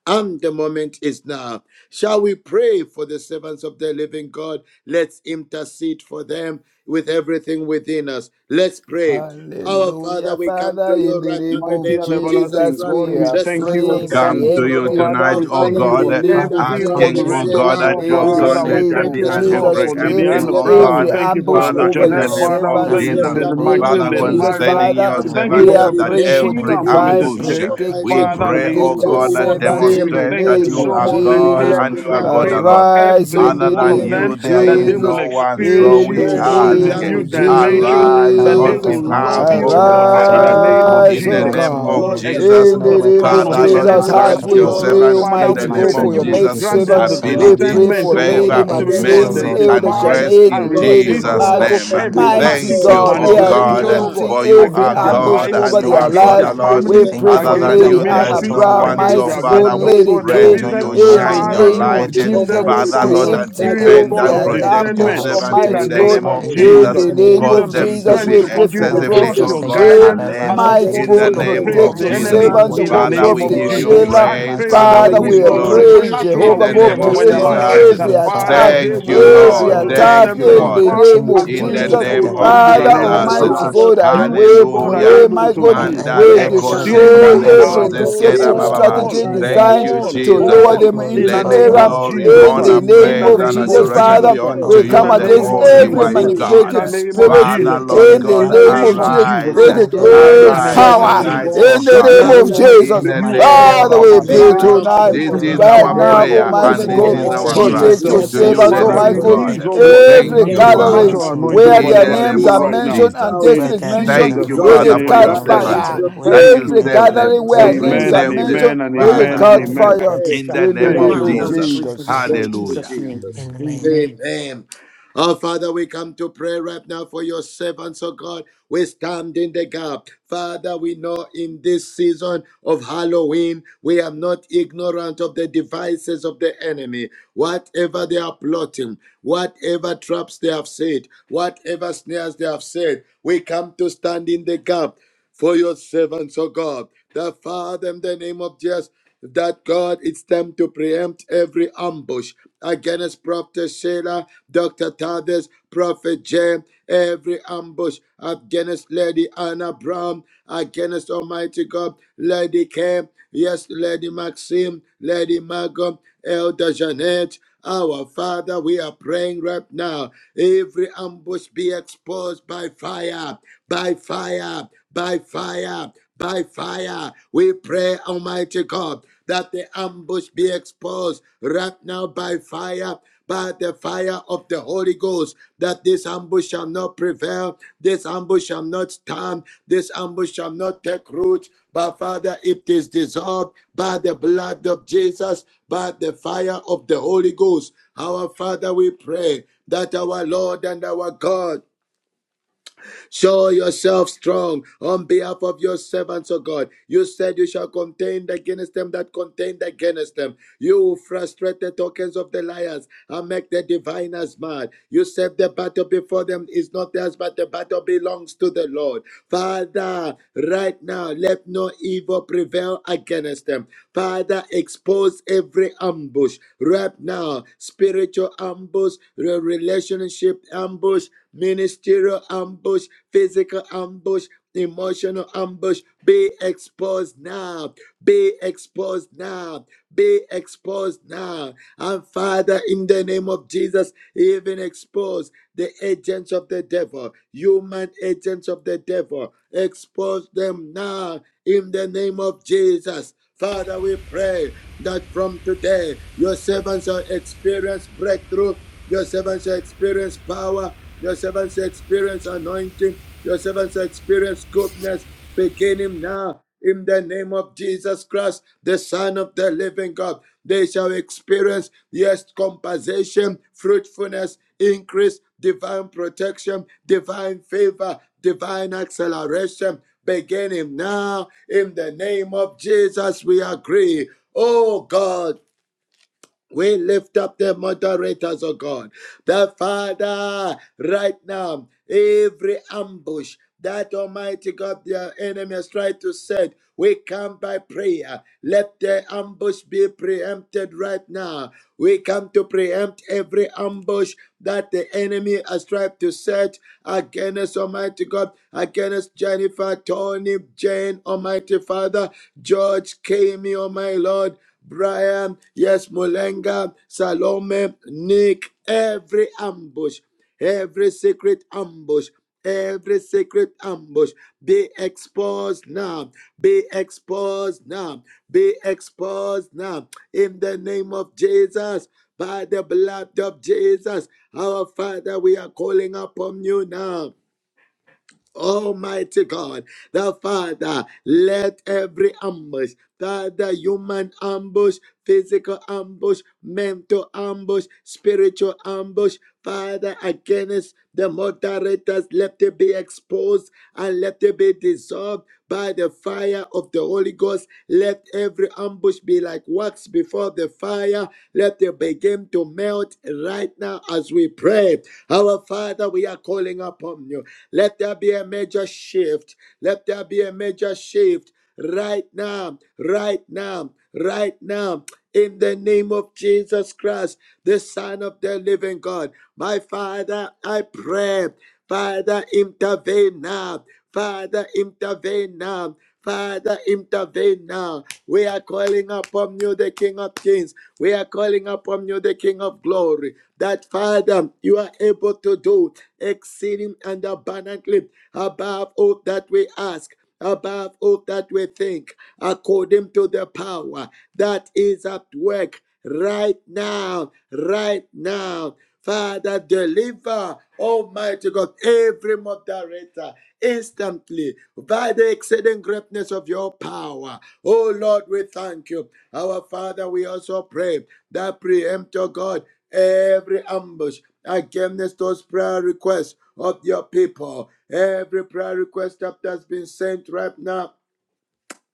D: And the moment is now. Shall we pray for the servants of the living God? Let's intercede for them with everything within us. Let's pray. Our Father,
C: Hallelujah.
D: we come
C: Father,
D: to
C: in
D: you
C: the
D: right now in
C: name
D: the
E: Mighty
C: of
D: name
E: and
D: of Jesus
E: everlasting
C: Jesus,
D: Christ,
E: God,
C: we
B: Praise
E: we
C: are
B: you
D: the
E: thank
B: King,
E: you,
D: Son
B: for
E: O
D: of
B: the
C: praying
D: the
E: God.
A: come
B: servants
D: living
A: to
B: of the
A: you
D: God.
C: preemptive
B: Lord.
E: Father,
A: tonight,
D: Our
E: we
A: oh
E: thank
D: Father,
E: you
C: in
D: we
C: the
E: for
A: God,
D: lift
C: name
F: Father,
C: of
B: We
D: up
F: we
E: every
F: come
B: Praise
C: Jesus.
B: you
A: asking,
F: to
D: Prophet
B: for
F: you,
B: them in
A: oh
B: the
E: moderator, oh
A: God,
F: Lord
D: Selah.
A: that
F: of
E: God,
A: your
F: God,
D: We
C: In
F: to
C: the
A: God
E: Father.
D: lift
F: say
E: We
A: let
D: up
C: name
A: there
E: thank
F: thank
A: be
C: of
E: you,
F: you,
D: Dr.
E: oh
A: an a
E: God,
F: Lord,
C: Jesus,
F: to
D: Tavis.
E: for
F: keep
E: Lady
D: We
A: preempting,
F: our
E: Anna
C: preempting
A: oh
D: lift
E: Brown.
D: up
E: We
A: God,
C: every
F: prayer.
D: Prof,
E: thank you
D: uh,
E: for
C: ambush
E: Elder
A: Father,
C: over
A: in
D: Prophet
C: your
A: the
E: Jeanette,
F: Your
D: Jeff.
A: name
E: Father.
A: of
E: We
D: We
C: servants.
E: thank you for
C: In
F: servants,
A: Jesus.
D: lift
F: O
E: Lady
C: the
D: up, oh
F: God, O
C: name
D: God,
E: Maxine,
C: of
A: Father,
F: Lord,
E: Lady
D: Lady
F: we
C: Jesus,
D: Anna
E: Margot.
F: pray
A: concerning
C: Father,
A: your
B: Lord.
E: We
D: Brown,
B: We
E: thank
F: for.
E: you
C: we
A: servant,
E: for
B: praise
C: are
A: uh,
B: you
D: Lady
A: that
E: Prophet
C: praying
B: for
D: K.
C: for
F: Thank
A: every
E: Sheila and
F: you,
D: We
E: Prophet
C: divine
D: lift
F: Maxine,
D: up
A: ambush,
E: Jay.
A: uh,
F: for
A: we
F: Elder
D: Almighty
C: protection.
E: Father,
D: God.
A: pray,
F: Jeanette,
E: Lady,
A: oh
C: Protect
F: for
C: your
E: oh
A: God,
D: Lady
F: Lady
A: that
E: God,
C: servants
E: Tony,
F: Margot,
C: in
D: Maxim,
E: we
C: the
F: for
A: demonstrate
E: thank you
A: that
D: Lady
C: name
A: you
E: so
F: Lady
C: of
A: are
E: much,
D: Help,
F: Anna
E: Lady
A: God
E: Kate.
C: Jesus.
F: Brown,
A: and
D: Lady
A: you are
B: the
E: We
B: Lord. We praise you for the Lord. We praise you
F: for
A: God
E: pray
D: Margot,
E: for
B: for the
A: alone.
B: Lord.
C: Arise
E: every
D: Elder
C: in
A: Other
C: the
E: one
A: than
E: of
C: name
D: Janet,
F: Lady
E: them
A: you,
C: of
A: there
D: our
B: In the
E: that
A: is
E: they
F: Curran,
E: will
C: Jesus.
A: no
D: Father,
A: one. So
D: we
E: experience
B: name
C: In
B: of
E: you,
A: we
E: oh
C: the
F: British
B: Jesus, we praise
D: pray
E: God, in
A: ask,
E: a
F: Sheila,
C: name
D: that
A: uh,
E: new
C: of
F: Prophet
D: beginning
F: J.
D: now,
E: dimension,
A: arise
F: Our
E: that they
A: on
D: our
F: Lord
C: Jesus.
E: will
F: Almighty,
A: behalf
D: God,
E: love
F: that
A: of
E: you, oh
F: you
A: your
E: God, ah,
F: arise
E: in
F: on
E: the
A: servant
F: their
D: expose
E: name
D: them,
E: of
F: behalf in
C: Arise,
A: in
F: the
C: O
A: the
E: Jesus.
F: mighty
A: name
B: you
C: God.
F: name
A: of
E: Lord,
D: expose
F: of
D: them,
F: Jesus.
A: Jesus.
C: In
E: expose
F: No
C: the
E: the
C: name
F: weapons
E: plan
C: of
E: of
D: expose
A: Father,
E: the
F: formed
D: them,
A: Lord,
C: Jesus,
E: enemy,
F: against us
C: as
F: shall
A: grant
E: oh
C: we
A: your
E: God.
F: prosper.
D: expose
C: pray,
A: servant
D: them
E: Father,
F: In
A: in
F: the
A: the
E: we
C: Almighty
D: right
E: pray
A: name
C: God,
F: mighty
E: that
C: for
A: of
E: you
C: your
F: name
E: will
D: now.
F: of
C: maid
A: Jesus
B: for
E: grant
B: the
F: Jesus, you
E: them
C: servant,
E: the
B: Lord.
D: All those
C: we
F: surround
D: who
A: ability,
F: them
C: pray
D: plot
E: discernment,
C: for
E: oh God,
F: with
C: Lady
F: your
A: favor,
E: to be able to
F: angels,
D: against
F: O
D: the
C: Maxim,
A: mercy,
F: Lord
D: servants
C: Elder
D: of
A: and
D: the
E: identify
D: Most
F: Almighty.
A: grace
C: Janet,
D: High
E: and
A: in
D: God,
C: Lady
E: resist, oh
A: Jesus'
E: God,
D: let
C: Margot.
A: name.
D: them be
E: every
C: Mighty
A: Thank
E: tactics
D: exposed
E: of
A: you,
C: God,
A: O
C: we are
D: right
E: manipulation,
A: God,
E: oh
D: now
E: God,
F: Makrorobashandalabaseke
C: preempting
A: for you
C: every
A: are
E: against their
F: Father,
C: ambush
F: we
E: life,
A: God
D: right
F: just
A: and
C: over
A: you
C: their
F: thank
A: are
F: you
D: now
F: for
E: against
A: God
E: their
C: lives.
F: their
A: alone.
F: lives.
D: in
F: We
C: We
E: families,
D: the
F: thank
C: pray
D: name
F: you, O
A: Other
D: of
C: for
E: against
F: Lord,
A: than
E: their
F: that
C: Lady
A: you,
F: you
D: Jesus
A: there
C: Anna
A: is
F: watch
D: Christ,
E: ministry,
A: no
F: over
C: Brown,
F: them
A: one.
F: and
D: the
E: against
A: So,
F: their
C: Mighty
E: their,
D: Son of
C: God,
A: Father,
D: the
F: family.
A: we
E: oh
C: Lady
E: God,
D: living
E: their
A: pray
F: That
C: K,
D: God.
A: to
F: Lord
E: business.
A: you,
C: in the
F: Almighty,
A: shine
D: Father,
A: your
E: Father,
F: that you
E: you
C: name
D: thank
E: will
C: of
A: light.
F: watch
D: you,
F: over
E: give
F: their
E: them,
C: Jesus
E: oh
D: Almighty
A: Father,
E: God,
D: God,
F: business,
A: Lord,
E: the
A: and
B: We
C: preempting
D: that
B: praise you
E: spirit,
B: in
F: that
D: you
B: the
E: oh
A: defend
B: name
E: God,
C: every
A: and
E: of
F: whatever
B: of
F: they
D: expose
B: Jesus.
F: put
A: protect
B: We
F: their
A: your
E: discernment
C: ambush,
D: the
F: hands to,
A: servants
E: in
F: they
E: the
F: will
A: in
C: Almighty
D: secret
A: the
C: God.
E: name
A: name
F: prosper
E: of
F: in
A: of
F: the
D: ambush
C: In
A: Jesus.
E: Jesus.
C: the
F: mighty
B: praise
F: name
C: name
E: Give
A: Cause
D: against
F: of
C: of
E: them
B: you
D: your
E: the
A: them to
C: Jesus,
F: Jesus.
A: be
E: strength
C: we
E: to
D: servant,
C: pray
E: continue
C: for
D: the
E: to
F: Father, we
B: in
A: excessively,
E: trust
B: the
D: secret
C: Prophet
F: just
A: oh
B: name
E: your
B: of
F: thank
A: God,
F: you for
C: Jay.
D: ambush
E: guidance
F: their
B: Jesus.
A: alert
E: and
F: lives. We
E: not
C: Mighty
F: thank
E: fall
A: in
D: against
F: you for
A: the
E: into
C: God,
D: your
E: the
A: name
F: everything
E: prey
B: Lord,
E: of
D: servant.
C: protect
A: of
B: I
F: that
E: the
C: your
F: you're
B: pray
F: doing
A: Jesus.
E: enemy
B: in the
F: and
C: servants, oh
E: in
F: what
D: Father,
B: name
E: the
F: you're
B: of
C: God,
F: yet
A: Father,
B: Jesus.
F: to
E: name
A: we
F: do
E: of
F: in
C: Prophet
A: give
D: expose,
F: their
A: you
E: Jesus.
B: We praise
F: lives in
E: I
F: the
B: you
C: Sheila.
A: praise.
E: pray,
F: mighty
E: oh
A: Father,
E: God,
A: we
C: Father,
F: name
B: In
A: give
B: the
F: of
C: we
A: you
C: are
E: wisdom,
B: name of
A: glory
D: expose
F: Jesus.
C: praying,
D: now,
F: We
A: in
E: supernatural
C: Jehovah
A: the
F: give you
C: God,
A: name
E: wisdom
A: of
E: over
F: just
E: their life.
C: preempting
F: praise
A: Jesus.
D: expose
F: your
E: That
C: every
F: name, Father,
E: Father,
C: attack,
E: they
F: over
A: Thank
B: Jesus.
E: will,
F: their
A: you,
D: my
E: oh God, be
F: lives,
C: every
E: able
F: O
A: Lord.
E: to
D: Father,
F: Lord,
D: I
C: attack
A: Thank
E: descend
A: you,
E: from
F: that
D: pray
C: in
F: you
C: the
A: Lord
E: afar
D: that
C: name
F: continue
E: and
C: of
F: to
D: you
A: in
E: begin
F: watch
A: the
D: intervene
B: We
E: to
C: Jesus.
F: over
E: follow
A: name
E: your
F: them,
B: praise
D: speedily
A: of
E: lead in the
C: Father,
D: and
E: name of
F: that
A: Jesus.
D: show
F: you
E: Jesus.
C: Almighty
F: give
C: God,
D: yourself
B: you.
C: as
E: You,
D: strong
C: we
E: oh God,
B: Jesus,
D: on
E: are
A: Hallelujah.
C: pray,
D: their
E: able
C: mighty
E: to
C: God,
D: behalf
F: that
E: do
B: In the
C: we
A: Mandale
F: everywhere,
D: right
F: whatever
D: now.
F: they put
C: destroy
F: their
E: exceedingly
A: kosekale
D: In
F: hands
D: the
F: to,
C: every
F: they
D: name
F: will
D: of
E: above
A: brozeske
C: deceptive
F: prosper in
D: Jesus,
F: the
A: rabababa.
E: all,
C: strategy
F: mighty
D: by
F: name
D: the
F: of
A: Thank
C: designed
D: blood
A: you,
D: of
E: all,
C: to
F: Jesus. We give
A: Jesus.
C: lower
F: you
D: Jesus,
E: all
C: them
F: glory,
E: in
D: with
B: name
C: into
E: the
B: of
A: Let
D: the
E: name
F: Father,
D: help
C: error.
D: of
E: of
D: the
F: Lord, in
A: glory,
F: the
D: Holy
E: Jesus
C: In
E: Christ.
F: mighty
A: honor,
C: the
D: Ghost,
E: In
F: name
C: name
E: the
A: praise,
F: of
D: I
C: of
A: and
E: name
C: Jesus,
D: pray
E: of
F: Jesus.
D: and
A: adoration
E: Jesus
A: be
C: Father,
E: Christ.
A: unto
F: Oh,
C: we
D: declare.
E: In the
C: come
A: you,
F: Lord
A: the
E: name
C: against
D: And
E: of
F: Almighty,
A: only
D: I
F: we
C: every
E: Jesus
A: wise
E: Christ.
D: pray,
F: thank you
E: In
A: God.
E: the
C: manipulative
E: name of
F: for
C: spirit.
A: Father,
E: Jesus
D: evil
F: preempting
E: Christ.
A: Lord
D: shall
C: In
F: every
C: the
D: not
E: In
A: God,
E: the
F: ambush
C: name
E: name
C: of
E: of
D: prevail
F: for
C: Jesus,
E: Jesus
A: arise,
E: Christ
C: let
F: all
C: it
F: the
D: against
E: mighty
D: your
C: lose
E: and
A: arise
C: power.
D: servants, O
E: everlasting
A: tonight,
E: God.
D: God.
A: O
C: In
F: leaders
C: the
A: God,
E: Yes,
C: name of
D: Father,
E: Lord.
F: in
A: in
C: Jesus,
F: the
D: every
A: the
E: You,
F: mighty
E: O
F: name
A: name
E: God,
C: Father,
F: of
E: are
A: of
C: we
E: my
F: Jesus.
C: pray
D: Every
A: Jesus.
E: Father.
F: Thank
C: tonight.
F: you,
D: ambush,
E: You
A: This
D: oh
E: are the
F: God,
D: God,
A: is
C: Right
A: our
C: now,
E: Father.
D: every
A: prayer
E: You are
D: ambush
A: and
C: Almighty
F: in the
A: this
E: God
C: God,
A: is
D: against
E: all
F: mighty
A: our
D: them,
E: by
F: name
A: cry
B: Jesus,
F: of
C: protect
B: we
C: your
E: yourself.
B: are
D: let
A: to
D: them
A: you,
F: Jesus.
D: be
B: praying
C: servants,
A: the
E: Father,
B: over.
F: Father,
C: Almighty
A: living
F: we
C: God.
D: exposed.
A: God.
E: release, O
F: thank you
E: God,
D: Let
B: In
D: them,
B: the
A: Thank
C: Every
E: a
B: name
D: let
A: you,
F: in
D: the
B: of
F: the
D: dead
A: Father
C: gathering
B: Jesus,
E: supernatural
F: mighty
D: ambush
F: name
E: anointing
D: be
C: where
F: of
E: over
A: in
E: their
C: their
A: the
D: rendered
E: lives
A: name
C: names
E: even
C: are
F: Jesus.
E: right
A: of
D: useless,
E: now.
C: mentioned and
A: Jesus.
F: Where
C: destiny
E: In
D: powerless,
C: is
F: their
D: and
F: names
C: mentioned,
F: are
A: Thank
E: Jesus'
A: you,
C: let
F: mentioned,
E: mighty
D: dissolved
A: Father,
F: O
C: it
A: for
E: name we
A: your
F: Lord
E: are
C: catch
D: by the
E: praying.
A: servants
F: Almighty,
D: blood
C: fire.
D: of
A: that
F: where
D: Jesus,
E: Thank
A: you
E: you,
C: Every
F: let
A: save
D: by
E: Lord.
F: them
D: the
A: them,
C: gathering
B: Yes,
D: fire
A: you
F: want
C: where
D: of
F: to
D: the
F: let
B: Lord,
C: names
D: Holy
E: Amen
C: are
E: and
A: preserve
D: Spirit.
A: them,
C: mentioned,
E: amen and
C: let it
F: Father,
B: in
E: amen
A: Father,
D: Father,
B: the
E: and
D: I
C: catch
F: Lord
B: name
E: amen.
B: of
C: fire
D: pray
F: Almighty,
A: in
B: Jesus.
A: the
C: in the
A: name
E: Thank
A: of
D: right
C: name
E: you,
C: of
B: Father,
E: Lord.
D: now.
B: we
A: Jesus.
B: pray
F: shut
B: for this
C: Jesus.
B: in
F: down
D: Thank you,
A: Hallelujah.
B: Jesus' name.
C: Amen.
D: Jesus.
F: in the name.
B: Amen.
D: Amen. Oh, Father, we come to pray right now for your servants, oh God. We stand in the gap. Father, we know in this season of Halloween, we are not ignorant of the devices of the enemy. Whatever they are plotting, whatever traps they have set, whatever snares they have set, we come to stand in the gap for your servants, oh God, that Father, in the name of Jesus, that God, it's time to preempt every ambush against Prophet Sheila, Dr. Tavis, Prophet Jay, every ambush against Lady Anna Brown, against Almighty God, Lady Kim, yes, Lady Maxim, Lady Margot, Elder Jeanette. Our Father, we are praying right now. Every ambush be exposed by fire, by fire, by fire, by fire. We pray, Almighty God, that the ambush be exposed right now by fire. By the fire of the Holy Ghost, that this ambush shall not prevail, this ambush shall not stand, this ambush shall not take root, but Father, it is dissolved by the blood of Jesus, by the fire of the Holy Ghost. Our Father, we pray that our Lord and our God Show yourself strong on behalf of your servants, O God. You said you shall contend against them that contend against them. You will frustrate the tokens of the liars and make the diviners mad. You said the battle before them is not theirs, but the battle belongs to the Lord. Father, right now, let no evil prevail against them. Father, expose every ambush right now spiritual ambush, re- relationship ambush, ministerial ambush, physical ambush, emotional ambush. Be exposed now. Be exposed now. Be exposed now. And Father, in the name of Jesus, even expose the agents of the devil, human agents of the devil. Expose them now in the name of Jesus. Father, we pray that from today your servants will experience breakthrough your servants shall experience power. Your servants shall experience anointing. Your servants shall experience goodness. Begin him now. In the name of Jesus Christ, the Son of the Living God, they shall experience, yes, compensation, fruitfulness, increase, divine protection, divine favor, divine acceleration. Begin him now. In the name of Jesus, we agree. Oh God, we lift up the moderators, oh God. The Father, right now, every ambush that Almighty God, their enemy has tried to set, we come by prayer. Let the ambush be preempted right now. We come to preempt every ambush that the enemy has tried to set against Almighty God, against Jennifer, Tony, Jane, Almighty Father, George, Kami, oh my Lord. Brian, yes, Molenga, Salome, Nick, every ambush, every secret ambush, every secret ambush be exposed now, be exposed now, be exposed now in the name of Jesus. By the blood of Jesus, our Father, we are calling upon you now. Almighty God, the Father, let every ambush, Father, human ambush, physical ambush, mental ambush, spiritual ambush, Father, against the moderators, let it be exposed and let it be dissolved dissolved by the fire of the Holy Ghost. Let every ambush be like wax before the fire. Let them begin to melt right now as we pray. Our Father, we are calling upon you. Let there be a major shift. Let there be a major shift right now, right now, right now. In the name of Jesus Christ, the Son of the living God. My Father, I pray. Father, intervene now. Father, intervene now. Father, intervene now. We are calling upon you, the King of Kings. We are calling upon you, the King of Glory. That Father, you are able to do exceeding and abundantly above all that we ask above all that we think, according to the power that is at work right now, right now. Father, deliver, Almighty God, every moderator instantly by the exceeding greatness of your power. Oh Lord, we thank you. Our Father, we also pray that preempt, oh God every ambush against those prayer requests of your people. Every prayer request that has been sent right now.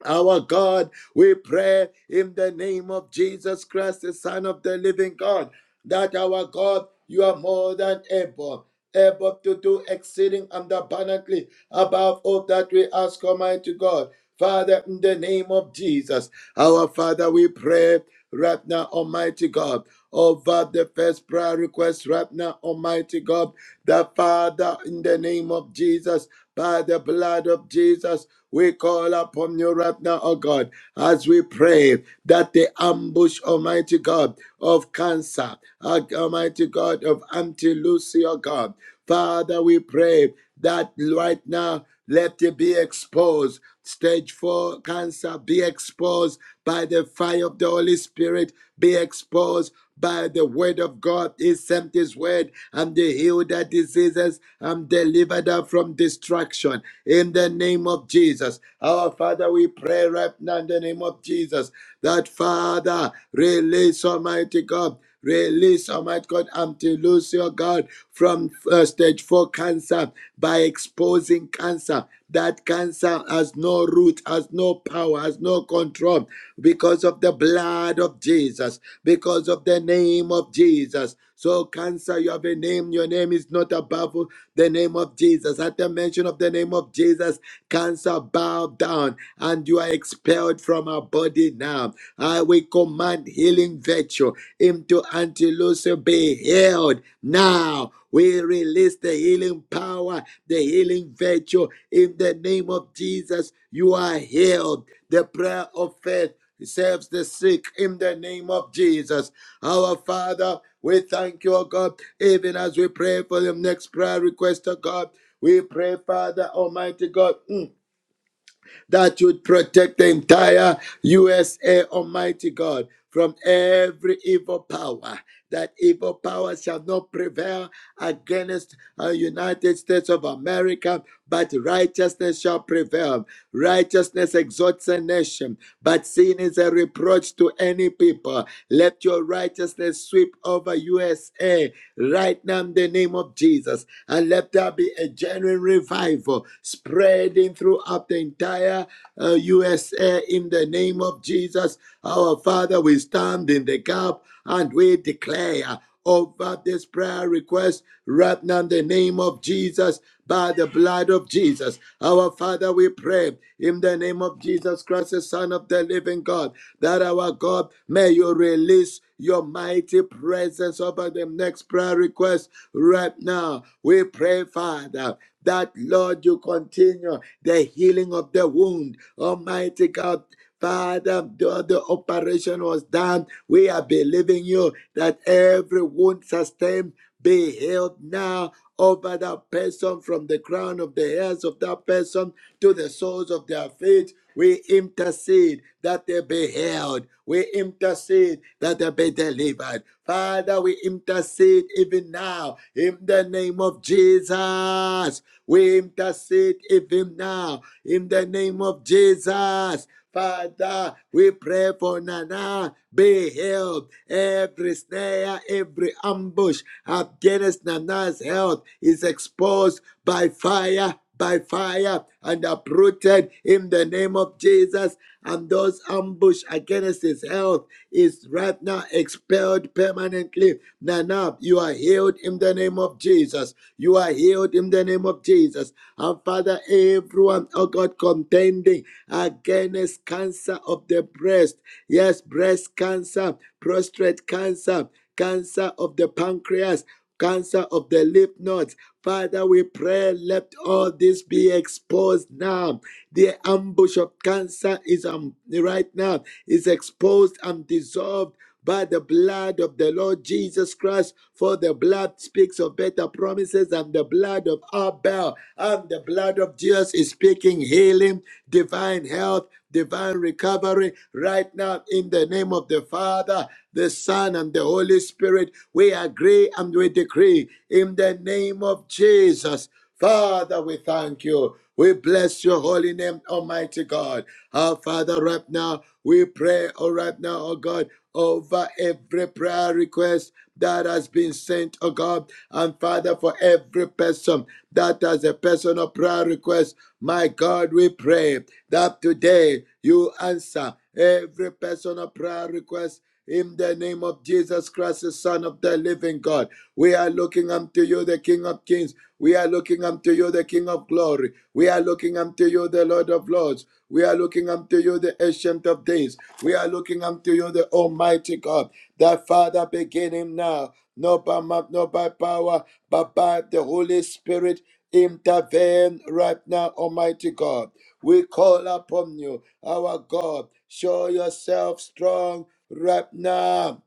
D: Our God, we pray in the name of Jesus Christ, the Son of the living God, that our God, you are more than able able to do exceeding and abundantly above all that we ask, Almighty God. Father, in the name of Jesus, our Father, we pray right now, Almighty God, over the first prayer request right now, Almighty God, the Father, in the name of Jesus, by the blood of Jesus, we call upon you right now, oh God as we pray that the ambush, Almighty God, of cancer, uh, Almighty God, of anti-Lucia, God. Father, we pray that right now, let it be exposed. Stage four cancer be exposed by the fire of the Holy Spirit, be exposed by the word of God. He sent his word and they healed their diseases and delivered her from destruction. In the name of Jesus. Our Father, we pray right now in the name of Jesus that Father, release Almighty God. Release, Almighty God, Amtilucio, God, from uh, stage four cancer by exposing cancer. That cancer has no root, has no power, has no control because of the blood of Jesus, because of the name of Jesus. So, cancer, you have a name. Your name is not above the name of Jesus. At the mention of the name of Jesus, cancer bow down and you are expelled from our body now. I will command healing virtue into Antilosa be healed now. We release the healing power, the healing virtue in the name of Jesus. You are healed. The prayer of faith. He saves the sick in the name of Jesus. Our Father, we thank you, O God, even as we pray for the next prayer request, O God. We pray, Father Almighty God. mm, that you'd protect the entire USA, Almighty God, from every evil power. That evil power shall not prevail against uh, United States of America, but righteousness shall prevail. Righteousness exalts a nation, but sin is a reproach to any people. Let your righteousness sweep over USA right now in the name of Jesus, and let there be a genuine revival spreading throughout the entire entire uh, USA in the name of Jesus. Our Father, we stand in the gap and we declare over this prayer request right now in the name of Jesus by the blood of Jesus. Our Father, we pray in the name of Jesus Christ, the Son of the living God, that our God, may you release your mighty presence over the next prayer request right now. We pray, Father, that Lord, you continue the healing of the wound. Almighty God, Father, the, the operation was done. We are believing you that every wound sustained be healed now over that person from the crown of the hairs of that person to the soles of their feet. We intercede that they be healed. We intercede that they be delivered. Father, we intercede even now in the name of Jesus. We intercede even now in the name of Jesus. Father, we pray for Nana. Be healed. Every snare, every ambush against Nana's health is exposed by fire, by fire, and uprooted in the name of Jesus. And those ambush against his health is right now expelled permanently. Nana, you are healed in the name of Jesus. You are healed in the name of Jesus. And Father, everyone, oh God, contending against against cancer of the breast. Yes, breast cancer, prostate cancer, cancer of the pancreas, cancer of the lymph nodes. Father, we pray, let all this be exposed now. The ambush of cancer is um, right now, is exposed and dissolved by the blood of the Lord Jesus Christ, for the blood speaks of better promises, and the blood of Abel and the blood of Jesus is speaking healing, divine health, divine recovery. Right now, in the name of the Father, the Son, and the Holy Spirit, we agree and we decree in the name of Jesus. Father, we thank you. We bless your holy name, Almighty God. Our Father, right now, we pray, oh, right now, oh God, over every prayer request that has been sent, oh God. And Father, for every person that has a personal prayer request, my God, we pray that today you answer every personal prayer request in the name of Jesus Christ, the Son of the living God, we are looking unto you, the King of kings. We are looking unto you, the King of glory. We are looking unto you, the Lord of lords. We are looking unto you, the Ancient of days. We are looking unto you, the Almighty God. That Father, begin him now, not by might, not by power, but by the Holy Spirit. Intervene right now, Almighty God. We call upon you, our God. Show yourself strong right now.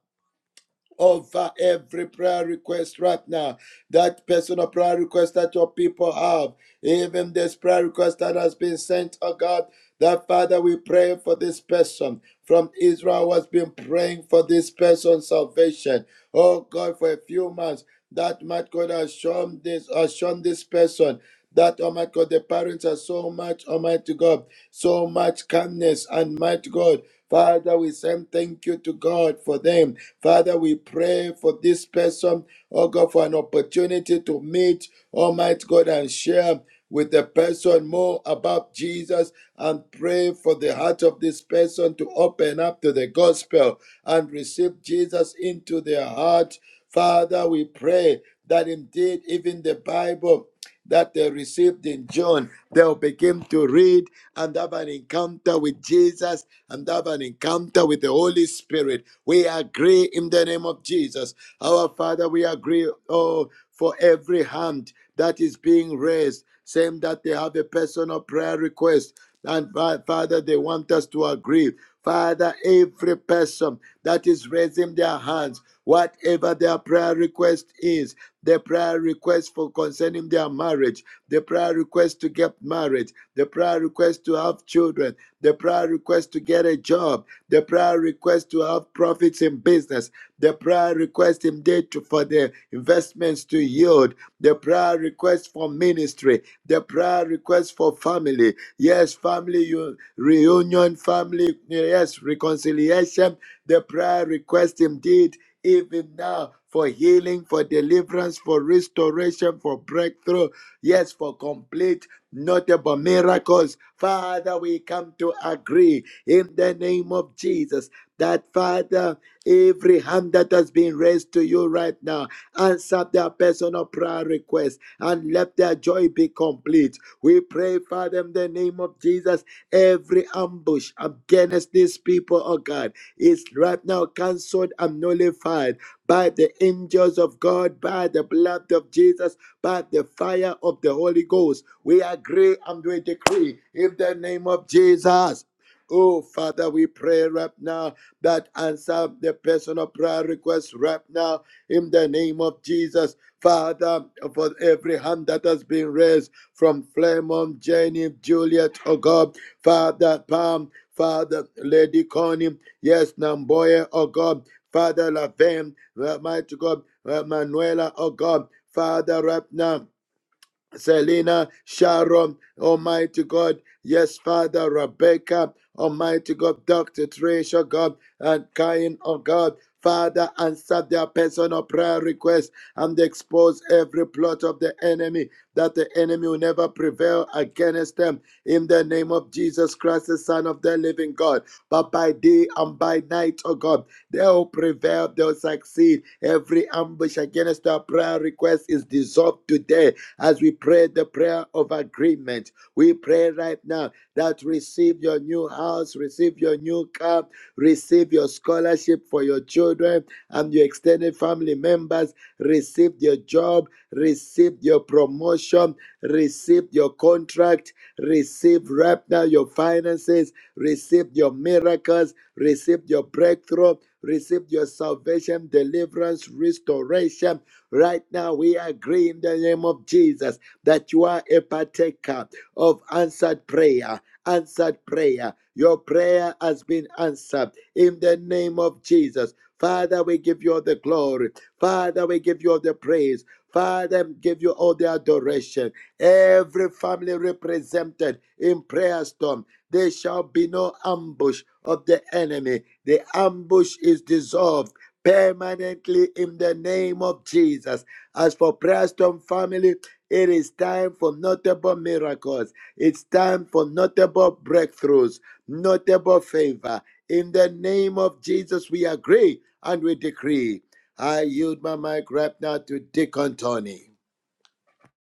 D: Over every prayer request right now, that personal prayer request that your people have, even this prayer request that has been sent, oh God, that Father, we pray for this person from Israel who has been praying for this person's salvation. Oh God, for a few months, that might God has shown this, has shown this person that Almighty God, the parents are so much Almighty God so much kindness and might, God. Father, we say thank you to God for them. Father, we pray for this person, oh God, for an opportunity to meet Almighty God and share with the person more about Jesus and pray for the heart of this person to open up to the gospel and receive Jesus into their heart. Father, we pray that indeed even the Bible that they received in John. They'll begin to read and have an encounter with Jesus and have an encounter with the Holy Spirit. We agree in the name of Jesus. Our Father, we agree, oh, for every hand that is being raised, saying that they have a personal prayer request. And Father, they want us to agree. Father, every person that is raising their hands, whatever their prayer request is, the prayer request for concerning their marriage, the prayer request to get married, the prayer request to have children, the prayer request to get a job, the prayer request to have profits in business, the prayer request indeed to- for the investments to yield, the prayer request for ministry, the prayer request for family, Yes, family u- reunion, family, yes, reconciliation, the prayer request indeed, even now for healing, for deliverance, for restoration, for breakthrough, yes, for complete notable miracles. Father, we come to agree in the name of Jesus that, Father, every hand that has been raised to you right now, answer their personal prayer request and let their joy be complete we pray, Father, in the name of Jesus, every ambush against these people, oh God, is right now cancelled and nullified by the angels of God, by the blood of Jesus, by the fire of the Holy Ghost. We agree and we decree in the name of Jesus. Oh, Father, we pray right now that answer the personal prayer request right now in the name of Jesus. Father, for every hand that has been raised, from Flemon, Jenny, Juliet, oh God, Father Palm, Father Lady Connie, yes, Namboya, oh God, Father Lavem, mighty God, uh, Manuela, oh God, Father Rapna. Selena, Sharon, Almighty God, yes, Father, Rebecca, Almighty God, Dr. Tricia, God, and Cain, oh God, Father, answer their personal prayer requests and expose every plot of the enemy, that the enemy will never prevail against them. In the name of Jesus Christ, the Son of the living God, but by day and by night, oh God, they'll prevail, they'll succeed. Every ambush against their prayer request is dissolved today as we pray the prayer of agreement. We pray right now that receive your new house, receive your new car, receive your scholarship for your children and your extended family members, receive your job, receive your promotion, receive your contract, receive right now your finances, receive your miracles, receive your breakthrough, receive your salvation, deliverance, restoration Right now, we agree in the name of Jesus that you are a partaker of answered prayer. Answered prayer. Your prayer has been answered in the name of Jesus. Father, we give you all the glory. Father, we give you all the praise. Father, give you all the adoration. Every family represented in prayer storm, there shall be no ambush of the enemy. The ambush is dissolved permanently in the name of Jesus. As for Prayer Storm family, it is time for notable miracles. It's time for notable breakthroughs, notable favor. In the name of Jesus, we agree and we decree. I yield my mic right now to Deacon Tony.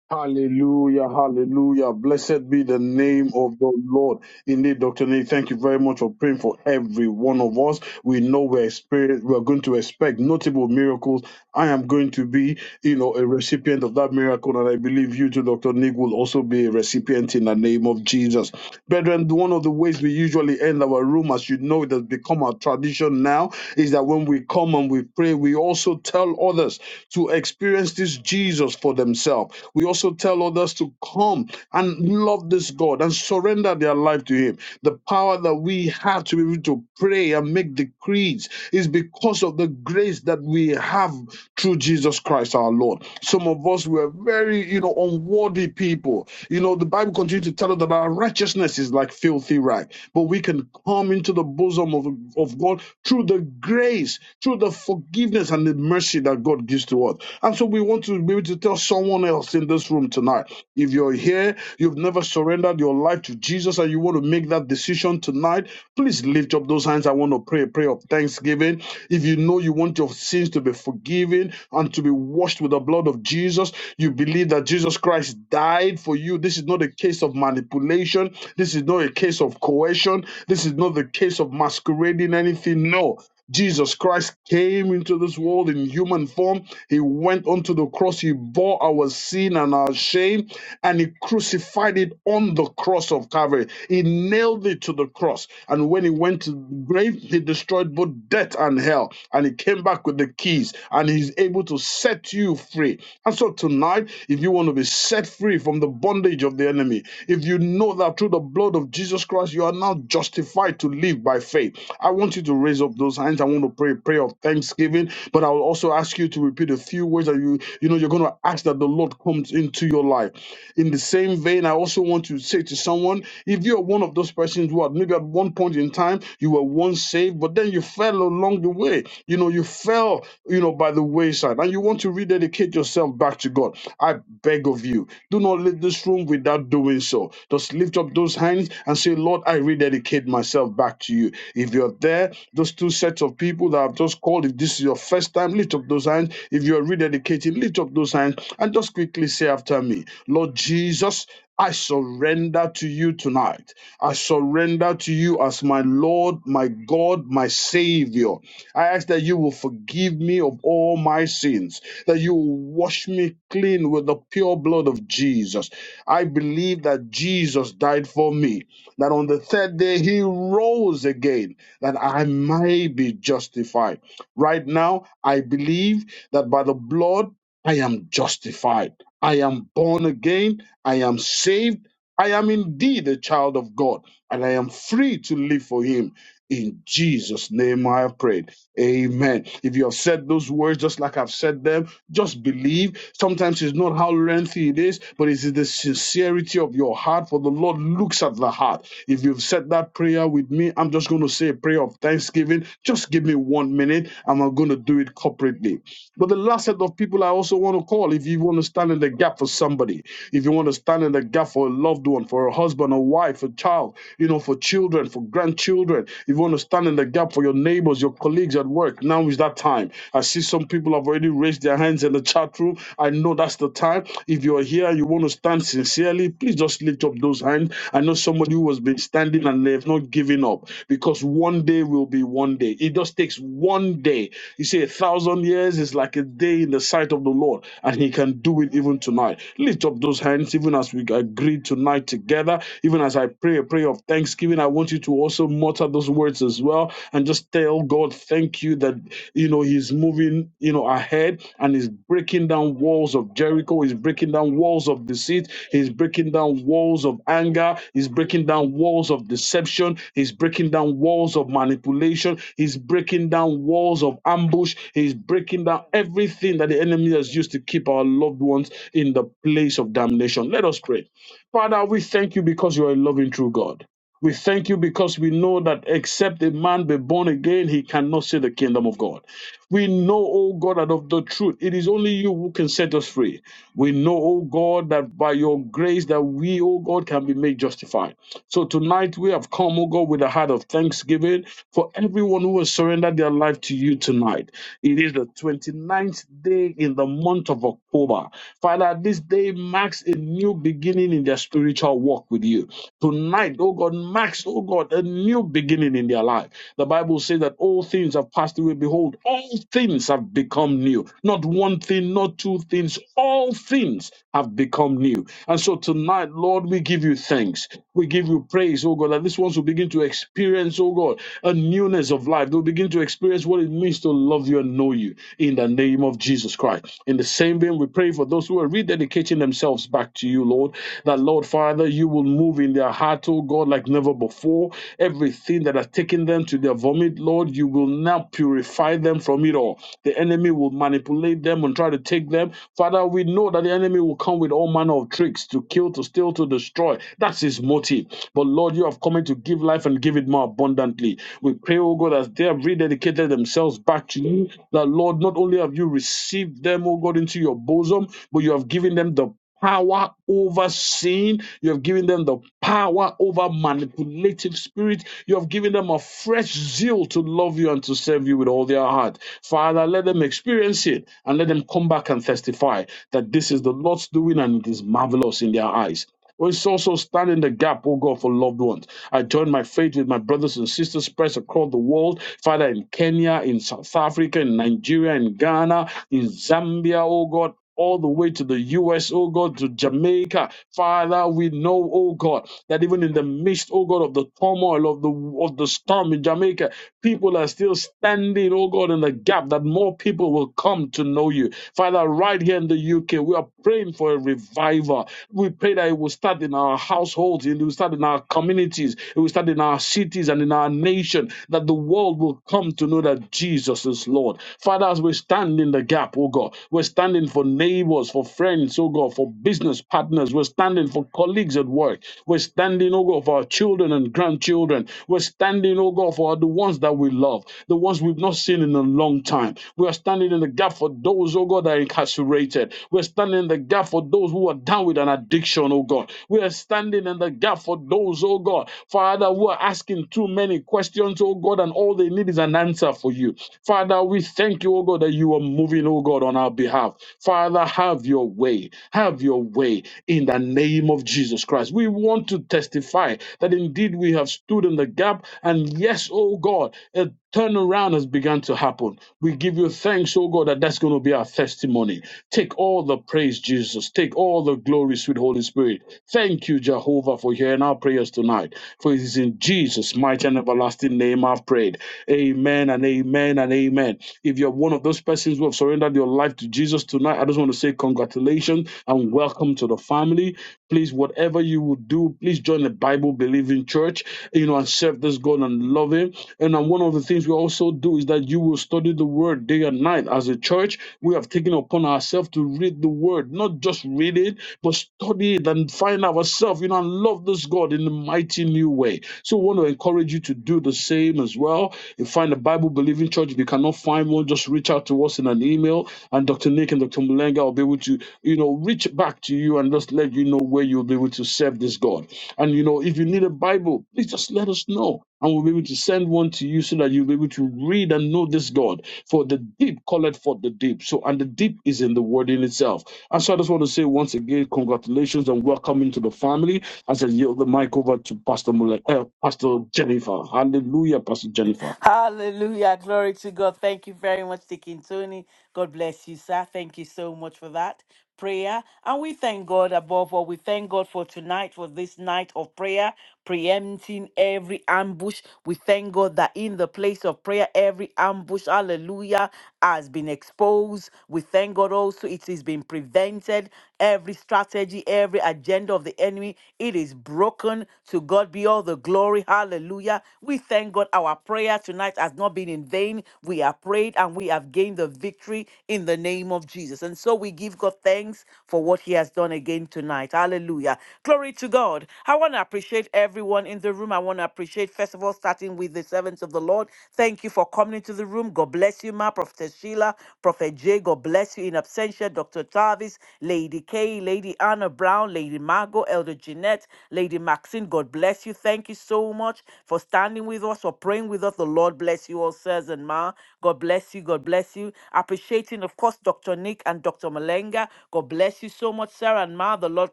E: Hallelujah, hallelujah. Blessed be the name of the Lord. Indeed, Dr. Nate, thank you very much for praying for every one of us. We know we're, experience, we're going to expect notable miracles. I am going to be, you know, a recipient of that miracle, and I believe you too, Dr. Nick, will also be a recipient in the name of Jesus. Brethren, one of the ways we usually end our room, as you know, it has become our tradition now, is that when we come and we pray, we also tell others to experience this Jesus for themselves. We also tell others to come and love this God and surrender their life to Him. The power that we have to be able to pray and make decrees is because of the grace that we have through Jesus Christ our Lord. Some of us were very, you know, unworthy people. You know, the Bible continues to tell us that our righteousness is like filthy rag, but we can come into the bosom of, of God through the grace grace, through the forgiveness and the mercy that God gives to us. And so we want to be able to tell someone else in this room tonight if you're here, you've never surrendered your life to Jesus, and you want to make that decision tonight, please lift up those hands. I want to pray a prayer of thanksgiving. If you know you want your sins to be forgiven and to be washed with the blood of Jesus, you believe that Jesus Christ died for you. This is not a case of manipulation. This is not a case of coercion. This is not the case of masquerading anything. No, Jesus Christ came into this world in human form. He went onto the cross. He bore our sin and our shame, and He crucified it on the cross of Calvary. He nailed it to the cross. And when He went to the grave, He destroyed both death and hell. And He came back with the keys, and He's able to set you free. And so tonight, if you want to be set free from the bondage of the enemy, if you know that through the blood of Jesus Christ, because you are now justified to live by faith. I want you to raise up those hands. I want to pray a prayer of thanksgiving, but I will also ask you to repeat a few words that you, you know, you're going to ask that the Lord comes into your life. In the same vein, I also want to say to someone, if you're one of those persons who are maybe at one point in time you were once saved, but then you fell along the way, you know, you fell, you know, by the wayside, and you want to rededicate yourself back to God, I beg of you, do not leave this room without doing so. Just lift up those hands and say, Lord, I rededicate myself back to you. If you're there, those two sets of people that I've just called, if this is your first time, lift up those hands. If you're rededicating, lift up those hands and just quickly say after me, Lord Jesus, I surrender to you tonight. I surrender to you as my Lord, my God, my Savior. I ask that you will forgive me of all my sins that you will wash me clean with the pure blood of Jesus. I believe that Jesus died for me, that on the third day he rose again, that I might be justified. Right now, I believe that by the blood I am justified. I am born again. I am saved. I am indeed a child of God, and I am free to live for him. In Jesus' name I have prayed. Amen. If you have said those words just like I've said them, just believe. Sometimes it's not how lengthy it is, but it's the sincerity of your heart, for the Lord looks at the heart. If you've said that prayer with me, I'm just going to say a prayer of thanksgiving. Just give me one minute, and I'm going to do it corporately. But the last set of people I also want to call, if you want to stand in the gap for somebody, if you want to stand in the gap for a loved one, for a husband, a wife, a child, you know, for children, for grandchildren, if you want to stand in the gap for your neighbors, your colleagues at work, now is that time. I see some people have already raised their hands in the chat room. I know that's the time. If you're here, you want to stand sincerely, please just lift up those hands given. I know somebody who has been standing and they've not given up because one day will be one day. It just takes one day. You see, a thousand years is like a day in the sight of the Lord, and He can do it even tonight. Lift up those hands, even as we agree tonight together. Even as I pray a prayer of thanksgiving, I want you to also mutter those words as well and just tell God, Thank you that, you you know he's moving you know ahead and he's breaking down walls of jericho he's breaking down walls of deceit he's breaking down walls of anger he's breaking down walls of deception he's breaking down walls of manipulation he's breaking down walls of ambush he's breaking down everything that the enemy has used to keep our loved ones in the place of damnation let us pray father we thank you because you are a loving true god we thank you because we know that except a man be born again, he cannot see the kingdom of God. We know, O God, that of the truth, it is only you who can set us free. We know, O God, that by your grace that we, O God, can be made justified. So tonight we have come, O God, with a heart of thanksgiving for everyone who has surrendered their life to you tonight. It is the twenty-ninth day in the month of October. Father, this day marks a new beginning in their spiritual walk with you. Tonight, O God, marks, O God, a new beginning in their life. The Bible says that all things have passed away. Behold, all all things have become new. Not one thing, not two things, all things have become new. And so tonight, Lord, we give you thanks. We give you praise, oh God, that these ones will begin to experience, oh God, a newness of life. They'll begin to experience what it means to love you and know you in the name of Jesus Christ. In the same vein, we pray for those who are rededicating themselves back to you, Lord, that, Lord, Father, you will move in their heart, oh God, like never before. Everything that has taken them to their vomit, Lord, you will now purify them from from it all. The enemy will manipulate them and try to take them. Father, we know that the enemy will come with all manner of tricks to kill, to steal, to destroy. That's his motive. But Lord, you have come in to give life and give it more abundantly. We pray, oh God, as they have rededicated themselves back to you, that Lord, not only have you received them, oh God, into your bosom, but you have given them the power over sin. You have given them the power over manipulative spirit. You have given them a fresh zeal to love you and to serve you with all their heart. Father, let them experience it and let them come back and testify that this is the Lord's doing and it is marvelous in their eyes. We also stand in the gap, oh God, for loved ones. I join my faith with my brothers and sisters spread across the world, Father, in Kenya, in South Africa, in Nigeria, in Ghana, in Zambia, oh God. All the way to the US, oh God, to Jamaica. Father, we know, oh God, that even in the midst, oh God, of the turmoil of the of the storm in Jamaica, people are still standing, oh God, in the gap that more people will come to know you. Father, right here in the UK, we are praying for a revival revival. We pray that it will start in our households, it will start in our communities, it will start in our cities and in our nation, that the world will come to know that Jesus is Lord. Father, as we stand in the gap, oh God, we're standing for neighbors, for friends, oh God, for business partners, we're standing for colleagues at work, we're standing, oh God, for our children and grandchildren, we're standing, oh God, for the ones that we love, the ones we've not seen in a long time. We are standing in the gap for those, oh God, that are incarcerated. We're standing standing in the gap for those who are down with an addiction, oh God. We are standing in the gap for those, oh God, Father, who are asking too many questions, oh God, and all they need is an answer for you. Father, we thank you, oh God, that you are moving, oh God, on our behalf. Father, have your way. Have your way in the name of Jesus Christ. We want to testify that indeed we have stood in the gap, and yes, oh God, a turnaround has begun to happen. We give you thanks, oh God, that that's going to be our testimony testimony. Take all the praise, Jesus. Take all the glory, sweet Holy Spirit. Thank you, Jehovah, for hearing our prayers tonight. For it is in Jesus' mighty and everlasting name I've prayed. Amen and amen and amen. If you're one of those persons who have surrendered your life to Jesus tonight, I just want to say congratulations and welcome to the family. Please, whatever you will do, please join the Bible believing church, you know, and serve this God and love Him. And then one of the things we also do is that you will study the Word day and night as as a church, we have taken upon ourselves to read the word, not just read it, but study it and find ourselves, you know, and love this God in a mighty new way. So we want to encourage you to do the same as well. You find a Bible believing church. If you cannot find one, just reach out to us in an email, and Dr. Nick and Dr. Mulenga will be able to, you know, reach back to you and just let you know where you'll be able to serve this God. And you know, if you need a Bible, please just let us know. And we'll be able to send one to you so that you'll be able to read and know this God for the deep calleth for the deep. So, and the deep is in the word in itself. And so I just want to say once again, congratulations and welcome into the family. As I yield the mic over to Pastor Mule, uh, Pastor Jennifer. Hallelujah, Pastor Jennifer.
B: Hallelujah. Glory to God. Thank you very much, Deacon Tony. God bless you, sir. Thank you so much for that prayer. And we thank God above all. We thank God for tonight, for this night of prayer, preempting every ambush. We thank God that in the place of prayer, every ambush, hallelujah, has been exposed. We thank God also it is been prevented. Every strategy, every agenda of the enemy, it is broken. To God be all the glory. Hallelujah. We thank God our prayer tonight has not been in vain. We have prayed and we have gained the victory in the name name of Jesus. And so we give God thanks for what He has done again tonight. Hallelujah. Glory to God. I want to appreciate everyone in the room. I want to appreciate, first of all, starting with the servants of the Lord. Thank you for coming into the room. God bless you, Ma, Prophet Sheila, Prophet Jay. God bless you in absentia, Dr. Tavis, Lady Kay, Lady Anna Brown, Lady Margot, Elder Jeanette, Lady Maxine. God bless you. Thank you so much for standing with us, for praying with us. The Lord bless you all, sirs and Ma. God bless you. God God bless you. Appreciating, of course, Dr. Nick and Dr. Malenga. God bless you so much, Sarah and Ma. The Lord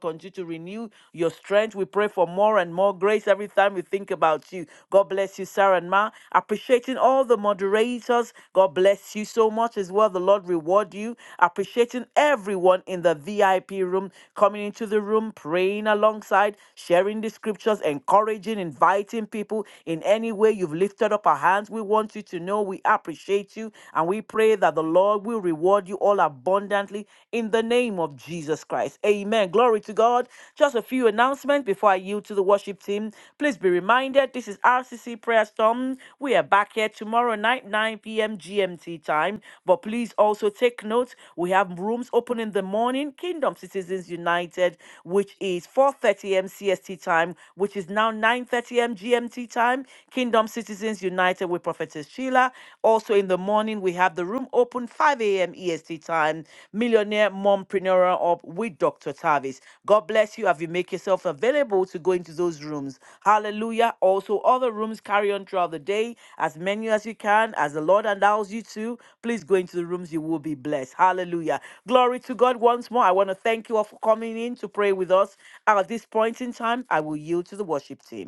B: continue to renew your strength. We pray for more and more grace every time we think about you. God bless you, Sarah and Ma. Appreciating all the moderators. God bless you so much as well. The Lord reward you. Appreciating everyone in the VIP room coming into the room, praying alongside, sharing the scriptures, encouraging, inviting people in any way you've lifted up our hands. We want you to know we appreciate you and we pray that the Lord will reward you all abundantly in the name of Jesus Christ. Amen. Glory to God. Just a few announcements before I yield to the worship team. Please be reminded this is RCC Prayer Storm. We are back here tomorrow night, 9 p.m. GMT time. But please also take note we have rooms open in the morning, Kingdom Citizens United, which is 4:30 a.m. CST time, which is now 9:30 a.m. GMT time. Kingdom Kingdom Citizens United with Prophetess Sheila. Also in the morning, we have the room open 5 a.m. EST time. Millionaire Mompreneur Up with Dr. Tavis. God bless you as you make yourself available to go into those rooms. Hallelujah. Also, other rooms carry on throughout the day, as many as you can, as the Lord allows you to. Please go into the rooms, you will be blessed. Hallelujah. Glory to God once more. I want to thank you all for coming in to pray with us. At this point in time, I will yield to the worship team.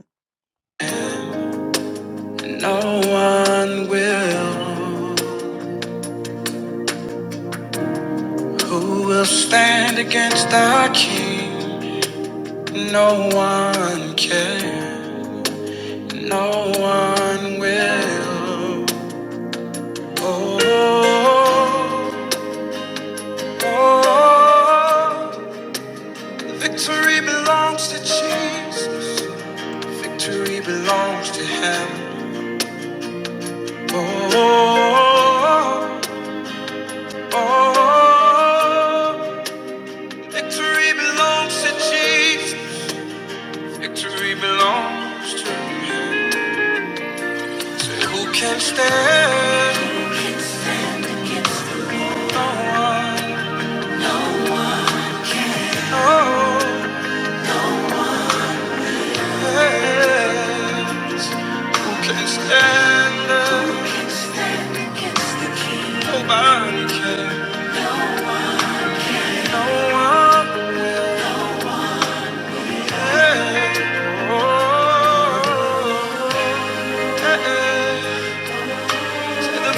A: No one will who will stand against the king. No one can. No one will. Oh, oh, oh. Victory belongs to Jesus. Victory belongs to him. Oh, oh, oh. oh. Victory belongs to Jesus. Victory belongs to him. So who can stand? Who can stand against the Lord? No one. can. Oh, yeah. Who can stand? Who can stand against the King? Nobody can. No one. oh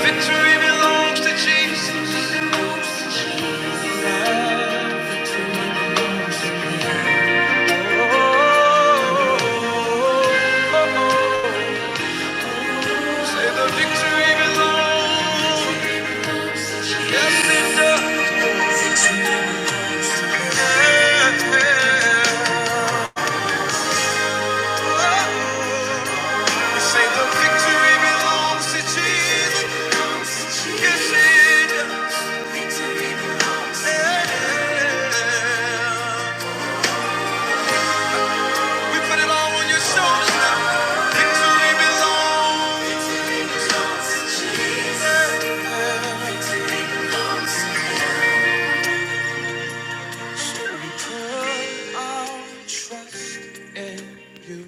A: victory belongs to Jesus. Say the victory belongs. Yes, it does. Say the victory belongs to Jesus. Yes, it is. We put it all on your shoulders now. Victory belongs.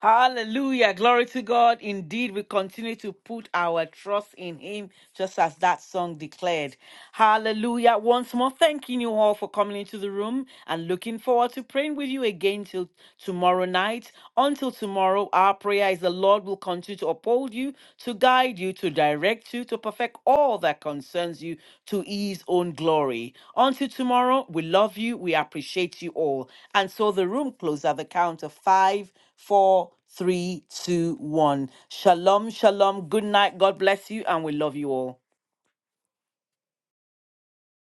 B: Hallelujah. Glory to God. Indeed, we continue to put our trust in Him, just as that song declared. Hallelujah. Once more, thanking you all for coming into the room and looking forward to praying with you again till tomorrow night. Until tomorrow, our prayer is the Lord will continue to uphold you, to guide you, to direct you, to perfect all that concerns you to His own glory. Until tomorrow, we love you. We appreciate you all. And so the room closes at the count of five four, three, two, one. Shalom, shalom. Good night. God bless you, and we love you all.